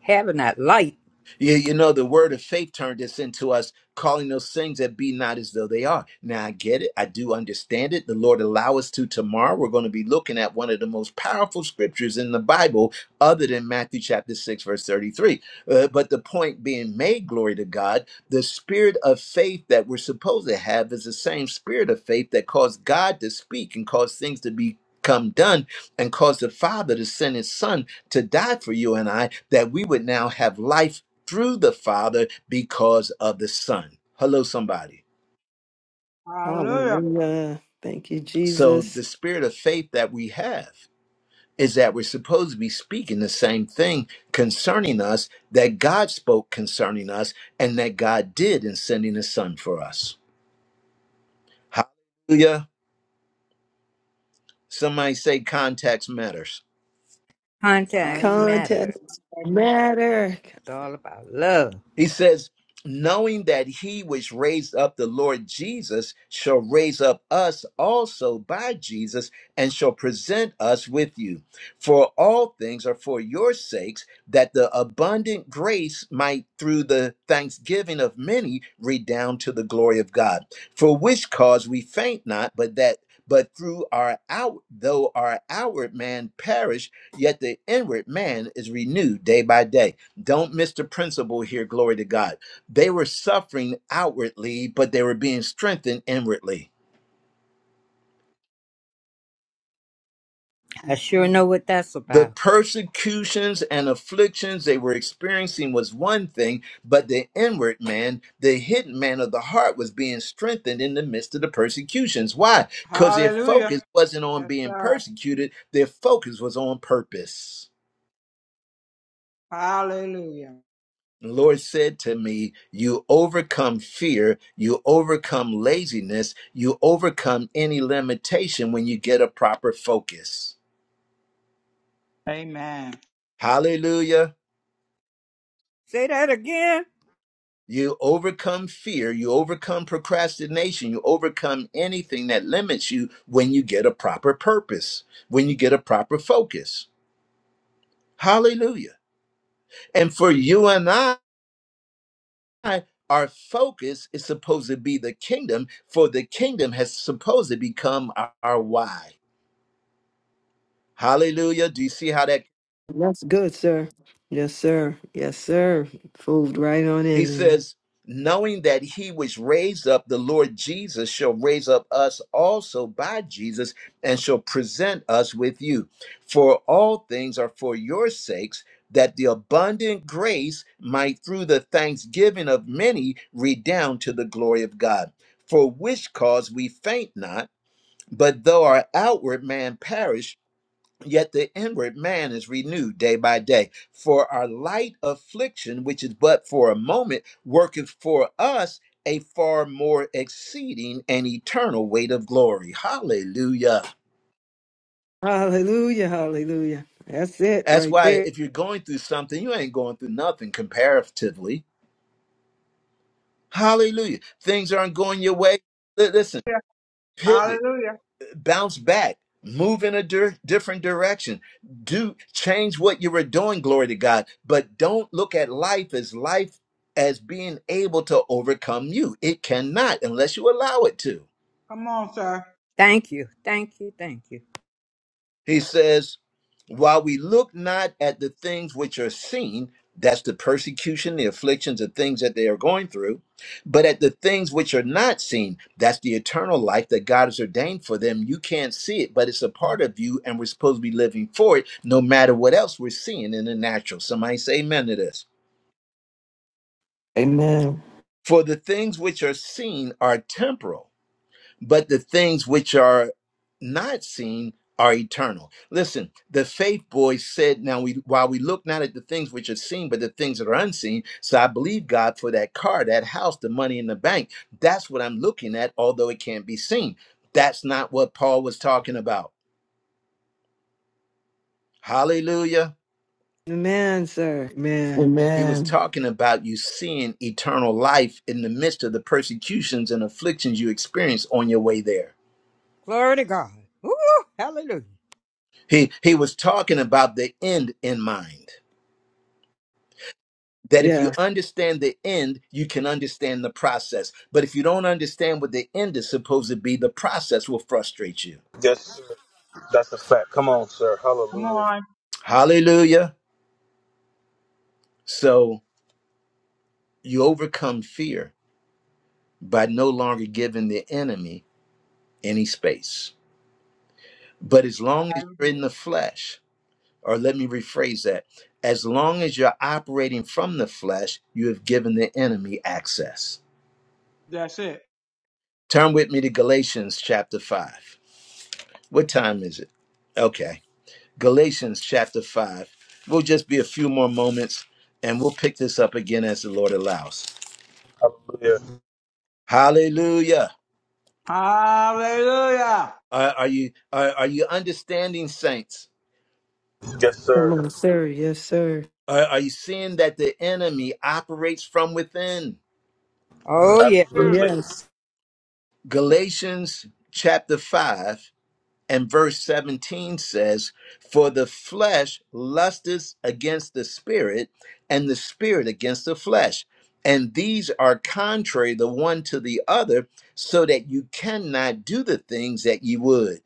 Having that light,
You, you know, the word of faith turned this into us calling those things that be not as though they are. Now, I get it. I do understand it. The Lord allow us to tomorrow. We're going to be looking at one of the most powerful scriptures in the Bible, other than Matthew chapter 6, verse 33. Uh, but the point being made, glory to God, the spirit of faith that we're supposed to have is the same spirit of faith that caused God to speak and caused things to become done and caused the Father to send His Son to die for you and I, that we would now have life through the Father because of the Son. Hello, somebody.
Hallelujah.
Hallelujah. Thank you,
So,
Jesus.
the spirit of faith that we have is that we're supposed to be speaking the same thing concerning us that God spoke concerning us and that God did in sending His Son for us. Hallelujah. Somebody say context matters.
I
contacts
agree.
matter.
Contest
That's my-
matter.
It's all about love.
He says, knowing that he which raised up the Lord Jesus shall raise up us also by Jesus and shall present us with you. For all things are for your sakes, that the abundant grace might through the thanksgiving of many redound to the glory of God. For which cause we faint not, but that but through our out though our outward man perish, yet the inward man is renewed day by day. Don't miss the principle here, glory to God. They were suffering outwardly, but they were being strengthened inwardly.
I sure know what that's
The
about.
persecutions and afflictions they were experiencing was one thing, but the inward man, the hidden man of the heart, was being strengthened in the midst of the persecutions. Why? Because their focus
Hallelujah.
wasn't on
Yes,
being
sir.
persecuted, their focus was on purpose.
Hallelujah.
The Lord said to me, You overcome fear, you overcome laziness, you overcome any limitation when you get a proper focus.
Amen.
Hallelujah.
Say that again.
You overcome fear, you overcome procrastination, you overcome anything that limits you when you get a proper purpose, when you get a proper focus. Hallelujah. And for you and I, our focus is supposed to be the kingdom, for the kingdom has supposed to become our, our why. Hallelujah. Do you see how that?
That's good, sir. Yes, sir. Yes, sir. Fooled right on
He
in there.
says, knowing that he which raised up the Lord Jesus shall raise up us also by Jesus and shall present us with you. For all things are for your sakes, that the abundant grace might through the thanksgiving of many redound to the glory of God. For which cause we faint not, but though our outward man perish, Yet the inward man is renewed day by day. For our light affliction, which is but for a moment, worketh for us a far more exceeding and eternal weight of glory. Hallelujah.
Hallelujah. Hallelujah. That's it
That's
right
why
there.
if you're going through something, you ain't going through nothing comparatively. Hallelujah. Things aren't going your way. Li- Listen,
Yeah.
pivot
Hallelujah.
bounce back move in a dir- different direction do change what you were doing glory to god but don't look at life as life as being able to overcome you it cannot unless you allow it to
Come on, sir.
Thank you, thank you, thank you.
He says, while we look not at the things which are seen, that's the persecution, the afflictions, the things that they are going through, but at the things which are not seen, that's the eternal life that God has ordained for them. You can't see it, but it's a part of you, and we're supposed to be living for it no matter what else we're seeing in the natural. Somebody say amen to this.
Amen.
For the things which are seen are temporal but the things which are not seen are eternal. Listen, the faith boy said, Now we while we look not at the things which are seen, but the things that are unseen. So I believe God for that car, that house, the money in the bank. That's what I'm looking at, although it can't be seen. That's not what Paul was talking about. Hallelujah.
Amen, sir. Man.
He was
Amen.
talking about you seeing eternal life in the midst of the persecutions and afflictions you experience on your way there.
Glory to God. Woo, hallelujah.
He he was talking about the end in mind. that if you
Yeah.
understand the end, you can understand the process. But if you don't understand what the end is supposed to be, the process will frustrate you.
Yes, sir. That's a fact. Come on, sir.
Come
Hallelujah.
on.
Hallelujah. So you overcome fear by no longer giving the enemy any space. But as long
I
as you're
agree.
in the flesh, or let me rephrase that, as long as you're operating from the flesh, you have given the enemy access.
That's it.
Turn with me to Galatians chapter 5. What time is it? Okay. Galatians chapter 5. We'll just be a few more moments and we'll pick this up again as the Lord allows.
Hallelujah.
Hallelujah.
Hallelujah.
Are, are you are, are you understanding saints?
Yes, sir.
Come on, sir. Yes, sir.
Are, are you seeing that the enemy operates from within?
Oh yeah.
Clearly.
Absolutely.
Yes.
Galatians chapter 5 And verse 17 says, For the flesh lusteth against the spirit, and the spirit against the flesh. And these are contrary the one to the other, so that you cannot do the things that ye would.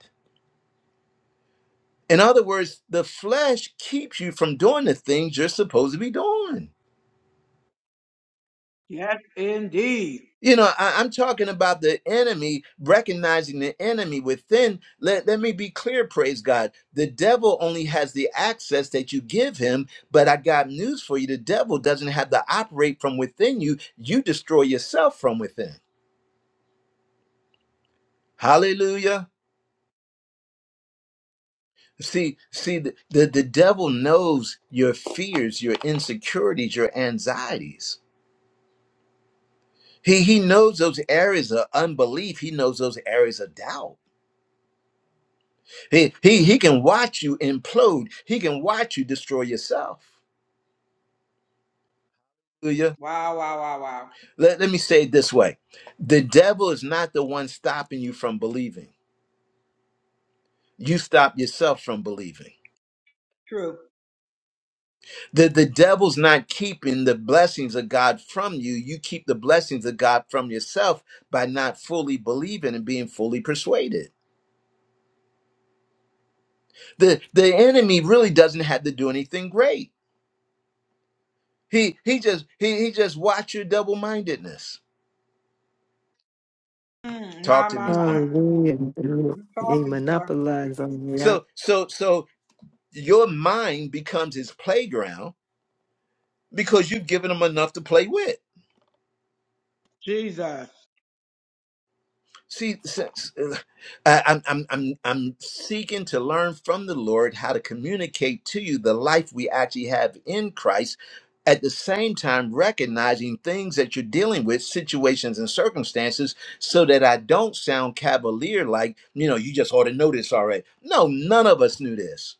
In other words, the flesh keeps you from doing the things you're supposed to be doing.
Yes, indeed.
You know, I, I'm talking about the enemy, recognizing the enemy within. Let, let me be clear, praise God. The devil only has the access that you give him, but I got news for you. The devil doesn't have to operate from within you, you destroy yourself from within. Hallelujah. See, see, the, the, the devil knows your fears, your insecurities, your anxieties. He, he knows those areas of unbelief. He knows those areas of doubt He he he can watch you implode. He can watch you destroy yourself. Hallelujah.
Wow, wow, wow, wow.
Let, let me say it this way. The devil is not the one stopping you from believing. You stop yourself from believing.
True.
The, the devil's not keeping the blessings of God from you. You keep the blessings of God from yourself by not fully believing and being fully persuaded. The the enemy really doesn't have to do anything great. He he just he he just watch your double-mindedness.
Mm, my,
Talk to
my,
me,
my.
somebody.
Hallelujah.
You
They
talking, sir.
monopolize on me.
So so so your mind becomes his playground because you've given him enough to play with.
Jesus.
See, since, uh, I- I'm, I'm, I'm, I'm seeking to learn from the Lord how to communicate to you the life we actually have in Christ. At the same time, recognizing things that you're dealing with, situations and circumstances, so that I don't sound cavalier like, you know, you just ought to know this already. No, none of us knew this.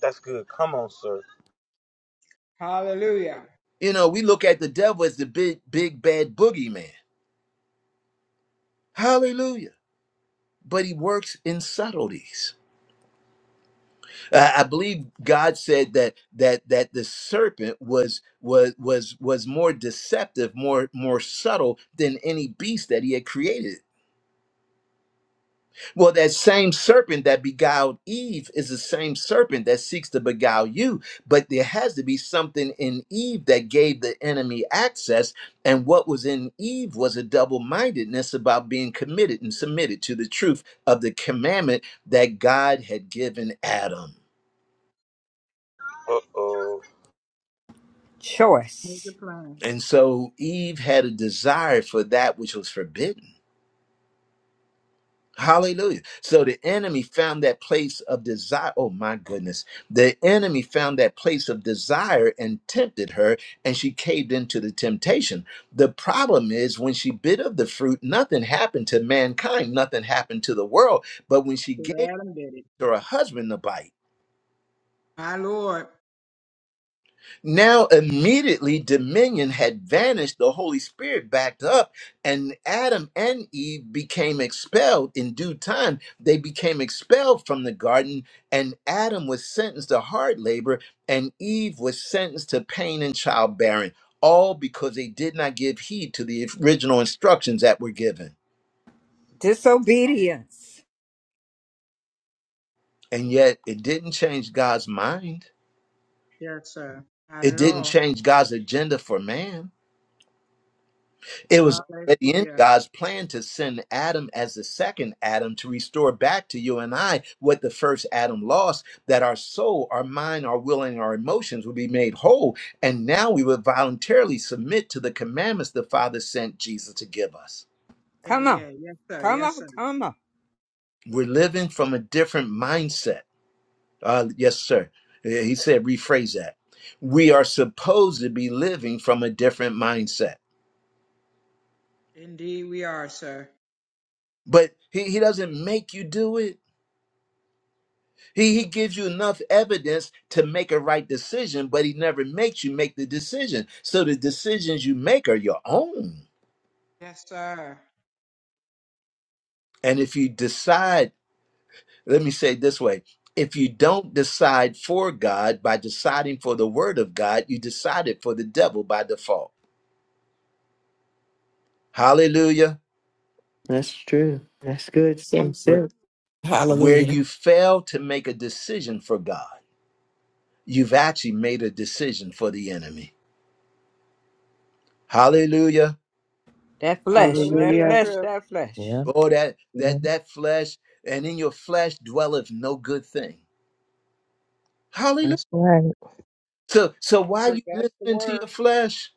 That's good. Come on, sir.
Hallelujah.
You know, we look at the devil as the big, big, bad boogeyman. Hallelujah but he works in subtleties Uh, i believe god said that that that the serpent was was was was more deceptive more more subtle than any beast that he had created Well, that same serpent that beguiled Eve is the same serpent that seeks to beguile you. But there has to be something in Eve that gave the enemy access. And what was in Eve was a double mindedness about being committed and submitted to the truth of the commandment that God had given Adam.
Uh oh.
Make it
Choice.
plain.
And so Eve had a desire for that which was forbidden. Hallelujah. So the enemy found that place of desire. Oh my goodness. The enemy found that place of desire and tempted her, and she caved into the temptation. The problem is when she bit of the fruit, nothing happened to mankind, nothing happened to the world. But when she
To
gave
Adam did it.
to her husband the bite,
My Lord.
Now, immediately, dominion had vanished. The Holy Spirit backed up, and Adam and Eve became expelled in due time. They became expelled from the garden, and Adam was sentenced to hard labor, and Eve was sentenced to pain and childbearing, all because they did not give heed to the original instructions that were given.
Disobedience.
And yet, it didn't change God's mind,
Yes, sir. Not
it
at
didn't
all.
change God's agenda for man. It was already in
Hallelujah.
God's plan to send Adam as the second Adam to restore back to you and I what the first Adam lost, that our soul, our mind, our will, and our emotions would be made whole. And now we would voluntarily submit to the commandments the Father sent Jesus to give us.
Yeah,
Come on.
yeah. Yes, sir.
Come
Yes,
on,
sir.
come on.
We're living from a different mindset. Uh, yes, sir. Uh, He said, rephrase that. We are supposed to be living from a different mindset,
Indeed, we are, sir.
but he, he doesn't make you do it. He, he gives you enough evidence to make a right decision, but he never makes you make the decision. So the decisions you make are your own.
Yes, sir.
And if you decide, let me say it this way if you don't decide for God by deciding for the word of God, you decided for the devil by default. Hallelujah.
That's true. That's good. Yes,
Right.
sir.
Where
Hallelujah.
you fail to make a decision for God, you've actually made a decision for the enemy. Hallelujah.
That flesh, that
Hallelujah.
Hallelujah.
flesh,
True.
that
Yeah,
flesh.
Oh, that
yeah,
that that flesh, and in your flesh dwelleth no good thing. Hallelujah.
that's right.
So so why are
True.
you
That's the
listening to
word.
your flesh?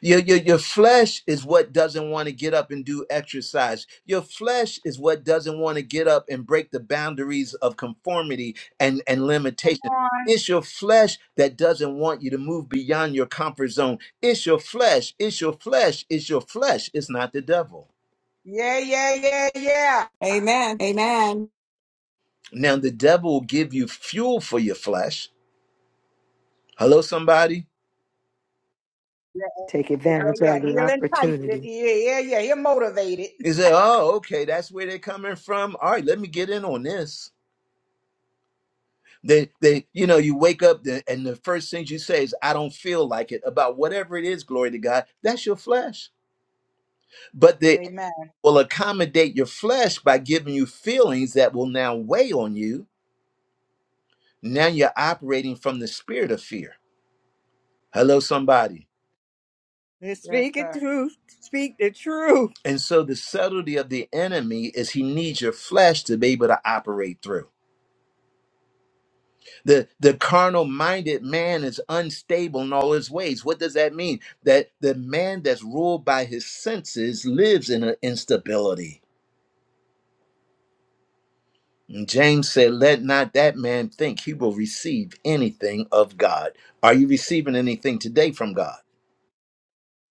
Your, your your flesh is what doesn't want to get up and do exercise. Your flesh is what doesn't want to get up and break the boundaries of conformity and, and
Come
limitation.
on.
It's your flesh that doesn't want you to move beyond your comfort zone. It's your flesh, it's your flesh, it's your flesh. It's not the devil.
Yeah, yeah, yeah, yeah.
Amen. Amen.
Now the devil will give you fuel for your flesh Hello, somebody.
Yeah,
Take
yeah,
advantage
yeah.
of the
He'll entice it.
opportunity.
Yeah, yeah, yeah. He'll motivate it.
He said, "Oh, okay, that's where they're coming from. All right, let me get in on this." They, they, you know, you wake up the, and the first thing you say is, "I don't feel like it." About whatever it is, glory to God, that's your flesh. But the enemy
Amen.
will accommodate your flesh by giving you feelings that will now weigh on you. Now you're operating from the spirit of fear. Hello, somebody.
Let's
Yes,
speak the
sir.
truth. Speak the truth.
And so the subtlety of the enemy is he needs your flesh to be able to operate through. The, the carnal minded man is unstable in all his ways. What does that mean? That the man that's ruled by his senses lives in an instability. And James said, Let not that man think he will receive anything of God. Are you receiving anything today from God?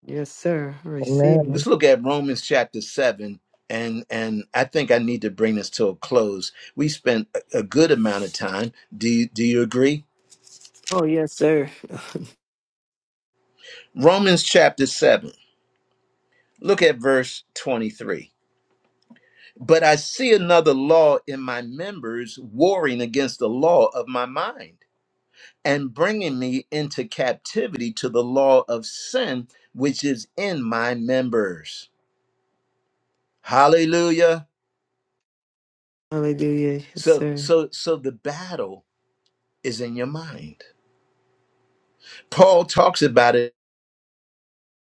Yes, sir. Receive it.
Let's
Amen.
look at Romans chapter 7. And, and I think I need to bring this to a close. We spent a a good amount of time. Do you, do you agree?
Oh, yes, sir.
Romans chapter 7. Look at verse 23. But I see another law in my members warring against the law of my mind and bringing me into captivity to the law of sin which is in my members. Hallelujah.
Hallelujah. Yes,
So
sir.
so so the battle is in your mind. Paul talks about it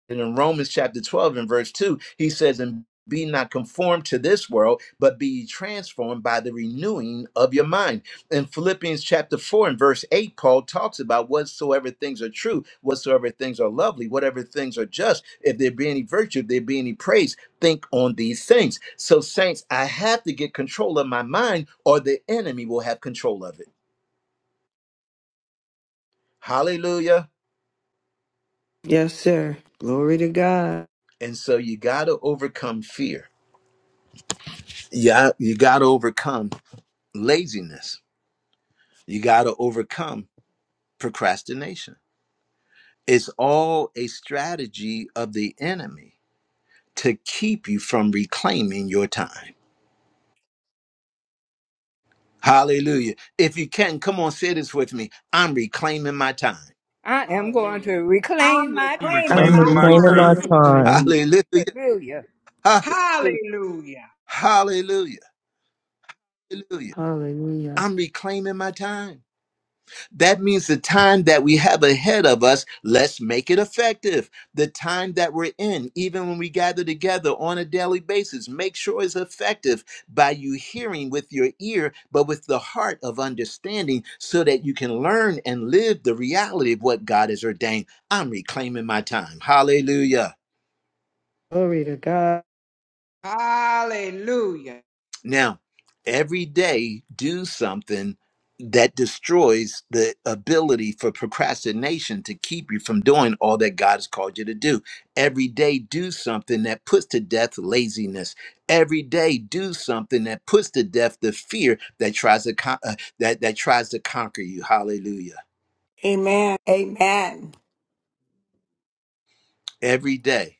And in Romans chapter 12 and verse 2, he says, And be not conformed to this world, but be ye transformed by the renewing of your mind. In Philippians chapter 4 and verse 8, Paul talks about whatsoever things are true, whatsoever things are lovely, whatever things are just, if there be any virtue, if there be any praise, think on these things. So, saints, I have to get control of my mind, or the enemy will have control of it. Hallelujah.
Yes, sir. Glory to God.
And so you got to overcome fear. Yeah, you got to overcome laziness. You got to overcome procrastination. It's all a strategy of the enemy to keep you from reclaiming your time. Hallelujah. If you can, come on, say this with me. I'm reclaiming my time.
I am going to
Hallelujah. I'm
reclaim my
I'm
time.
reclaiming
I'm
my
reclaiming my
reclaiming my
time.
Hallelujah.
time.
Mighty.
Hallelujah.
Hallelujah.
time.
Hallelujah.
Hallelujah.
Hallelujah. Hallelujah.
Hallelujah.
I'm reclaiming my time. That means the time that we have ahead of us, let's make it effective. The time that we're in, even when we gather together on a daily basis, make sure it's effective by you hearing with your ear, but with the heart of understanding so that you can learn and live the reality of what God has ordained. I'm reclaiming my time. Hallelujah.
Glory to God.
Hallelujah.
Now, every day do something that destroys the ability for procrastination to keep you from doing all that God has called you to do. Every day do something that puts to death laziness. Every day do something that puts to death the fear that tries to con- uh, that that tries to conquer you. Hallelujah.
Amen. Amen. Thank
Every day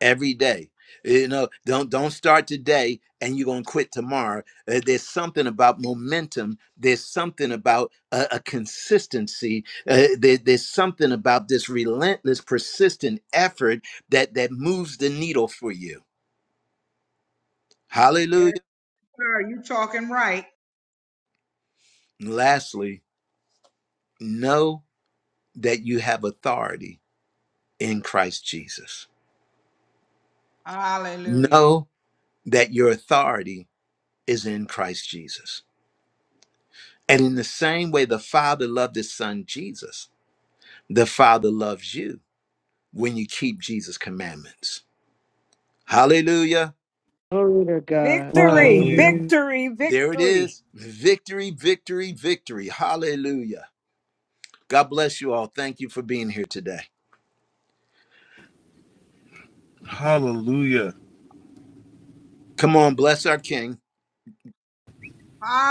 every day you know don't don't start today and you're going to quit tomorrow Uh, there's something about momentum there's something about a, a consistency uh, there- there's something about this relentless persistent effort that that moves the needle for you
Yes,
hallelujah
sir. You talking right.
And lastly know that you have authority in christ jesus
Hallelujah.
know that your authority is in christ jesus and in the same way the father loved his son jesus The Father loves you when you keep Jesus' commandments. Hallelujah.
Glory to God.
Victory,
Hallelujah.
Hallelujah.
victory,
There it
victory.
is. Victory, victory, victory. Hallelujah. God bless you all. Thank you for being here today.
Hallelujah.
Come on, bless our King.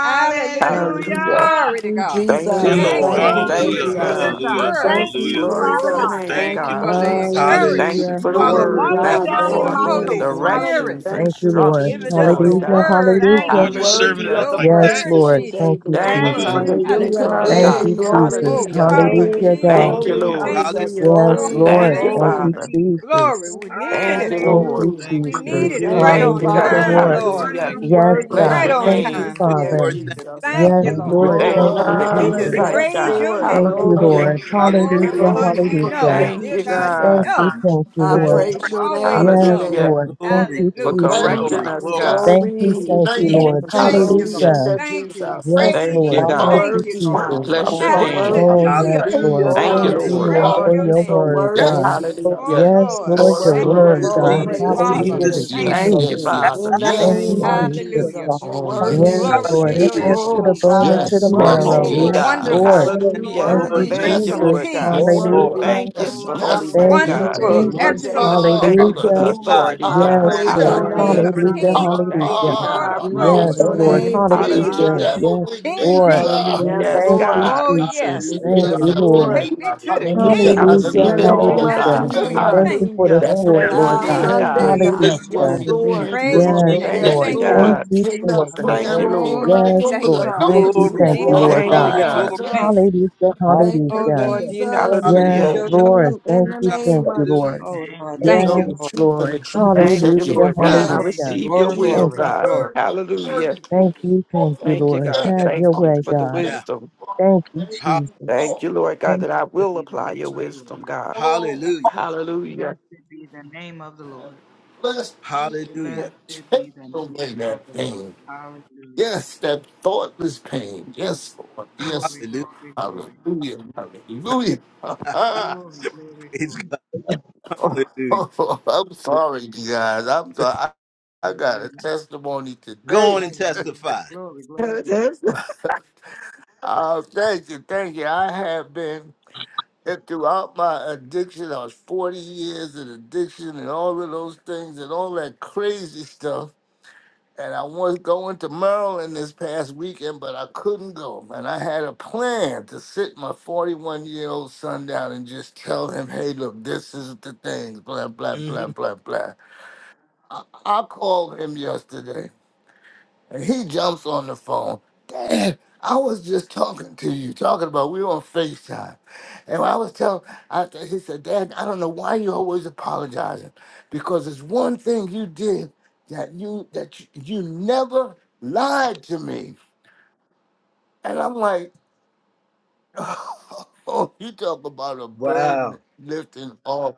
Hallelujah.
Hallelujah.
Hallelujah.
Glory to
you,
God.
Thank
Glory
you,
Come
to
Jesus.
on.
Thank
Lord.
Thank
you,
God.
you,
Thank
Thank
Glory
you,
Hallelujah.
Jesus,
you,
be
for
Jesus.
to
this
Lord
God.
God.
Hallelujah.
word.
Thank
Thank
you,
Hallelujah.
you,
Glory
Father
to your
Jesus.
Woo!
Jesus.
God.
name,
Thank
Thank
Thank
you
you,
you,
God.
for the
Lord
Jesus.
Hallelujah.
Thank
encouragement,
Jesus.
you
Hallelujah.
for
You
the
are a
Hallelujah.
Glory,
Ooh,
word.
wonder
glory,
Thank
God,
you
Hallelujah.
down
for
in
thank
the
glory,
for
my
Holy
soul.
you.
glory,
Ooh.
Spirit
directions,
Hallelujah.
Thank
Thank you,
you,
Lord.
giving
instructions,
us
Lord
the
Jesus.
Hallelujah,
glory.
God.
word,
Thank
Lord.
Lord,
you,
you
hallelujah.
serving
Jesus.
Worthy
it
of
Hallelujah.
up
the
Your
like that?
Yes,
word,
praises
Lord.
Jesus,
today,
Thank you,
your
Lord.
Come
Thank
Thank
you for
on.
you,
word.
Jesus.
the U
Hallelujah,
Jesus.
turn,
Hallelujah.
Thank
God.
Hey,
you,
hallelujah.
Jesus.
Oh,
glory.
Hallelujah.
Thank
Father,
you,
Hallelujah,
Glory,
Jesus,
Jesus.
God.
Thank you,
glory,
Glory,
Hallelujah.
Lord.
thank
Hallelujah.
you.
Jesus.
hallelujah,
Yes,
Oh,
Glory.
hallelujah.
Thank
Lord.
you,
Thank
Thank
hallelujah.
you,
you,
Glory.
Father.
Jesus.
Glory.
Jesus.
We
Mm,
needed
Thank you,
Thank
it.
Thank
Lord.
you,
you.
Hallelujah.
Thank
We
you, Lord.
needed
Jesus.
it
Thank
Hallelujah.
right
Thank you,
you,
Thank
on
you,
Lord.
Hallelujah,
God.
Bless
Father.
Thank
time,
you,
your
Lord.
Lord.
Lord.
Hallelujah.
Thank
You
you.
wonderful
Yes,
worthy
name.
Bless
of
God.
Right
the
your
on
Thank you,
praises
name.
time, dear
today,
Father.
Lord, thank
Jesus.
you,
Jesus.
Bless
Thank
Yes,
you,
Thank
your
Lord.
you.
Lord.
wonderful
Thank
Lord.
you
Thank
Glory,
for
Hallelujah.
you,
name.
the
We
Hallelujah.
just
Thank
Jesus.
insight,
Hallelujah.
Yes,
praise
God.
your
Lord.
Thank
name.
you,
Hallelujah.
Glory.
Hallelujah.
Lord.
Oh
Thank
Yes,
you,
Hallelujah,
Hallelujah.
Lord,
Glory.
you
hallelujah.
Thank
know.
Thank
you,
Dear
Lord.
you,
God, you
Thank
God.
Jesus.
you,
know.
thank you,
I
Bless
Lord.
Lord.
your
praise
You
your
wonderful
name
always
name.
Yes,
today.
know.
Hallelujah.
Lord. Thank
Glory,
you,
For
You're
Hallelujah.
Right
Jesus.
correcting
glory,
about
us,
Mm,
it.
glory.
God.
Yes.
Thank you,
Oh
glory.
you,
thank you,
Thank
Jesus.
Jesus,
you,
Lord.
and
Thank
the
you,
thank you,
Glory
Lord.
Jesus.
Hallelujah.
be
Hallelujah.
to
Thank you. We
Jesus.
Yes,
Thank
praise
Thank
you,
you,
Lord.
Father,
you.
You
God.
the
Thank
God.
Thank
you,
you,
worthy,
Lord.
Praise
God.
Jesus.
You
God.
Bless your
so
Husband,
Praise
name.
God.
Oh,
worthy.
yes,
Hallelujah.
Praise.
Hallelujah.
Lord.
Oh,
Thank you,
Thank
Glory.
yes,
you,
Lord.
you
Lord,
the
Hallelujah.
Praise
Hallelujah.
are.
for
your
Husband,
You
your
name.
so
and
word,
Hallelujah.
worthy,
every
God.
Yes.
soul in
Jesus.
Oh
Hallelujah.
the Lord,
Yes,
Lord.
You
Lord,
Glory,
your
Yes.
Thank
worthy of
glory,
Glory,
you,
word,
Jesus,
all
God.
glory,
and
glory.
the
Jesus,
Jesus.
Oh
praises
Father, and
glory.
every
Thank
Hallelujah
Father.
you,
Jesus,
yes,
today,
is
Thank
God.
yes,
Jesus.
you,
soul
Thank
in
true.
you,
the
yes,
Lord.
Jesus.
yes,
Father.
In the
Thank
Thank
you,
name
you,
yes.
of
Lord.
Jesus.
Jesus.
Hallelujah.
Jesus, you
Oh
Hallelujah,
yes,
hallelujah.
Yes,
worthy.
Glory
yes,
to
Lord. It
yes,
your
Hallelujah.
Thank
cuts
yes,
name,
you,
to
Lord.
Oh,
the
yes,
Jesus.
bone
I
and
God, you
to the
yes,
You
thank
My
are
yes,
you,
marrow.
soul
holy,
Oh,
worthy.
Lord.
Let
love
Yes,
yes,
you,
God.
Lord.
Lord.
yes,
wonderful.
My
every
You
soul in
Thank you,
the
soul
Hallelujah.
Thank you,
Lord,
love
worthy,
King.
you,
thank
Thank
Prince
you,
yes,
of
you,
Lord.
Lord,
Lord.
Jesus.
Lord
Jesus.
God.
You
Peace.
Yes,
glory of
Lord.
Lord.
worthy.
My
Hallelujah.
Thank you
the
Yes,
soul
Lord.
for
love you,
I
yes,
Lord
holiness,
Thank
Lord.
praise
Yes,
you,
your
Jesus.
God.
and
Wonderful.
My
name
amen,
One
Jesus.
soul
today,
Excellent.
loves you.
Lord
Hallelujah.
Savior.
Thank you
My
for the
Hallelujah.
Jesus.
soul
Hallelujah.
God,
loves
authority,
you.
I
God.
Yes,
praise
everlasting
Hallelujah.
your
Lord.
amen,
Father,
King
Hallelujah.
Yes,
name
of
Prince
I'm
Hallelujah.
in
of
today.
kings,
Hallelujah.
Peace,
amen,
Ha,
love
ha,
Lord
with
Thank
Hallelujah.
you,
of
you,
ha,
Lord
Lord
I
God.
of
Glory.
Jesus.
ha.
praise
Yes,
lords,
your
Lord.
amen,
name today,
Beat you,
God.
Hallelujah.
Hallelujah.
Jesus,
devil.
Yes,
We
King
Hallelujah.
Hallelujah.
beat
Lord.
Jesus.
you.
amen,
Hallelujah.
Yes,
Hallelujah.
Yes,
Thank
Lord.
you,
God.
Oh,
amen.
yes.
Jesus.
We
Hallelujah,
Thank
beat
Bless
Yes,
you,
Hallelujah.
you,
God. We
bless
hallelujah,
Lord.
you,
Lord.
beat.
Take me
hallelujah.
God.
bless
to
you,
the
bless
The
Thank
you.
you,
Hallelujah.
I
King.
veil is
Jesus.
I
Hallelujah.
by
In
receive
the
it
Hallelujah.
you.
bless
name
all,
of
you.
Hallelujah.
God.
Hallelujah.
Hallelujah.
Thank
Jesus.
you
Thank
for
you,
the
Hallelujah.
That's the
Thank
sword,
you,
word.
Thank you,
my
of
Lord
Yeah,
God.
Lord
King.
God.
I
Jesus.
Yes,
You
God.
Sunday,
bless
Lord.
you.
God.
I
Jesus,
can't
Hallelujah.
Yes,
bless
Hallelujah.
worry.
Jesus,
You
you.
Hallelujah.
I
Lord.
can't put
bless
Praise
Jesus,
on
Yes,
you.
your
me
name.
Glory,
Thank
Yes,
Jesus,
you,
Lord.
Jesus.
Thank you,
anymore. You
glory,
Thank
Lord.
God.
Lord.
you,
glory.
cannot
Jesus.
put
In
Thank
that
the
you,
Thank
on
Hallelujah.
you,
me
Lord.
name
God.
Oh,
of
Yes,
anymore because
thank
I
Lord.
you,
know
Thank
Jesus.
the
Je-
you.
You
Glory,
are
Thank
truth.
you,
Jesus,
Ah,
glory,
Lord
Thank
worthy.
Thank
you,
you,
Jesus.
God.
glory,
God.
ah,
glory.
Hallelujah.
Hallelujah.
Thank
yes.
Jesus.
you.
Hallelujah.
Thank
Oh,
you,
Hallelujah.
Lord,
Hallelujah.
you know.
Thank
Jesus.
Hallelujah,
you,
You
Thank
Yes,
Hallelujah.
you,
Lord.
sure know.
Jesus.
Lord.
Mm, In
Thank
the
you, thank
name
you,
of
hallelujah.
Lord.
Jesus.
Oh,
Thank
Lord.
you,
You
Thank
Thank
know
you,
the
Jesus.
you.
Yes,
Lord.
truth, and the
Lord.
truth will
Thank you,
set you
Hallelujah,
Lord God. I
free.
Yes,
Thank
Glory,
hallelujah.
you,
receive your
glory,
Jesus.
will,
Thank
glory,
you,
God.
Jesus.
Jesus.
glory.
Learn, it, learn it. learn
Hallelujah.
it.
thank you, thank
Open
you,
Thank you,
it.
Lord.
God.
Thank
Have
you,
your
Thank
Father.
you
way,
for
Hallelujah.
the
God.
Thank
Yeah,
you,
wisdom.
Father.
Thank you,
Thank
ha-
you,
Jesus.
Thank
Lord.
you, Lord God,
Thank
that I
Blessed
will
be the
apply your
name of the
wisdom,
Lord.
God.
Oh,
hallelujah,
Hallelujah.
Blessed be the name of the Lord.
bless me if you
hallelujah,
have
Blessed
taken
be the
away
name of
that
the Lord.
pain.
Hallelujah.
Yes, that thoughtless pain. Yes, Lord. Yes.
Glory,
hallelujah.
glory, glory.
Hallelujah. Hallelujah.
Glory, glory,
Praise
glory.
God, hallelujah.
Oh, I'm sorry, you guys. I'm sorry. I, I got a
Hallelujah.
testimony
Go
today.
on and
Hallelujah.
testify.
Glory, glory, glory.
Oh, thank you, thank you. I have been and throughout my addiction. I was 40 years in addiction and all of those things and all that crazy stuff. and I was going to Maryland this past weekend, but I couldn't go. And I had a plan to sit my 41 year old son down and just tell him, hey, look, this is the thing, blah, blah, blah,
hmm
blah, blah. I, I called him yesterday and he jumps on the phone. Dad, I was just talking to you, talking about we were on FaceTime. And I was telling, I, he said, Dad, I don't know why you always apologizing. Because it's one thing you did that you that you, you never lied to me. And I'm like, oh, you talk about a burden
Wow,
lifting off.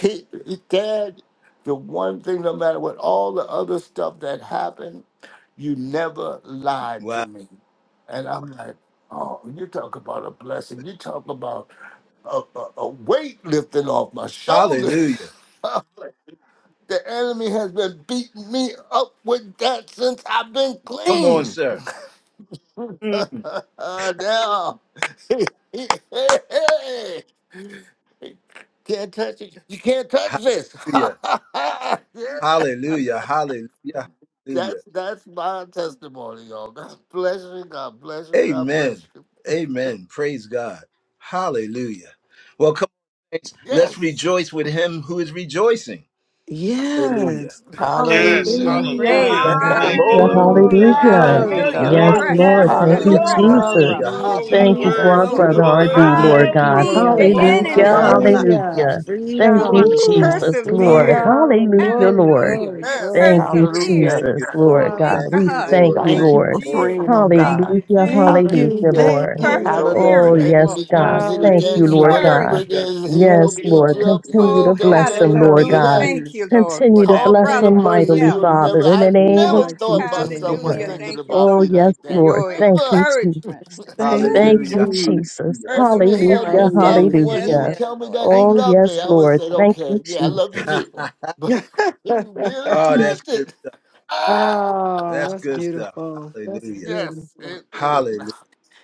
he, he- dad, the one thing, no matter what, all the other stuff that happened, you never lied to
wow.
me. And I'm like, oh, you talk about a blessing. You talk about a, a, a weight lifting off my shoulders.
Hallelujah.
the enemy has been beating me up with that since I've been
Come on,
clean.
sir. Mm.
now. can't touch it. You can't touch this.
Hallelujah.
Yeah.
Hallelujah. Hallelujah. Hallelujah.
That's that's my testimony, y'all. God bless you. God bless you. God bless
Amen.
you.
Amen. Praise God. Hallelujah. Well, come on, saints. Let's
Yes.
rejoice with him who is rejoicing. Hallelujah.
Yes.
Yes.
Hallelujah.
Hallelujah.
Praise
Hallelujah.
Thank you,
God.
Thank
Thank you,
you,
Hallelujah,
Lord.
Lord.
Lord.
Glory,
Uh,
Hallelujah.
hallelujah.
Thank you,
glory,
Take
Hallelujah.
you,
God.
Yes,
that
Hallelujah.
Lord.
glory,
for
Lord.
your
Precious.
devil
I'm
Thank
That's
oh,
glory.
you,
Hallelujah.
man, you
Hallelujah.
precious,
don't
Jesus.
brother.
glory.
Yeah,
Hallelujah,
hall-
know,
doing
you
love.
the
Thank you
don't
Oh
for
word.
our
Jesus.
Thank
Thank
know
you,
Lord.
you, are God. This
the
brother
is
Lord
Hallelujah.
R.D.,
burden
Mm.
God.
that
Lord
You
Thank
was
you,
God.
beat
lifted
Hallelujah.
the
Lord.
off of
Thank you,
Hallelujah,
enemy.
Hallelujah.
God.
Thank
me.
you,
Hallelujah.
Hallelujah.
Jesus.
hallelujah.
Thank you,
Thank
You
Jesus.
you,
Lord,
Freedom,
it's
Woo.
Thank
Jesus,
you,
Lord.
Father.
persevered.
freedom,
Hallelujah,
glory,
Lord.
Hallelujah.
glory,
You
Yes.
Thank
glory.
you,
Yes.
Hallelujah.
persevered.
Thank
Jesus,
you,
Lord
Lord.
God.
Thank
Thank
We
Hallelujah,
you,
God.
thank
Lord.
you,
Jesus.
Thank
Thank
Thank
you for
Lord.
you,
you,
Lord.
freeing
Jesus.
on
Thank
God.
you,
Hallelujah,
Jesus,
Thank you,
hallelujah,
Hallelujah.
for
thank
Lord.
Mm.
you,
Oh, don't
Lord.
let the
Oh,
perseverance,
Hallelujah.
yes,
Lord.
enemy
God.
use it
Thank you,
against you.
Lord
Hallelujah.
Whatever
God.
it
Hallelujah.
Encouragement.
is, he will
Yes,
Yes,
beat
Lord.
you
Lord.
up with
Continue
Oh,
to
it. Don't
bless
let
them,
him
Lord
do
hallelujah.
God.
that.
Hallelujah.
Thank you, Lord, for
Continue to
that
Talk
bless
to the
them
brother.
Thank you,
person
mightily,
Yes.
you'll never.
Father, in
Jesus.
I
the
We
name of
never
Oh,
bless you,
thought my
Jesus,
Lord
son was
Lord.
hallelujah.
God.
thinking
Thank you,
about
Oh,
Lord,
me
yes,
like
for
that.
Lord.
your
Thank you, Jesus.
Never.
encouragement.
Thank
Woo.
you,
Thank
Jesus.
you,
Hallelujah.
Jesus.
Hallelujah.
Enemy had me
Hallelujah,
Perseverance. Yes,
doubting
Hallelujah.
when
yes,
Thank
he would
hallelujah.
yes,
tell me
Lord.
that he
Thank
Oh,
you.
loved
yes,
me. I would
Lord.
say,
Thank you,
okay, yeah, I love you
Jesus.
too. But he
you.
really
oh, that's
meant
good
it.
stuff.
Ah,
Oh,
That's
that's
good stuff.
beautiful. That's
Hallelujah.
yes,
beautiful.
it is.
Hallelujah.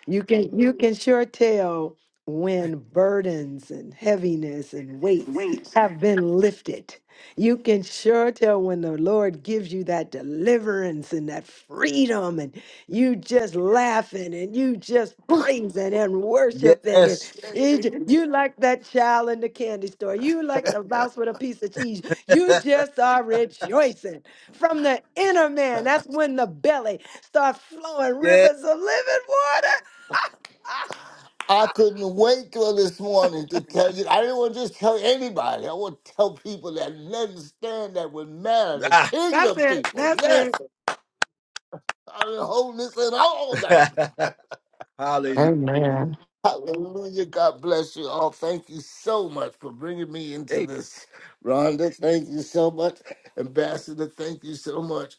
You can you can sure tell when burdens and heaviness and weights
Wait.
have been lifted. You can sure tell when the Lord gives you that deliverance and that freedom and you just laughing and you just praising and worshiping and
Yes.
it, j- you like that child in the candy store. You like the mouse with a piece of cheese. You just are rejoicing from the inner man. That's when the belly starts flowing
yes.
rivers of living water.
I couldn't wait till this morning to tell you. I didn't want to just tell anybody. I want to tell people that understand that would matter, the
Ah.
That's
kingdom
it.
people.
That's it.
Yes, I've been holding this in all night.
hallelujah.
Amen.
Hallelujah. God bless you all. Thank you so much for bringing me into
Amen.
this. Rhonda, thank you so much. Ambassador, thank you so much.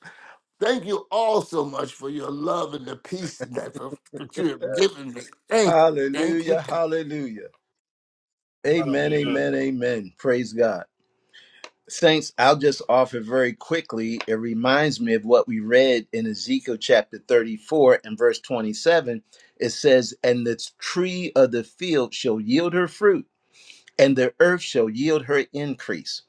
Thank you all so much for your love and the peace that, that you have given me. Thank you. Thank you.
Hallelujah.
Thank you.
Hallelujah. Amen.
Hallelujah.
Amen. Amen. Praise God. Saints, I'll just offer very quickly. It reminds me of what we read in Ezekiel chapter 34 and verse 27. It says, And the tree of the field shall yield her fruit. and the earth shall yield her increase,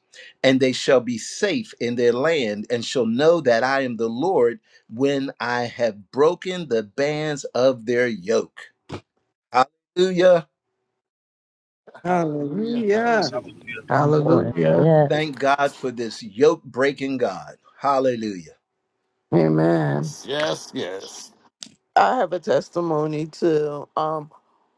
and they shall be safe in their land, and shall know that I am the Lord when I have broken the bands of their yoke. Hallelujah.
Hallelujah.
Yes,
Hallelujah.
Hallelujah.
hallelujah.
Lord.
Hallelujah.
Yes.
Thank God for this yoke breaking God. Hallelujah.
Amen.
Yes, yes.
I have a testimony too. Um,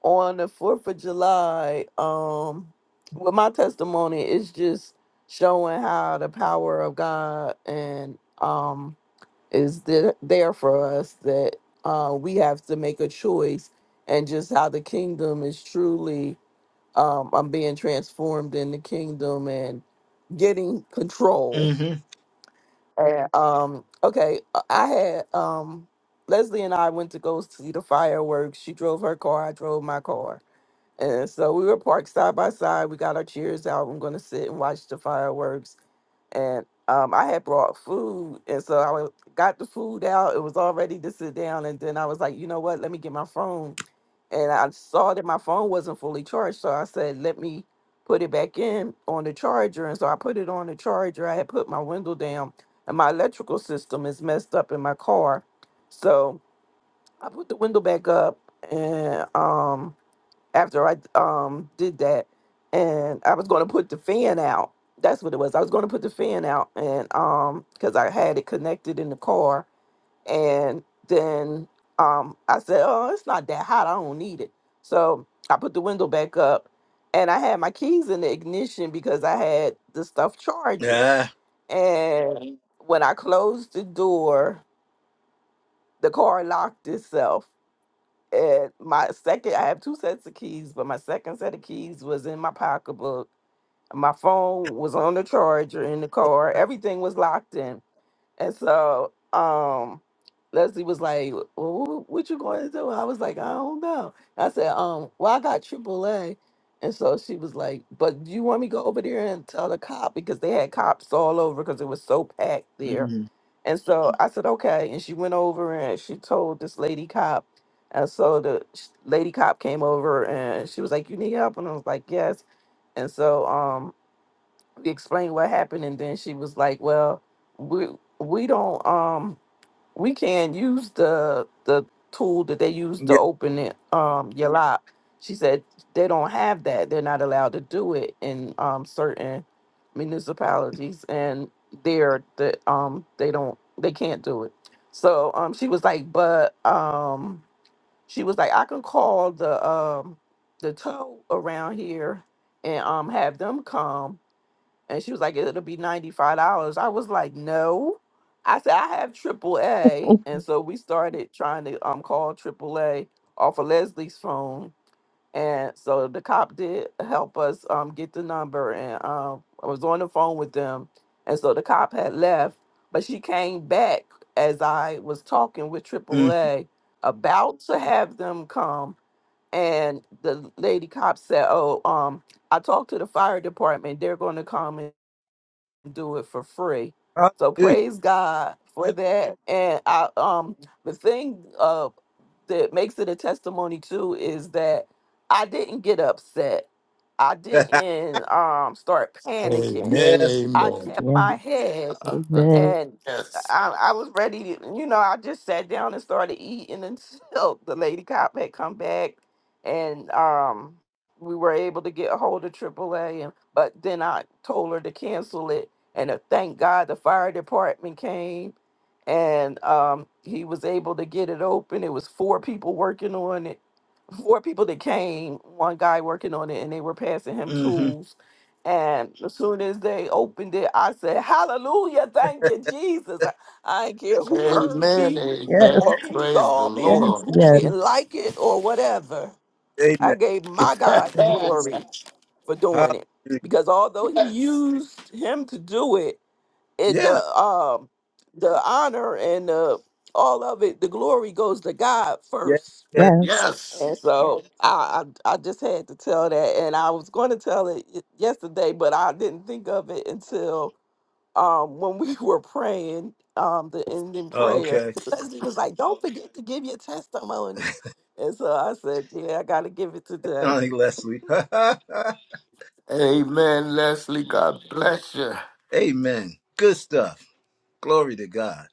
on the Fourth of July, um, well, my testimony is just showing how the power of God and um is there, there for us that uh, we have to make a choice, and just how the kingdom is truly um, I'm being transformed in the kingdom and getting control
hmm
And, um, okay, uh, I had um, Leslie and I went to go see the fireworks. She drove her car, I drove my car. And so we were parked side by side. We got our cheers out. I'm going to sit and watch the fireworks. And um, I had brought food. And so I wa- got the food out. It was all ready to sit down. And then I was like, you know what? Let me get my phone and I saw that my phone wasn't fully charged. So I said, let me put it back in on the charger. And so I put it on the charger. I had put my window down, and my electrical system is messed up in my car. So I put the window back up, and um, after I um did that, and I was going to put the fan out. That's what it was. I was going to put the fan out, and um, because I had it connected in the car, and then um, I said, oh, it's not that hot. I don't need it. So I put the window back up and I had my keys in the ignition because I had the stuff charging.
Yeah.
And when I closed the door, the car locked itself. And my second, I have two sets of keys, but my second set of keys was in my pocketbook. My phone was on the charger in the car. Everything was locked in and so um Leslie was like, well, what, what you going to do? I was like, I don't know. I said, um, well, I got triple A." And so she was like, but do you want me to go over there and tell the cop? Because they had cops all over because it was so packed there.
hmm
And so I said, okay. And she went over and she told this lady cop. And so the sh- lady cop came over and she was like, you need help? And I was like, yes. And so um, explained what happened and then she was like well we we don't um we can't use the the tool that they use to
Yeah.
open it um your lock she said they don't have that they're not allowed to do it in um certain municipalities and they're the um they don't they can't do it so um she was like but um she was like i can call the um the tow around here and um have them come and she was like, it'll be $95. I was like, no. I said, I have AAA. And so we started trying to um call AAA off of Leslie's phone. And so the cop did help us um get the number and um I was on the phone with them. And so the cop had left, but she came back as I was talking with
Mhm.
AAA about to have them come. And the lady cop said, Oh, um, I talked to the fire department. They're going to come and." do it for free. So
Hallelujah.
praise God for that. And I um the thing uh that makes it a testimony too is that I didn't get upset. I didn't um start panicking.
Amen,
yes.
I
amen.
kept
Yes,
my head
amen.
and
Yes.
I, I was ready to, you know, I just sat down and started eating until the lady cop had come back and um we were able to get a hold of AAA and but then I told her to cancel it and uh, thank God the fire department came and um, he was able to get it open. It was four people working on it, four people that came, one guy working on it, and they were passing him
hmm
tools. And as soon as they opened it, I said, Hallelujah, thank you, Jesus. I, I didn't care who heard
Amen,
me
Yes,
amen.
or who
Praise the
saw me,
yes,
Lord.
who
yes,
didn't like it or whatever. I
Amen.
gave my God the
yes,
glory for doing it
Hallelujah.
because although he
yes,
used him to do it, it the
Yeah.
um the honor and the all of it, the glory goes to God
Yes.
first.
Yes.
yes.
yes.
And so I, I I just had to tell that, and I was going to tell it y- yesterday, but I didn't think of it until um when we were praying um the ending
Oh,
prayer.
okay.
Leslie was like, "Don't forget to give your testimony," and so I said, "Yeah, I got to give it today."
I like Leslie.
Amen, Leslie. God bless you.
Amen. Good stuff. Glory to God.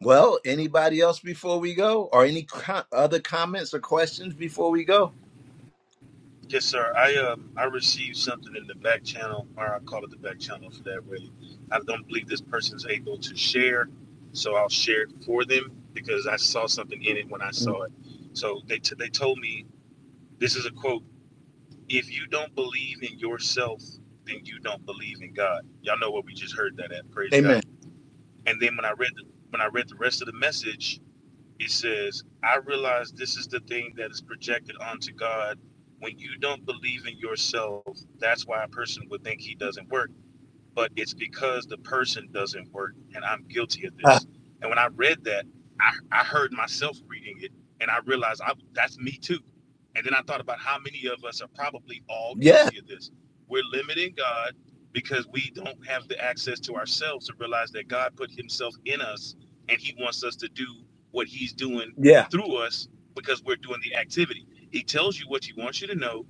Well, anybody else before we go, or any co- other comments or questions before we go?
Yes, sir. I um I received something in the back channel, or I call it the back channel for that really. I don't believe this person's able to share, so I'll share it for them because I saw something in it when I saw it. So they told me this is a quote self than God. Y'all know where we're at. Praise God.
Amen.
And then when I read the, when I read, it says, I realize this is the thing that is projected onto God. When you don't believe in yourself, that's when we think He doesn't work. but it's because the person doesn't work and i'm guilty of
Ah,
this and when i read that i, I heard myself reading it and i realized I, that's me too and then i thought about how many of us are probably all
yeah,
guilty of this we're limiting god because we don't have the access to ourselves to realize that god put himself in us and he wants us to do what he's doing
yeah,
through us because we're doing the activity he tells you what he wants you to know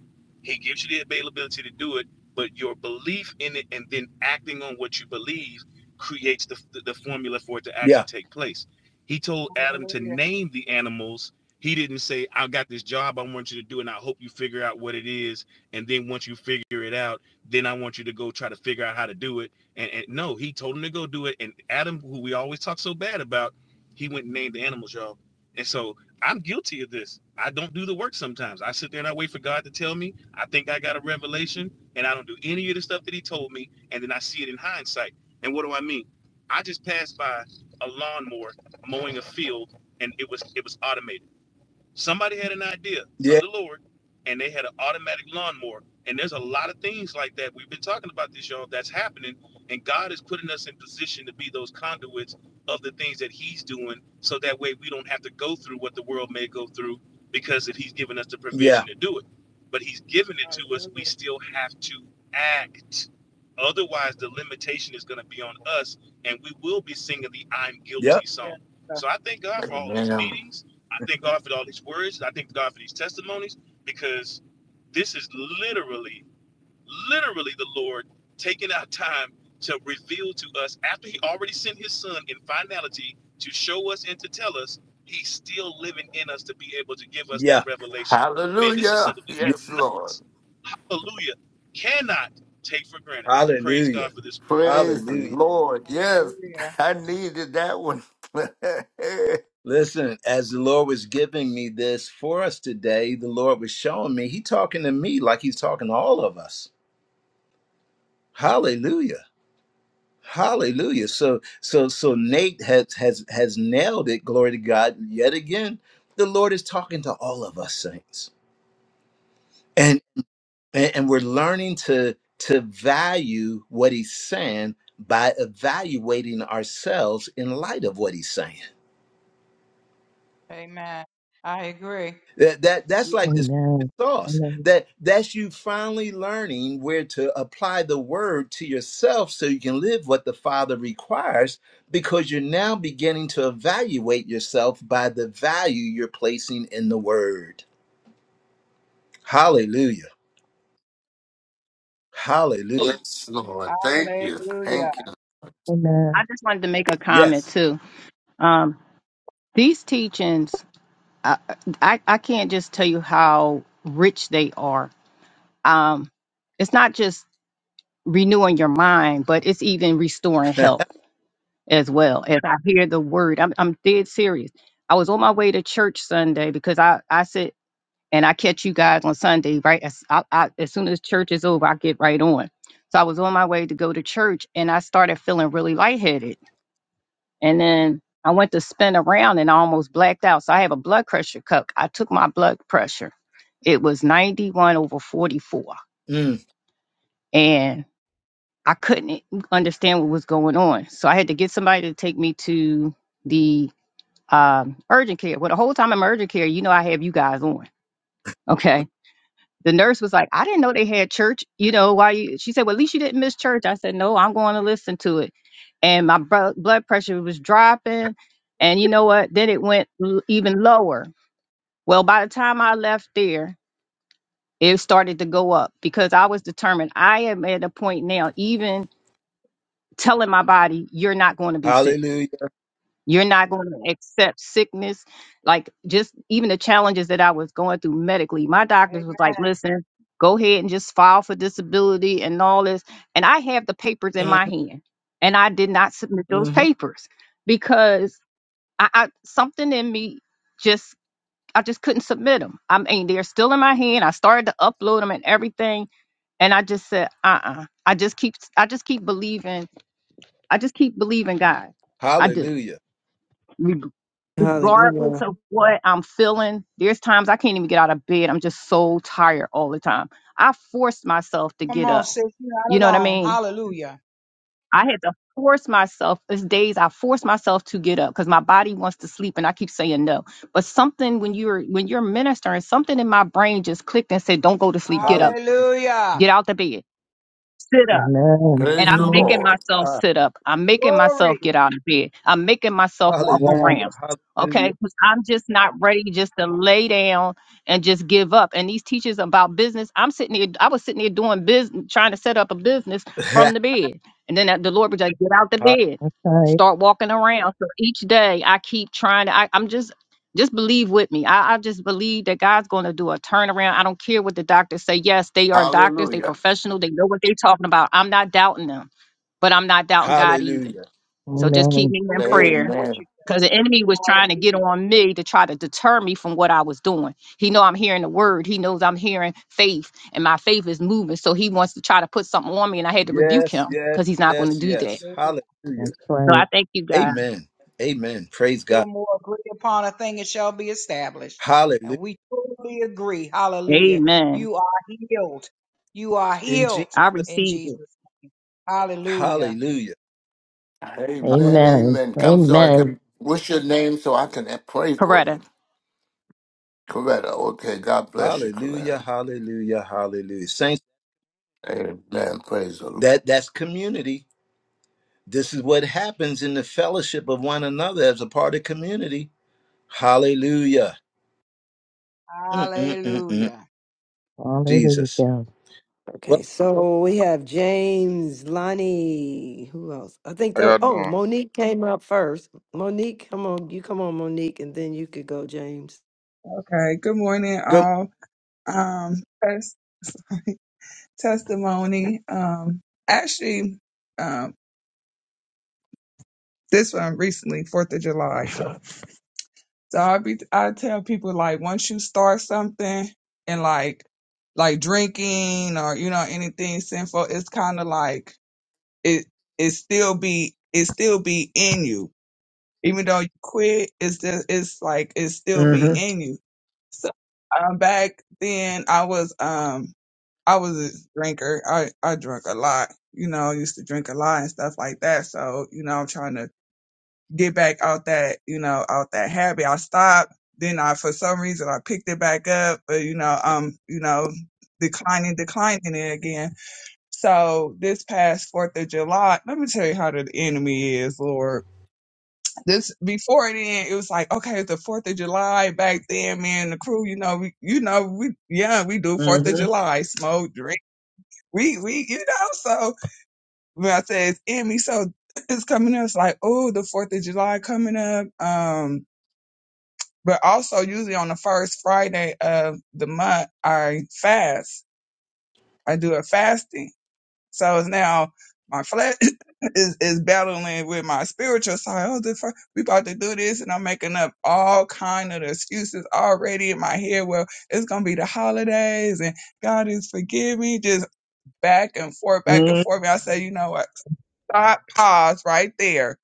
he gives you the availability to do it but your belief in it and then acting on what you believe creates the, the, formula for it to actually
yeah,
take place. He told Adam to
Hallelujah.
name the animals. He didn't say, I got this job I want you to do, and I hope you figure out what it is. And then once you figure it out, then I want you to go try to figure out how to do it. And, and no, he told him to go do it. And Adam, who we always talk so bad about, he went and named the animals, y'all. And so I'm guilty of this. I don't do the work sometimes. I sit there and I wait for God to tell me. I think I got a revelation and I don't do any of the stuff that he told me, and then I see it in hindsight. And what do I mean? I just passed by a lawnmower mowing a field, and it was it was automated. Somebody had an idea from
yeah,
the Lord and they had an automatic lawnmower. And there's a lot of things like that. We've been talking about this, y'all, that's happening. And God is putting us in position to be those conduits of the things that He's doing so that way we don't have to go through what the world may go through because if He's given us the
yeah,
provision to do it. But He's given it to us, we
Hallelujah.
still have to act. Otherwise, the limitation is going to be on us and we will be singing the I'm
yeah,
guilty
Yes.
song.
sir.
So I thank God for all these
Amen.
meetings. I thank God for all these words. I thank God for these testimonies because this is literally, literally the Lord taking our time to reveal to us after He already sent His Son in finality to show us and to tell us He's still living in us to be able to give us that
yeah,
revelation. Man, this is
Hallelujah.
something we
yeah.
Yes, Lord.
cannot, hallelujah, cannot take for granted. Praise God
Hallelujah.
for this word.
Praise the
Hallelujah.
Lord. Yes,
Hallelujah.
I needed that one.
Listen, as the Lord was giving me this for us today, the Lord was showing me, He talking to me like He's talking to all of us. Hallelujah. Hallelujah. So so so Nate has has has nailed it. Glory to God. Yet again, the Lord is talking to all of us saints. And and, and we're learning to to value what he's saying by evaluating ourselves in light of what he's saying.
Amen. I agree.
That, that that's
Yeah,
like the secret
Amen.
sauce.
Amen.
That that's you finally learning where to apply the word to yourself so you can live what the Father requires because you're now beginning to evaluate yourself by the value you're placing in the word. Hallelujah. Hallelujah.
yes, Lord. Thank you.
Hallelujah.
Thank you.
I
Amen.
just wanted to make a comment
Yes.
too. Um, these teachings, I, I I can't just tell you how rich they are. Um, it's not just renewing your mind, but it's even restoring health as well. As I hear the word, I'm I'm dead serious. I was on my way to church Sunday because I I sit and I catch you guys on Sunday, right? As I, I, as soon as church is over, I get right on. So I was on my way to go to church, and I started feeling really lightheaded And then I went to spin around and I almost blacked out. So I have a blood pressure cuff. I took my blood pressure. It was 91 over 44.
Mm.
And I couldn't understand what was going on. So I had to get somebody to take me to the um, urgent care. Well, the whole time I'm urgent care, you know, I have you guys on. Okay. the nurse was like, I didn't know they had church. You know, why you she said, Well, at least you didn't miss church. I said, No, I'm going to listen to it. And my bro- blood pressure was dropping. And you know what? Then it went l- even lower. Well, by the time I left there, it started to go up because I was determined. I am at a point now, even telling my body, You're not going to be sick
Hallelujah.
You're not going to accept sickness. Like just even the challenges that I was going through medically, my doctors was like,
Amen.
listen, go ahead and just file for disability and all this. And I have the papers in
Mm.
my hand. And I did not submit those
Mhm.
papers because I, I something in me just I just couldn't submit them. I mean, they're still in my hand. I started to upload them and everything. And I just said, uh-uh. I just keep I just keep believing. I just keep believing God. I do
Hallelujah.
regardless
Hallelujah.
of what I'm feeling, there's times I can't even get out of bed. I'm just so tired all the time. I forced myself to
Come
get
on,
up.
sis. You're
You
not
know what I
alone.
mean?
Hallelujah.
I had to force myself. There's days I force myself to get up because my body wants to sleep, and I keep saying no. But something when you're when you're ministering, something in my brain just clicked and said, "Don't go to sleep. Get
Hallelujah.
up.
Hallelujah.
Get out the bed. Sit up."
Amen.
And
Praise
I'm
the
Amen.
making
Lord.
myself
Ah,
sit up. I'm making myself get
Glory.
out of bed. I'm making myself walk
Yes,
Hallelujah.
around.
Hallelujah.
Okay. Because I'm just not ready just to lay down and just give up. And these teachers about business, I'm sitting here, I was sitting here doing business, trying to set up a business from the bed. And then that- the Lord was like, get out the
Ha-
bed,
right.
start walking around. So each day I keep trying to, I, am just just believe with me. I, I just believe that God's going to do a turnaround. I don't care what the doctors say. Yes, they are doctors. They
Hallelujah.
professional. They know what they're talking about. I'm not doubting them, but I'm not doubting God either.
Hallelujah.
So just keep
Amen.
me
We
in
believe in
prayer
what
Amen.
you
because the enemy was trying to
do.
get on me to try to deter me from what I was doing. He know I'm hearing the word. He knows I'm hearing faith and my faith is moving. So he wants to try to put something on me and I had to rebuke
Yes,
him
yes,
because he's not going to
yes,
do that.
yes.
Hallelujah.
Hallelujah.
That's
So
right.
I thank you, God.
Amen. Amen. Praise
two or
God.
more agree upon a thing, it shall be established. And
Hallelujah.
we totally agree. Hallelujah.
Amen.
You are healed. You are
In Jesus.
healed
I
in
received
Jesus'
it.
name. Hallelujah.
Hallelujah.
Amen,
Amen.
amen. Come so I
Amen.
can, what's your name so I can pray for
Coretta.
you? Coretta. Okay, God bless you,
Hallelujah.
Coretta.
Hallelujah. Hallelujah. Saints,
Amen. Praise the Lord.
that that's community. This is what happens in the fellowship of one another as a part of community. Hallelujah. Mm-mm-mm-mm.
Hallelujah.
Jesus.
Hallelujah.
Okay,
Well,
so we have James, Lonnie. Who else? I think
How
those.
y'all
Oh,
doing?
Monique came up first. Monique, come on. You come on, Monique, and then you could go, James.
Okay. Good morning,
good.
all. Um, test, sorry, testimony. Um, actually, um, this one recently, Fourth of July. So, so I be I tell people like once you start something and like like drinking or you know anything sinful, it's kind of like it it still be it still be in you. Even though you quit, it's just it's like it still be
Mm-hmm.
in you. So um, back then I was um I was a drinker. I I drunk a lot. You know, used to drink a lot and stuff like that. So you know, I'm trying to get back out that you know out that habit. I stopped. Then I for some reason I picked it back up, but you know um you know declining declining it again. So this past Fourth of July, let me tell you how the enemy is, Lord. This before then, it was like okay, it's the Fourth of July back then. Man, the crew, you know, we you know we yeah we do Fourth of
Mm-hmm.
July, smoke, drink we we you know so when I say it's Emmy, so it's coming up. It's like oh, the Fourth of July coming up. Um, but also usually on the first Friday of the month, I fast. I do a fasting. So it's now my flesh is is battling with my spiritual side. Oh, the fir- we about to do this, and I'm making up all kind of excuses already in my head. Well, it's gonna be the holidays, and God is forgiving. Just back and forth, back and forth. And I say, you know what? stop, pause right there.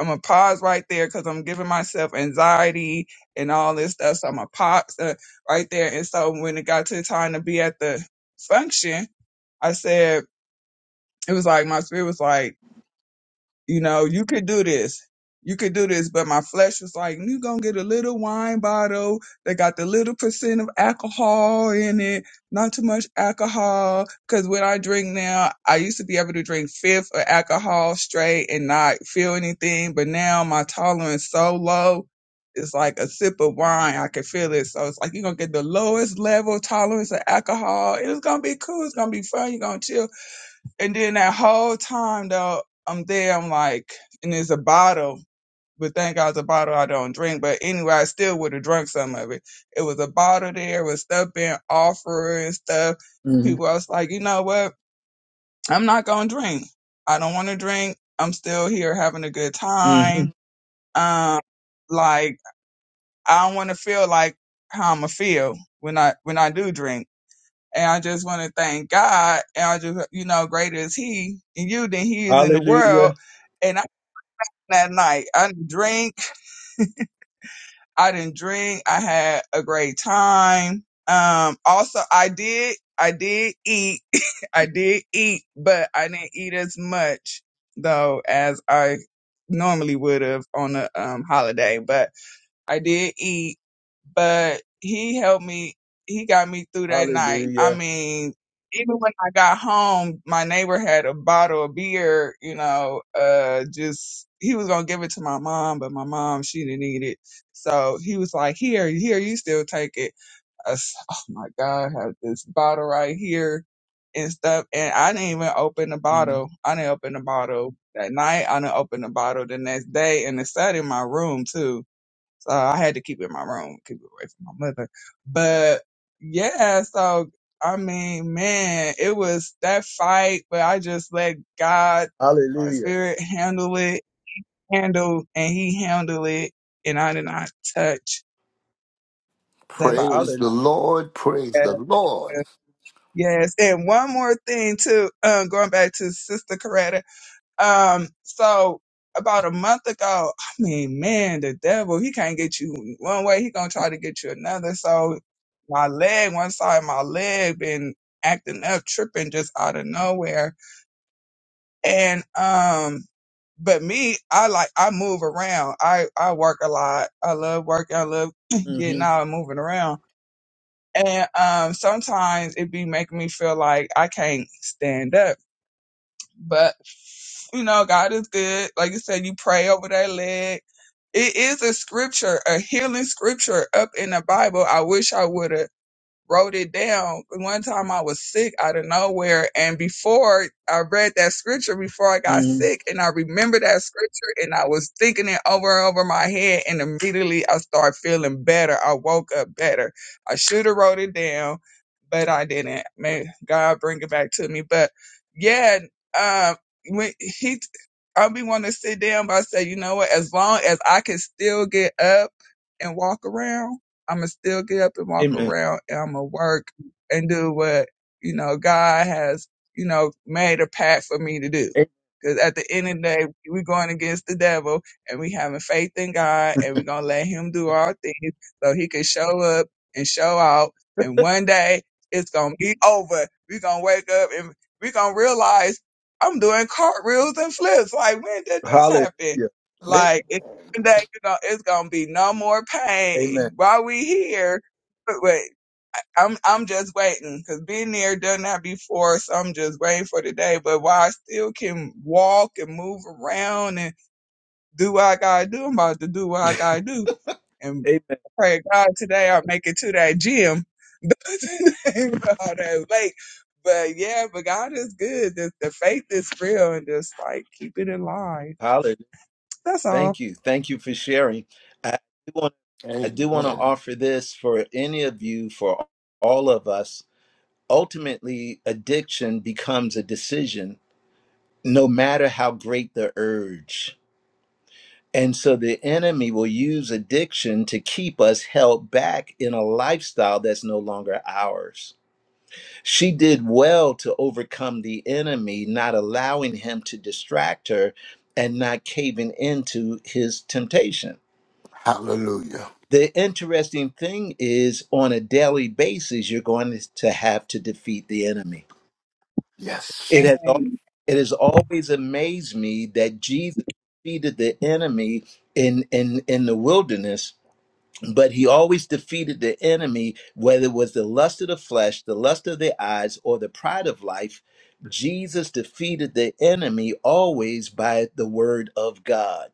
I'm gonna pause right there because I'm giving myself anxiety and all this stuff. So I'm gonna pause uh, right there. And so when it got to the time to be at the function, I said it was like my spirit was like you know, you could do this. You could do this. But my flesh was like, you going to get a little wine bottle that got the little percent of alcohol in it, not too much alcohol. Because when I drink now, I used to be able to drink fifth of alcohol straight and not feel anything. But now my tolerance so low. It's like a sip of wine. I can feel it. So it's like you're going to get the lowest level tolerance of alcohol. It's going to be cool. It's going to be fun. You're going to chill and then that whole time though, I'm there, I'm like, and it's a bottle, but thank God it's a bottle I don't drink. But anyway, I still would have drunk some of it. It was a bottle there with stuff being offered and stuff.
Mm-hmm.
People, I was like, you know what? I'm not gonna drink. I don't want to drink. I'm still here having a good
Mm-hmm.
time. Um, like I don't want to feel like how I'ma feel when I when I do drink. And I just want to thank God. And I just, you know, greater is He in you than He is in the world.
Hallelujah.
And I, that night, I didn't drink. I didn't drink. I had a great time. Um, also, I did, I did eat. I did eat, but I didn't eat as much though as I normally would have on a um, holiday. But I did eat, but he helped me. He got me through that night. I
Hallelujah.
mean, even when I got home, my neighbor had a bottle of beer, you know, uh, just, he was going to give it to my mom, but my mom, she didn't eat it. So he was like, here, here, you still take it. I s oh my God, I have this bottle right here and stuff. And I didn't even open the
Mm.
bottle. I didn't open the bottle that night. I didn't open the bottle the next day. And it sat in my room too so I had to keep it in my room, keep it away from my mother. But yeah, so I mean, man, it was that fight, but I just let God, my
Hallelujah.
spirit handle it, handle, and he handled it. And I did not touch that body.
Praise
Hallelujah.
the Lord. Praise the Lord.
Yes. And one more thing too, um, going back to Sister Coretta Um, so about a month ago, I mean, man, the devil, he can't get you one way, he gonna try to get you another. So my leg, one side of my leg been acting up, tripping just out of nowhere. And um but me, I like I move around. I I work a lot. I love working, I love
Mm-hmm.
getting out and moving around. And um sometimes it be making me feel like I can't stand up but you know, God is good. Like you said, you pray over that leg. It is a scripture, a healing scripture up in the Bible. I wish I would have wrote it down. One time I was sick out of nowhere, and before I read that scripture, before I got
Mhm.
sick, and I remember that scripture, and I was thinking it over and over my head, and immediately I started feeling better. I woke up better. I should have wrote it down, but I didn't. May God bring it back to me. But yeah, um, when he, I be wanting to sit down, but I say, you know what? As long as I can still get up and walk around. I'ma still get up and walk
Amen.
around and I'ma work and do what, you know, God has, you know, made a path for me to do.
A-
Cause at the end of the day, we're going against the devil and we having faith in God and we're gonna let him do all things so he can show up and show out. And one day it's gonna be over. We're gonna wake up and we're gonna realize I'm doing cartwheels and flips. Like when did this happen?
Hallelujah.
Amen.
Like that you know it's gonna be no more pain
Amen.
while we here. But wait, I'm I'm just waiting because been there, done that before, so I'm just waiting for the day. But while I still can walk and move around and do what I gotta do, I'm about to do what I gotta do. And
Amen.
pray to God today I make it to that gym. All that late. But yeah, but God is good. The, the faith is real and just like keep it in line.
Hallelujah.
That's all.
Thank you. Thank you for sharing. I do want I do want to
Amen.
offer this for any of you, for all of us. Ultimately, addiction becomes a decision, no matter how great the urge. And so the enemy will use addiction to keep us held back in a lifestyle that's no longer ours. She did well to overcome the enemy, not allowing him to distract her and not caving into his temptation.
Hallelujah.
The interesting thing is, on a daily basis, you're going to have to defeat the enemy.
Yes.
It has, al- it has always amazed me that Jesus defeated the enemy in, in, in the wilderness but he always defeated the enemy, whether it was the lust of the flesh, the lust of the eyes, or the pride of life. Jesus defeated the enemy always by the word of God.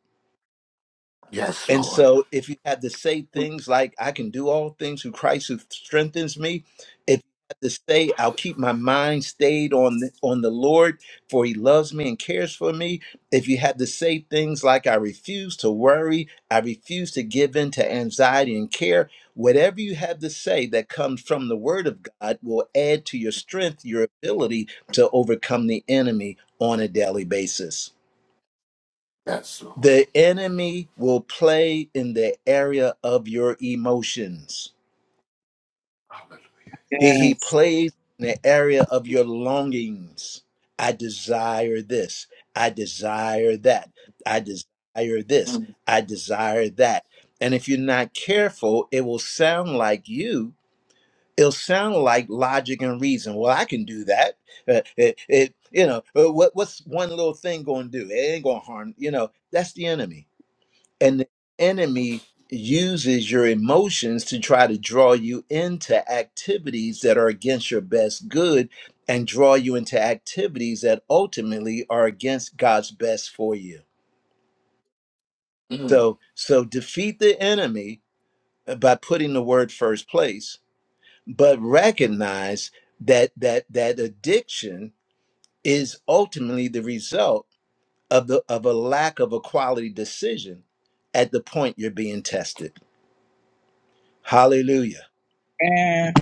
Yes,
And
Lord.
so, if you had to say things like, I can do all things through Christ who strengthens me, if you had to say, I'll keep my mind stayed on the, on the Lord, for he loves me and cares for me, if you had to say things like, I refuse to worry, I refuse to give in to anxiety and care, whatever you have to say that comes from the word of God will add to your strength, your ability to overcome the enemy on a daily basis.
Yes, Lord.
The enemy will play in the area of your emotions.
Hallelujah.
He, he
Yes.
plays in the area of your longings. I desire this. I desire that. I desire this. I desire that. And if you're not careful, it will sound like you. It'll sound like logic and reason. Well, I can do that. Uh, it, it, you know, uh, what, what's one little thing going to do? It ain't going to harm. You know, that's the enemy. and the enemy uses your emotions to try to draw you into activities that are against your best good and draw you into activities that ultimately are against God's best for you.
Mm.
So so defeat the enemy uh, by putting the word first place, but recognize that that that addiction is ultimately the result of the of a lack of a quality decision at the point you're being tested. Hallelujah.
And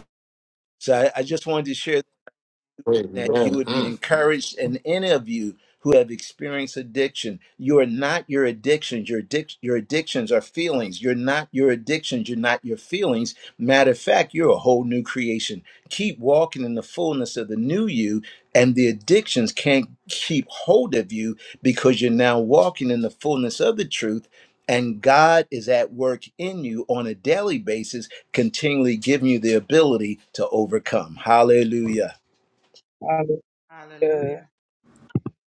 So I, I just wanted to share that
Amen.
you would be
Mm. Mm.
encouraged and any of you who have experienced addiction you are not your addictions your addic- your addictions are feelings you're not your addictions you're not your feelings matter of fact you're a whole new creation keep walking in the fullness of the new you and the addictions can't keep hold of you because you're now walking in the fullness of the truth and God is at work in you on a daily basis, continually giving you the ability to overcome. Hallelujah.
I
Hallelujah.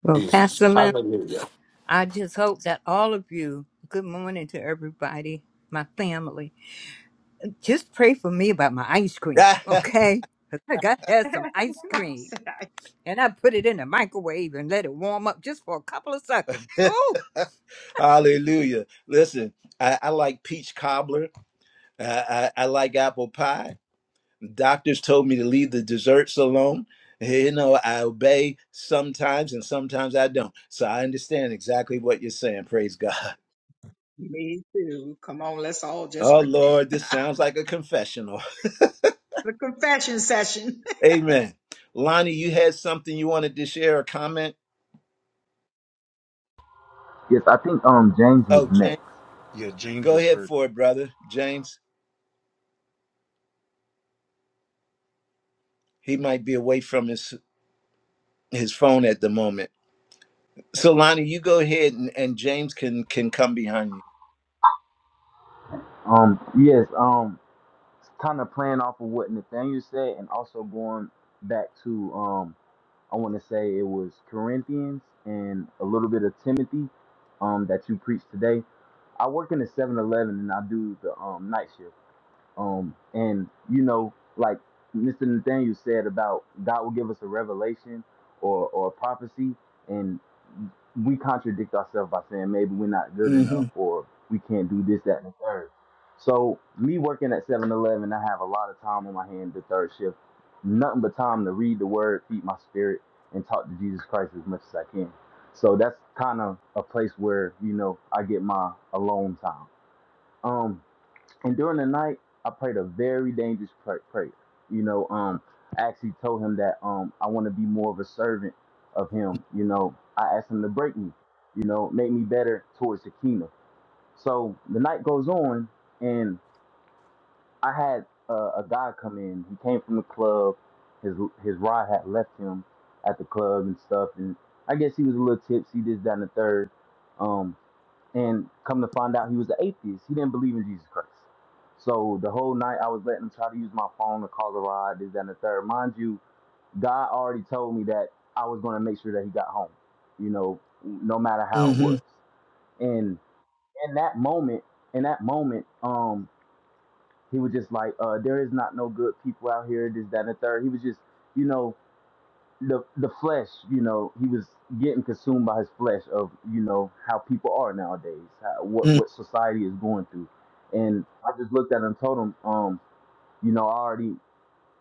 Well,
Jesus.
Pastor Lynn.
Hallelujah.
I just hope that all of you, good morning to everybody, my family, just pray for me about my ice cream, okay? 'Cause I got had some ice
Mom
cream
said, I-
and I put it in the microwave and let it warm up just for a couple of seconds. Oh,
Hallelujah. Listen, I, I like peach cobbler. I, I, I like apple pie. Doctors told me to leave the desserts alone. Hey, You know, I obey sometimes and sometimes I don't. So I understand exactly what you're saying. Praise God.
Me too. Come on, let's all just
Oh,
repent.
Lord, this sounds like a confessional.
the confession session.
Amen. Lonnie, you had something you wanted to share or comment?
Yes, I think um James was
Oh,
next.
James,
Yeah, James
go
was
ahead
first.
for it, brother. James, he might be away from his, his phone at the moment. So Lonnie, you go ahead and, and James can can come behind you.
Um yes, um kind of playing off of what Nathaniel said and also going back to um I want to say it was Corinthians and a little bit of Timothy um that you preached today. I work in the Seven Eleven and I do the um night shift. Um, and you know, like Mr. Nathaniel said about God will give us a revelation or or a prophecy, and we contradict ourselves by saying maybe we're not good enough
Mm-hmm.
or we can't do this, that, and the third. So me working at Seven Eleven, I have a lot of time on my hand the third shift, nothing but time to read the Word, feed my spirit, and talk to Jesus Christ as much as I can. So that's kind of a place where you know I get my alone time. Um, and during the night, I prayed a very dangerous pra- prayer. You know, um, I actually told him that um, I want to be more of a servant of him. You know, I asked him to break me, you know, make me better towards the kingdom. So the night goes on, and I had uh, a guy come in. He came from the club. His his ride had left him at the club and stuff, and I guess he was a little tipsy, this, that, and the third. Um, and come to find out he was an atheist. He didn't believe in Jesus Christ. So the whole night I was letting him try to use my phone to call the ride, this, that, and the third. Mind you, God already told me that I was going to make sure that he got home, you know, no matter how it was.
Mm-hmm.
And in that moment, in that moment, um, he was just like, uh, there is not no good people out here, this, that, and the third. He was just, you know, the the flesh, you know, he was getting consumed by his flesh of you know how people are nowadays, how, what what society is going through, and I just looked at him and told him, um, you know, I already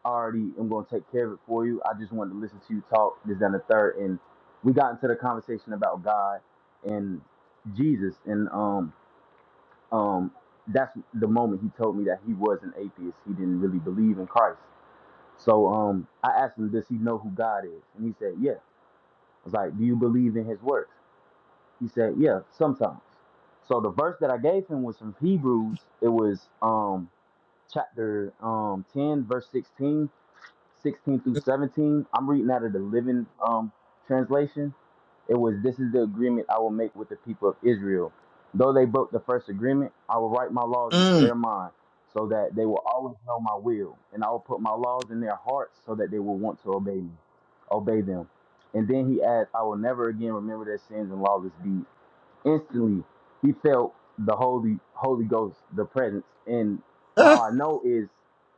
I already am going to take care of it for you. I just wanted to listen to you talk this that, and the third, and we got into the conversation about God and Jesus, and um um that's the moment he told me that he was an atheist. He didn't really believe in Christ. So um I asked him, does he know who God is? And he said, yeah. I was like, Do you believe in his works? He said, Yeah, sometimes. So the verse that I gave him was from Hebrews. It was um chapter um 10, verse 16. 16 through 17. I'm reading out of the Living um, Translation. It was, This is the agreement I will make with the people of Israel. Though they broke the first agreement, I will write my laws into
Mm-hmm.
their mind so that they will always know my will. And I will put my laws in their hearts so that they will want to obey me, obey them. And then he adds, I will never again remember their sins and lawless deeds. Instantly, he felt the Holy Holy Ghost, the presence. And how
Ah,
I know is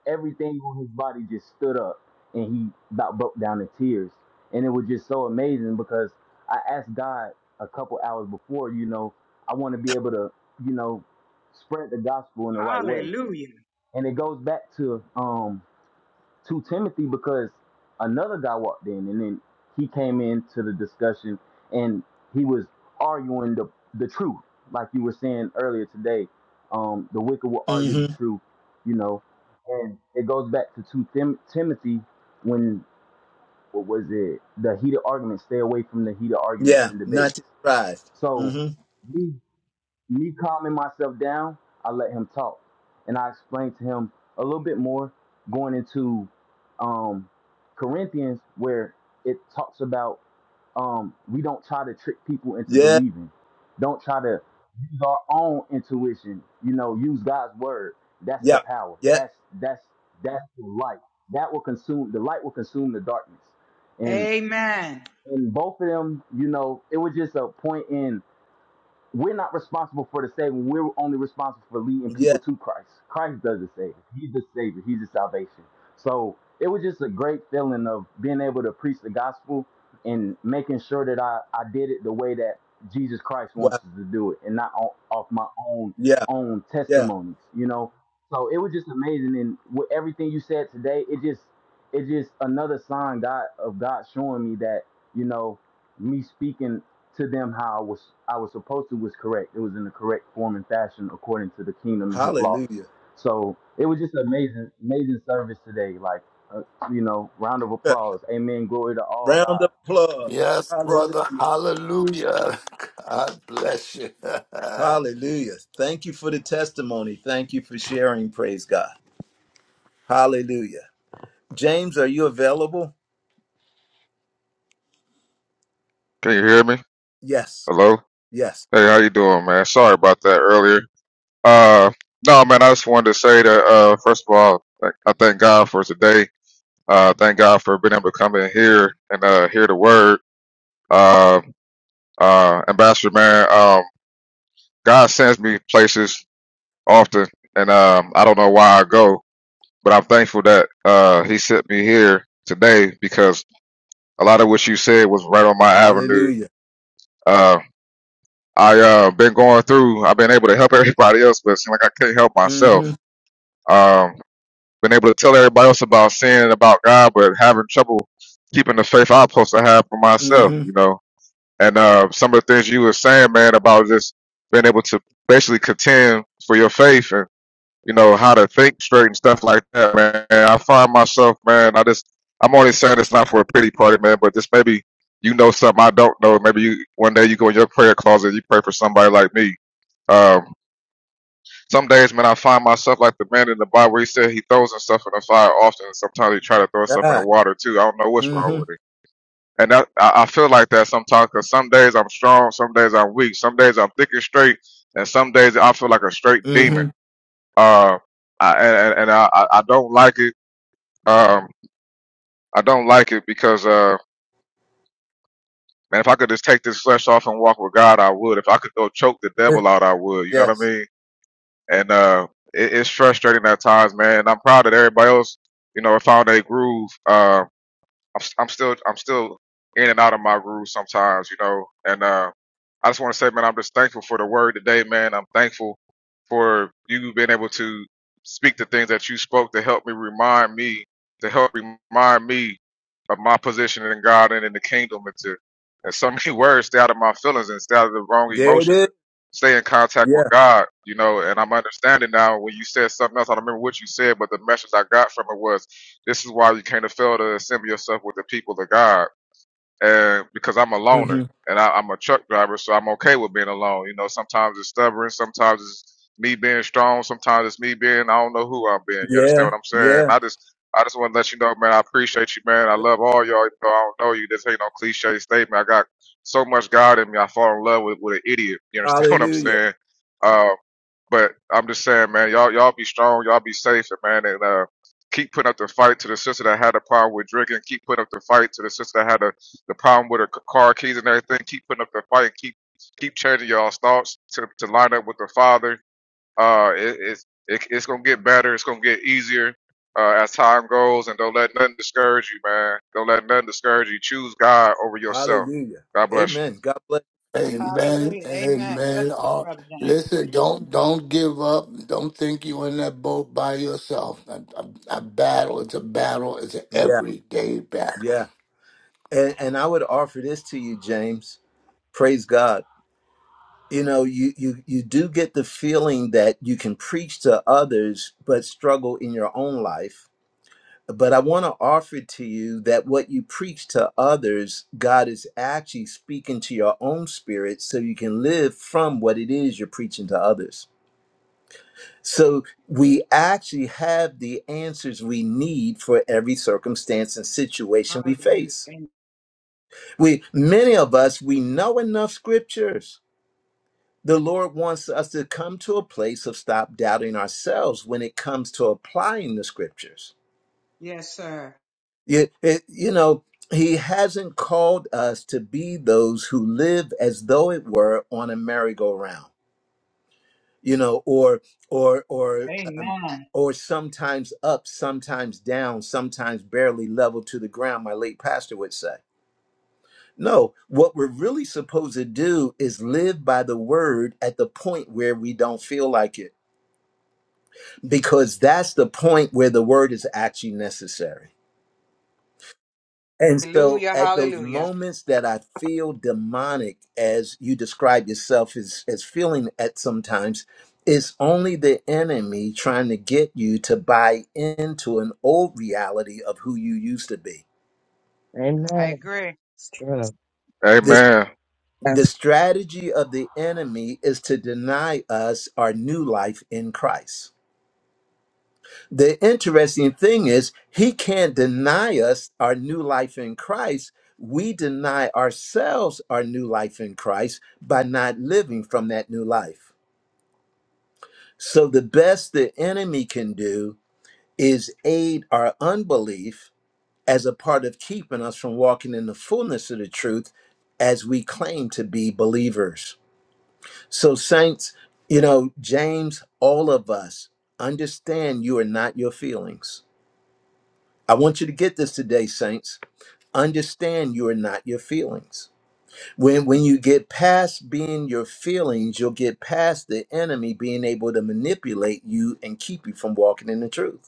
everything on his body just stood up, and he about broke down in tears. And it was just so amazing because I asked God a couple hours before, you know, I want to be able to, you know, spread the gospel in the right way.
Hallelujah.
And it goes back to um to Timothy because another guy walked in and then he came into the discussion and he was arguing the, the truth. Like you were saying earlier today, um, the wicked will argue the
mm-hmm.
truth, you know. And it goes back to 2 Tim- Timothy when, what was it? The heated arguments, stay away from the heated arguments
Yeah.
and debates.
Not to surprise.
So,
Mm-hmm.
me me calming myself down, I let him talk. And I explained to him a little bit more going into um, Corinthians, where it talks about um, we don't try to trick people into
Yeah.
believing. Don't try to use our own intuition. You know, use God's word. That's the
Yeah.
power.
Yeah.
That's that's that's the light. That will consume the light will consume the darkness. And
Amen.
in both of them, you know, it was just a point in. We're not responsible for the saving. We're only responsible for leading people
Yeah.
to Christ. Christ does the saving. He's the savior. He's the salvation. So it was just a great feeling of being able to preach the gospel and making sure that I, I did it the way that Jesus Christ wants
Wow.
us to do it and not o- off my own
Yeah.
own
Yeah.
testimonies, you know. So it was just amazing and with everything you said today, it just it's just another sign God of God showing me that, you know, me speaking to them how I was I was supposed to was correct. It was in the correct form and fashion according to the kingdom and his laws.
Hallelujah.
So it was just amazing, amazing service today. Like, uh, you know, round of
Yeah.
applause. Amen. Glory to all
Round
God.
of applause.
Yes,
Hallelujah.
brother. Hallelujah. God bless you.
Hallelujah. Thank you for the testimony. Thank you for sharing. Praise God. Hallelujah. James, are you available?
Can you hear me?
Yes.
Hello?
Yes.
Hey, how you doing, man? Sorry about that earlier. Uh, no, man, I just wanted to say that, uh, first of all, like, I thank God for today. Uh, thank God for being able to come in here and, uh, hear the word. Uh, uh, Ambassador, man, um, God sends me places often and, um, I don't know why I go, but I'm thankful that, uh, he sent me here today because a lot of what you said was right on my avenue.
Hallelujah.
Uh. I uh been going through. I've been able to help everybody else, but it seemed like I couldn't help myself.
Mm-hmm.
Um, been able to tell everybody else about sin and about God, but having trouble keeping the faith I'm supposed to have for myself.
Mm-hmm.
You know, and uh, some of the things you were saying, man, about just being able to basically contend for your faith and you know, how to think straight and stuff like that, man. I find myself, man, I just, I'm only saying it's not for a pity party, man, but just maybe you know something I don't know. Maybe you, one day you go in your prayer closet and you pray for somebody like me. Um, some days, man, I find myself like the man in the Bible. where He said he throws himself in the fire often. and Sometimes he try to throw himself in
Ah.
the water too. I don't know what's wrong
Mm-hmm.
with it. And that, I, I feel like that sometimes because some days I'm strong, some days I'm weak, some days I'm thick and straight, and some days I feel like a straight
Mm-hmm.
demon. Uh, I, and and I I I don't like it. Um, I don't like it because uh, man, if I could just take this flesh off and walk with God, I would. If I could go choke the devil out, I would. You know what I
yes.
mean? And uh, it, it's frustrating at times, man. I'm proud that everybody else, you know, found their groove. Um, I'm, s- I'm still I'm still in and out of my groove sometimes, you know. And uh, I just want to say, man, I'm just thankful for the word today, man. I'm thankful for you being able to speak the things that you spoke to help me remind me to help remind me of my position in God and in the kingdom, and to and so many words stay out of my feelings and stay out of the wrong
There it
emotions and
is.
stay in contact with
Yeah.
God, you know, and I'm understanding now when you said something else, I don't remember what you said, but the message I got from it was this is why you can't fail to assemble yourself with the people of God uh, because I'm a
hmm
loner and I, I'm a truck driver, so I'm okay with being alone. You know, sometimes it's stubborn, sometimes it's me being strong, sometimes it's me being I don't know who I'm being. You understand
Yeah.
what I'm saying?
Yeah.
I just I just want to let you know, man. I appreciate you, man. I love all y'all. You know, I don't know you. This ain't no cliche statement. I got so much God in me. I fall in love with, with an idiot. You understand what I'm
Hallelujah.
saying? Um, but I'm just saying, man, y'all y'all be strong, y'all be safe, and man, and uh, keep putting up the fight to the sister that had a problem with drinking. Keep putting up the fight to the sister that had a, the problem with her c- car keys and everything. Keep putting up the fight. and Keep keep changing y'all's thoughts to, to line up with the father. Uh, it, it's it, it's gonna get better. It's gonna get easier uh, as time goes, and don't let nothing discourage you, man. Don't let nothing discourage you. Choose God over yourself.
Hallelujah.
God bless
Amen. God bless.
Amen.
Hallelujah. Amen. Bless
Amen.
you,
Uh,
Brother James.
listen, don't don't give up. Don't think you're in that boat by yourself. A, a, a battle. It's a battle. It's an
Yeah.
everyday battle.
Yeah. And and I would offer this to you, James. Praise God. You know, you you you do get the feeling that you can preach to others but struggle in your own life. But I want to offer to you that what you preach to others, God is actually speaking to your own spirit so you can live from what it is you're preaching to others. So we actually have the answers we need for every circumstance and situation we
Hallelujah.
face.
Amen.
We many of us we know enough scriptures. The Lord wants us to come to a place of stop doubting ourselves when it comes to applying the scriptures.
Yes, sir.
You, it- you know, he hasn't called us to be those who live as though it were on a merry-go-round. you know or or or um,
Amen.
or sometimes up sometimes down sometimes barely level to the ground my late pastor would say no what we're really supposed to do is live by the word at the point where we don't feel like it because that's the point where the word is actually necessary And so
Hallelujah,
at those
hallelujah.
moments that I feel demonic, as you describe yourself as, as feeling at sometimes, it's only the enemy trying to get you to buy into an old reality of who you used to be.
I
Amen.
agree.
It's true.
you.
This
Amen.
the
Yes.
strategy of the enemy is to deny us our new life in Christ. The interesting thing is, he can't deny us our new life in Christ. We deny ourselves our new life in Christ by not living from that new life. So, the best the enemy can do is aid our unbelief as a part of keeping us from walking in the fullness of the truth as we claim to be believers. So, saints, you know, James, all of us understand you are not your feelings I want you to get this today, saints. Understand you are not your feelings. When when you get past being your feelings, you'll get past the enemy being able to manipulate you and keep you from walking in the truth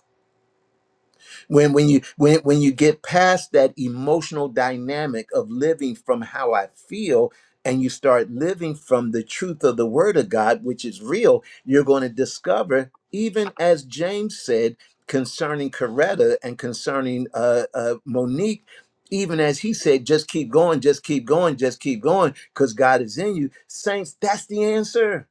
when when you when when you get past that emotional dynamic of living from how i feel and you start living from the truth of the word of god which is real you're going to discover even as james said concerning coretta and concerning uh, uh, monique even as he said just keep going just keep going just keep going because god is in you saints that's the answer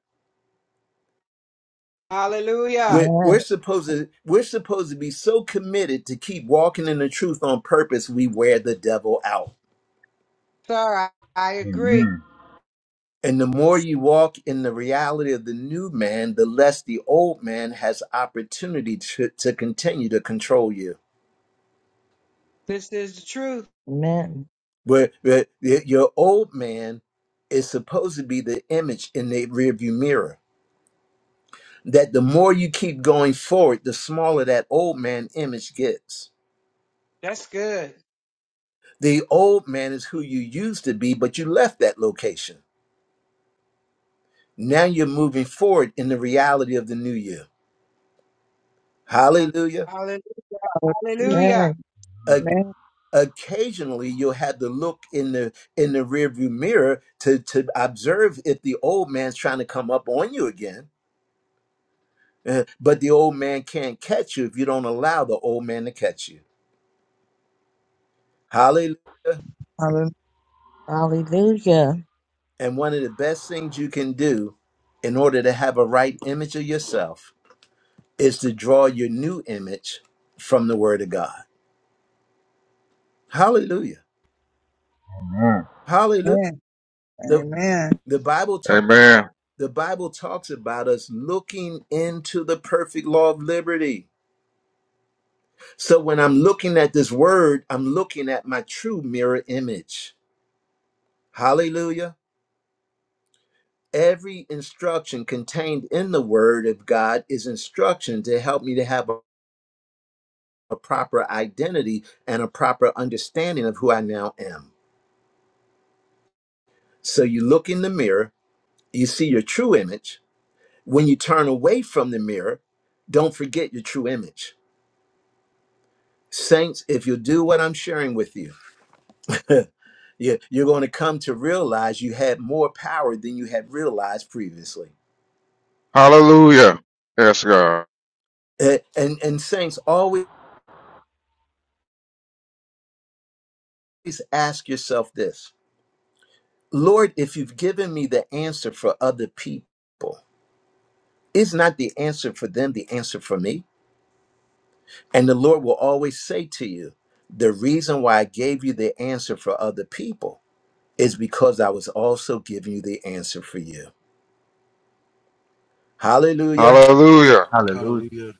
Hallelujah.
we're, we're
Amen.
supposed to we're supposed to be so committed to keep walking in the truth on purpose we wear the devil out.
Sir, I, I agree.
Amen.
And the more you walk in the reality of the new man, the less the old man has opportunity to, to continue to control you.
This is the truth.
Amen.
Where where y- your old man is supposed to be the image in the rearview mirror. That the more you keep going forward, the smaller that old man image gets.
That's good.
The old man is who you used to be, but you left that location Now you're moving forward in the reality of the new you. Hallelujah.
Hallelujah.
Hallelujah.
Hallelujah.
Amen.
O-
Amen.
occasionally you'll have to look in the in the rearview mirror to to observe if the old man's trying to come up on you again. Uh, but the old man can't catch you if you don't allow the old man to catch you. Hallelujah.
Hallelujah.
Hallelujah.
And one of the best things you can do in order to have a right image of yourself is to draw your new image from the word of God. Hallelujah.
Amen.
Hallelujah. The
Amen.
the Bible talks.
Amen.
the Bible talks about us looking into the perfect law of liberty. So when I'm looking at this word, I'm looking at my true mirror image. Hallelujah. Every instruction contained in the word of God is instruction to help me to have a, a proper identity and a proper understanding of who I now am. So you look in the mirror, you see your true image. When you turn away from the mirror, don't forget your true image. Saints, if you'll do what I'm sharing with you, you- you're going to come to realize you had more power than you had realized previously.
Hallelujah. Yes, God.
Eh, And, and saints, always ask yourself this Lord, if you've given me the answer for other people, is not the answer for them the answer for me? And the Lord will always say to you, The reason why I gave you the answer for other people is because I was also giving you the answer for you. Hallelujah.
Hallelujah.
Hallelujah.
Hallelujah.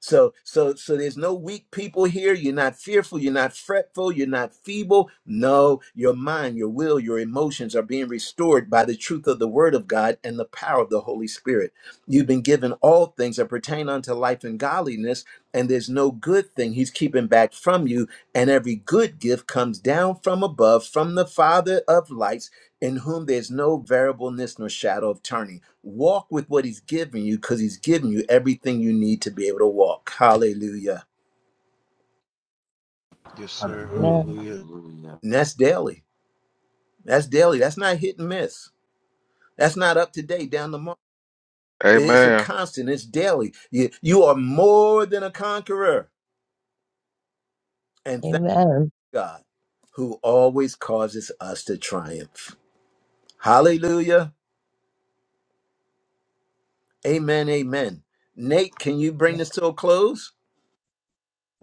So, so, so there's no weak people here. You're not fearful. You're not fretful. You're not feeble. No, your mind, your will, your emotions are being restored by the truth of the word of God and the power of the Holy Spirit. You've been given all things that pertain unto life and godliness, and there's no good thing he's keeping back from you. And every good gift comes down from above, from the Father of lights, in whom there's no variableness nor shadow of turning. Walk with what he's given you, because he's given you everything you need to be able to walk. Hallelujah.
Yes, sir.
Hallelujah.
Amen.
Amen.
Hallelujah.
Hallelujah.
And that's daily. That's daily. That's not hit and miss. That's not up to date, down the mark. It's a
Amen.
constant, it's daily. You, you are more than a conqueror. and.
Amen.
God who always causes us to triumph. Hallelujah. Amen. Amen. Nate, can you bring this to a close?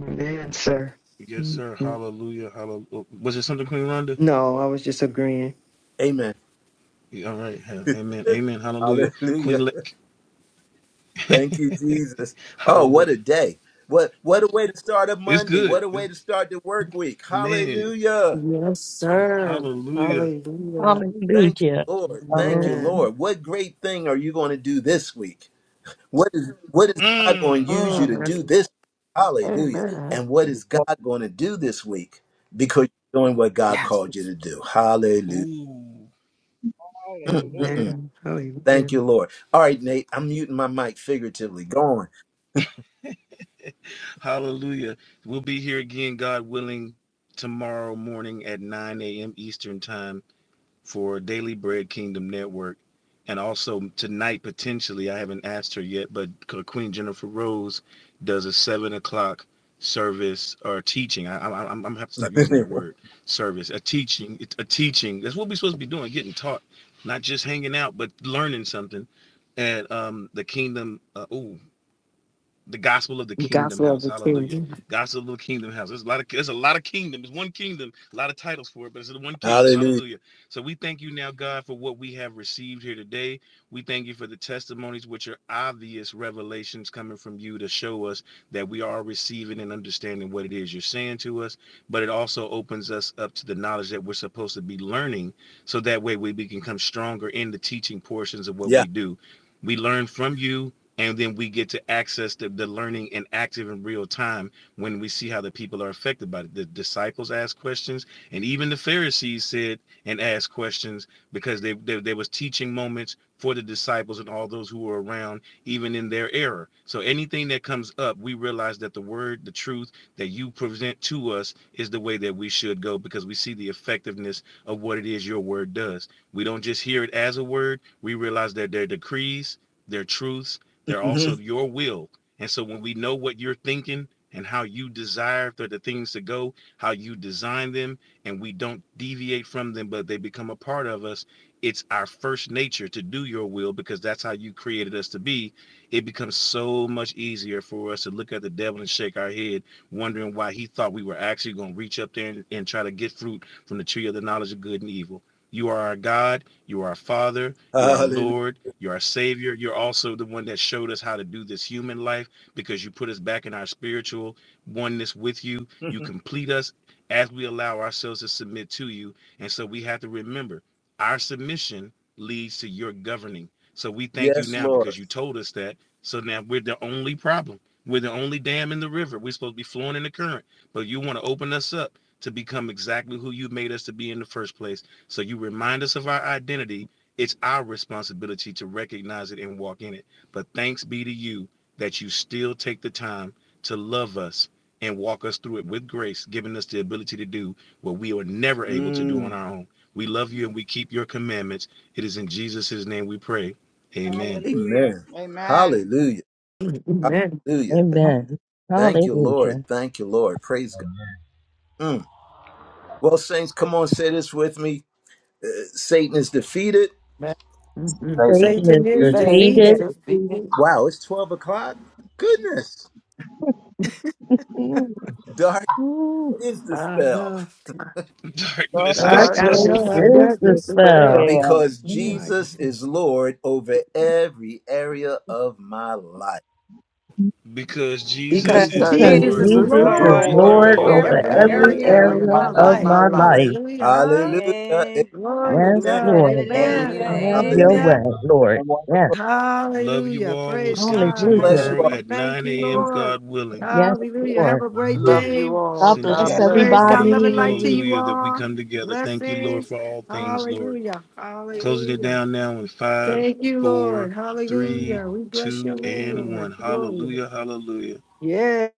Amen, sir.
Yes, sir.
Mhm.
Hallelujah. Hallelujah. Was it something, Queen Rhonda?
No, I was just agreeing.
Amen.
Yeah, all right. Ha- Amen. Amen. Hallelujah.
Hallelujah.
Queen Lick.
Thank you, Jesus. Oh, what
Hallelujah.
a day. What what a way to start a
It's
Monday. What
good.
a way
It's
to start the work week.
man.
Hallelujah.
Yes, sir.
Hallelujah.
Hallelujah.
Thank you,
Hallelujah.
Lord. Thank
Hallelujah.
you,
Amen.
Lord. What great thing are you going to do this week? What is what is God going to
Mm.
use
Oh,
you to
that's,
do
Hallelujah.
this? Hallelujah.
Amen.
And what is
Lord,
God going to do this week? Because you're doing what God
yes.
called you to do. Hallelujah.
Ooh.
Mm, mm, mm.
Hallelujah.
Amen. Hallelujah.
Thank you, Lord. All right, Nate, I'm muting my mic figuratively. Go on.
Hallelujah. We'll be here again, God willing, tomorrow morning at 9 a.m. Eastern time. for Daily Bread Kingdom Network. And also tonight, potentially, I haven't asked her yet, but Queen Jennifer Rose does a seven o'clock service or teaching. I, I, I'm, I'm gonna have to stop using that word service. A teaching, it's a teaching. That's what we're supposed to be doing, getting taught, not just hanging out, but learning something. At um, the Kingdom. Uh, ooh, the gospel of the
The
kingdom
gospel of
house.
the
Hallelujah.
kingdom.
Gospel of the kingdom house. There's a lot of there's a lot of kingdom. There's one kingdom, a lot of titles for it, but it's the one kingdom.
Hallelujah.
Hallelujah. So we thank you now, God, for what we have received here today. We thank you for the testimonies, which are obvious revelations coming from you to show us that we are receiving and understanding what it is you're saying to us. But it also opens us up to the knowledge that we're supposed to be learning so that way we we can come stronger in the teaching portions of what
Yeah.
we do. We learn from you and then we get to access the, the learning and active in real time when we see how the people are affected by it the disciples asked questions and even the pharisees said and asked questions because they, they there was teaching moments for the disciples and all those who were around even in their error so anything that comes up we realize that the word the truth that you present to us is the way that we should go because we see the effectiveness of what it is your word does we don't just hear it as a word we realize that they're decrees their truths they're also
Mhm.
your will. And so when we know what you're thinking and how you desire for the things to go, how you design them, and we don't deviate from them, but they become a part of us, it's our first nature to do your will because that's how you created us to be. It becomes so much easier for us to look at the devil and shake our head, wondering why he thought we were actually going to reach up there and, and try to get fruit from the tree of the knowledge of good and evil. You are our God you are a Father. You are a
Hallelujah.
Lord. You are our Savior. You're also the one that showed us how to do this human life because you put us back in our spiritual oneness with you. You
Mhm.
complete us as we allow ourselves to submit to you. And so we have to remember our submission leads to your governing. So we thank you
yes,
now
Lord.
because you told us that. So now we're the only problem. We're the only dam in the river. We're supposed to be flowing in the current, but you want to open us up to become exactly who you made us to be in the first place so you remind us of our identity. It's our responsibility to recognize it and walk in it. But thanks be to you that you still take the time to love us and walk us through it with grace, giving us the ability to do what we are never able to do on
Mm.
our own. We love you and we keep your commandments. It is in Jesus' name we pray. Amen.
Hallelujah.
Amen.
Amen.
Hallelujah.
Amen.
Hallelujah.
Amen.
Thank you, Lord.
Hallelujah.
Thank you, Lord. Praise God. Mm. Well, saints, come on, say this with me. Uh, Satan is defeated.
Man,
Mhm.
Satan is
Satan is
Satan is
defeated.
Satan
taking
is
us
defeated.
defeated.
to see it
defeated.
Wow, it's 12 o'clock? Goodness.
Mm,
Dark
mm.
is the
I
spell
know.
God,
Darkness
we
is
I, I
from
Darkness
just
know.
Darkness
I
this
is
got
is
this
to
as
dispelled
dispelled
well.
there
because
Oh
because
my.
Jesus is Lord over every area of my life.
because
because
Jesus
Because
is
because
because
Jesus
Lord
is
Jesus is
Jesus
over
Jesus
Jesus
is
is
Lord
is
Lord
every
Lord
Lord
over
Lord
area
over
over
over
of
over
every
every
my
every
every
every
life.
area
area
area
of
of
of
area
area
my
my
my
life.
of
of
life.
life.
my
my
life.
life.
Hallelujah.
Hallelujah.
And
Glory to
Yes,
Amen.
God.
Hallelujah.
Lord.
Glory
Amen.
hallelujah,
to
Amen.
Have
God.
your
Hallelujah.
amen.
way,
Hallelujah.
Lord.
Amen.
Yes.
Love you
Hallelujah.
all. We'll
Praise
see you
God
God. Have
bless
your
Hallelujah.
you
tomorrow
all.
week.
at
Thank
9
you,
a.m.
Lord.
God willing.
Yes,
Hallelujah. Have
Lord.
a great
Hallelujah.
Love
day.
you
It's
God
all.
in
thank
God
bless
Jesus'
Praise
bless.
God. Love
name.
and light to
everybody.
you
Hallelujah that we
all.
come together. Thank you, Lord,
Blessings.
for all things, Lord.
Hallelujah.
Closing it
Hallelujah.
down now in five,
Thank you,
four,
Lord.
three,
Hallelujah. We bless your
two,
name,
and
Lord.
one.
Glory.
Hallelujah. Hallelujah.
Yeah.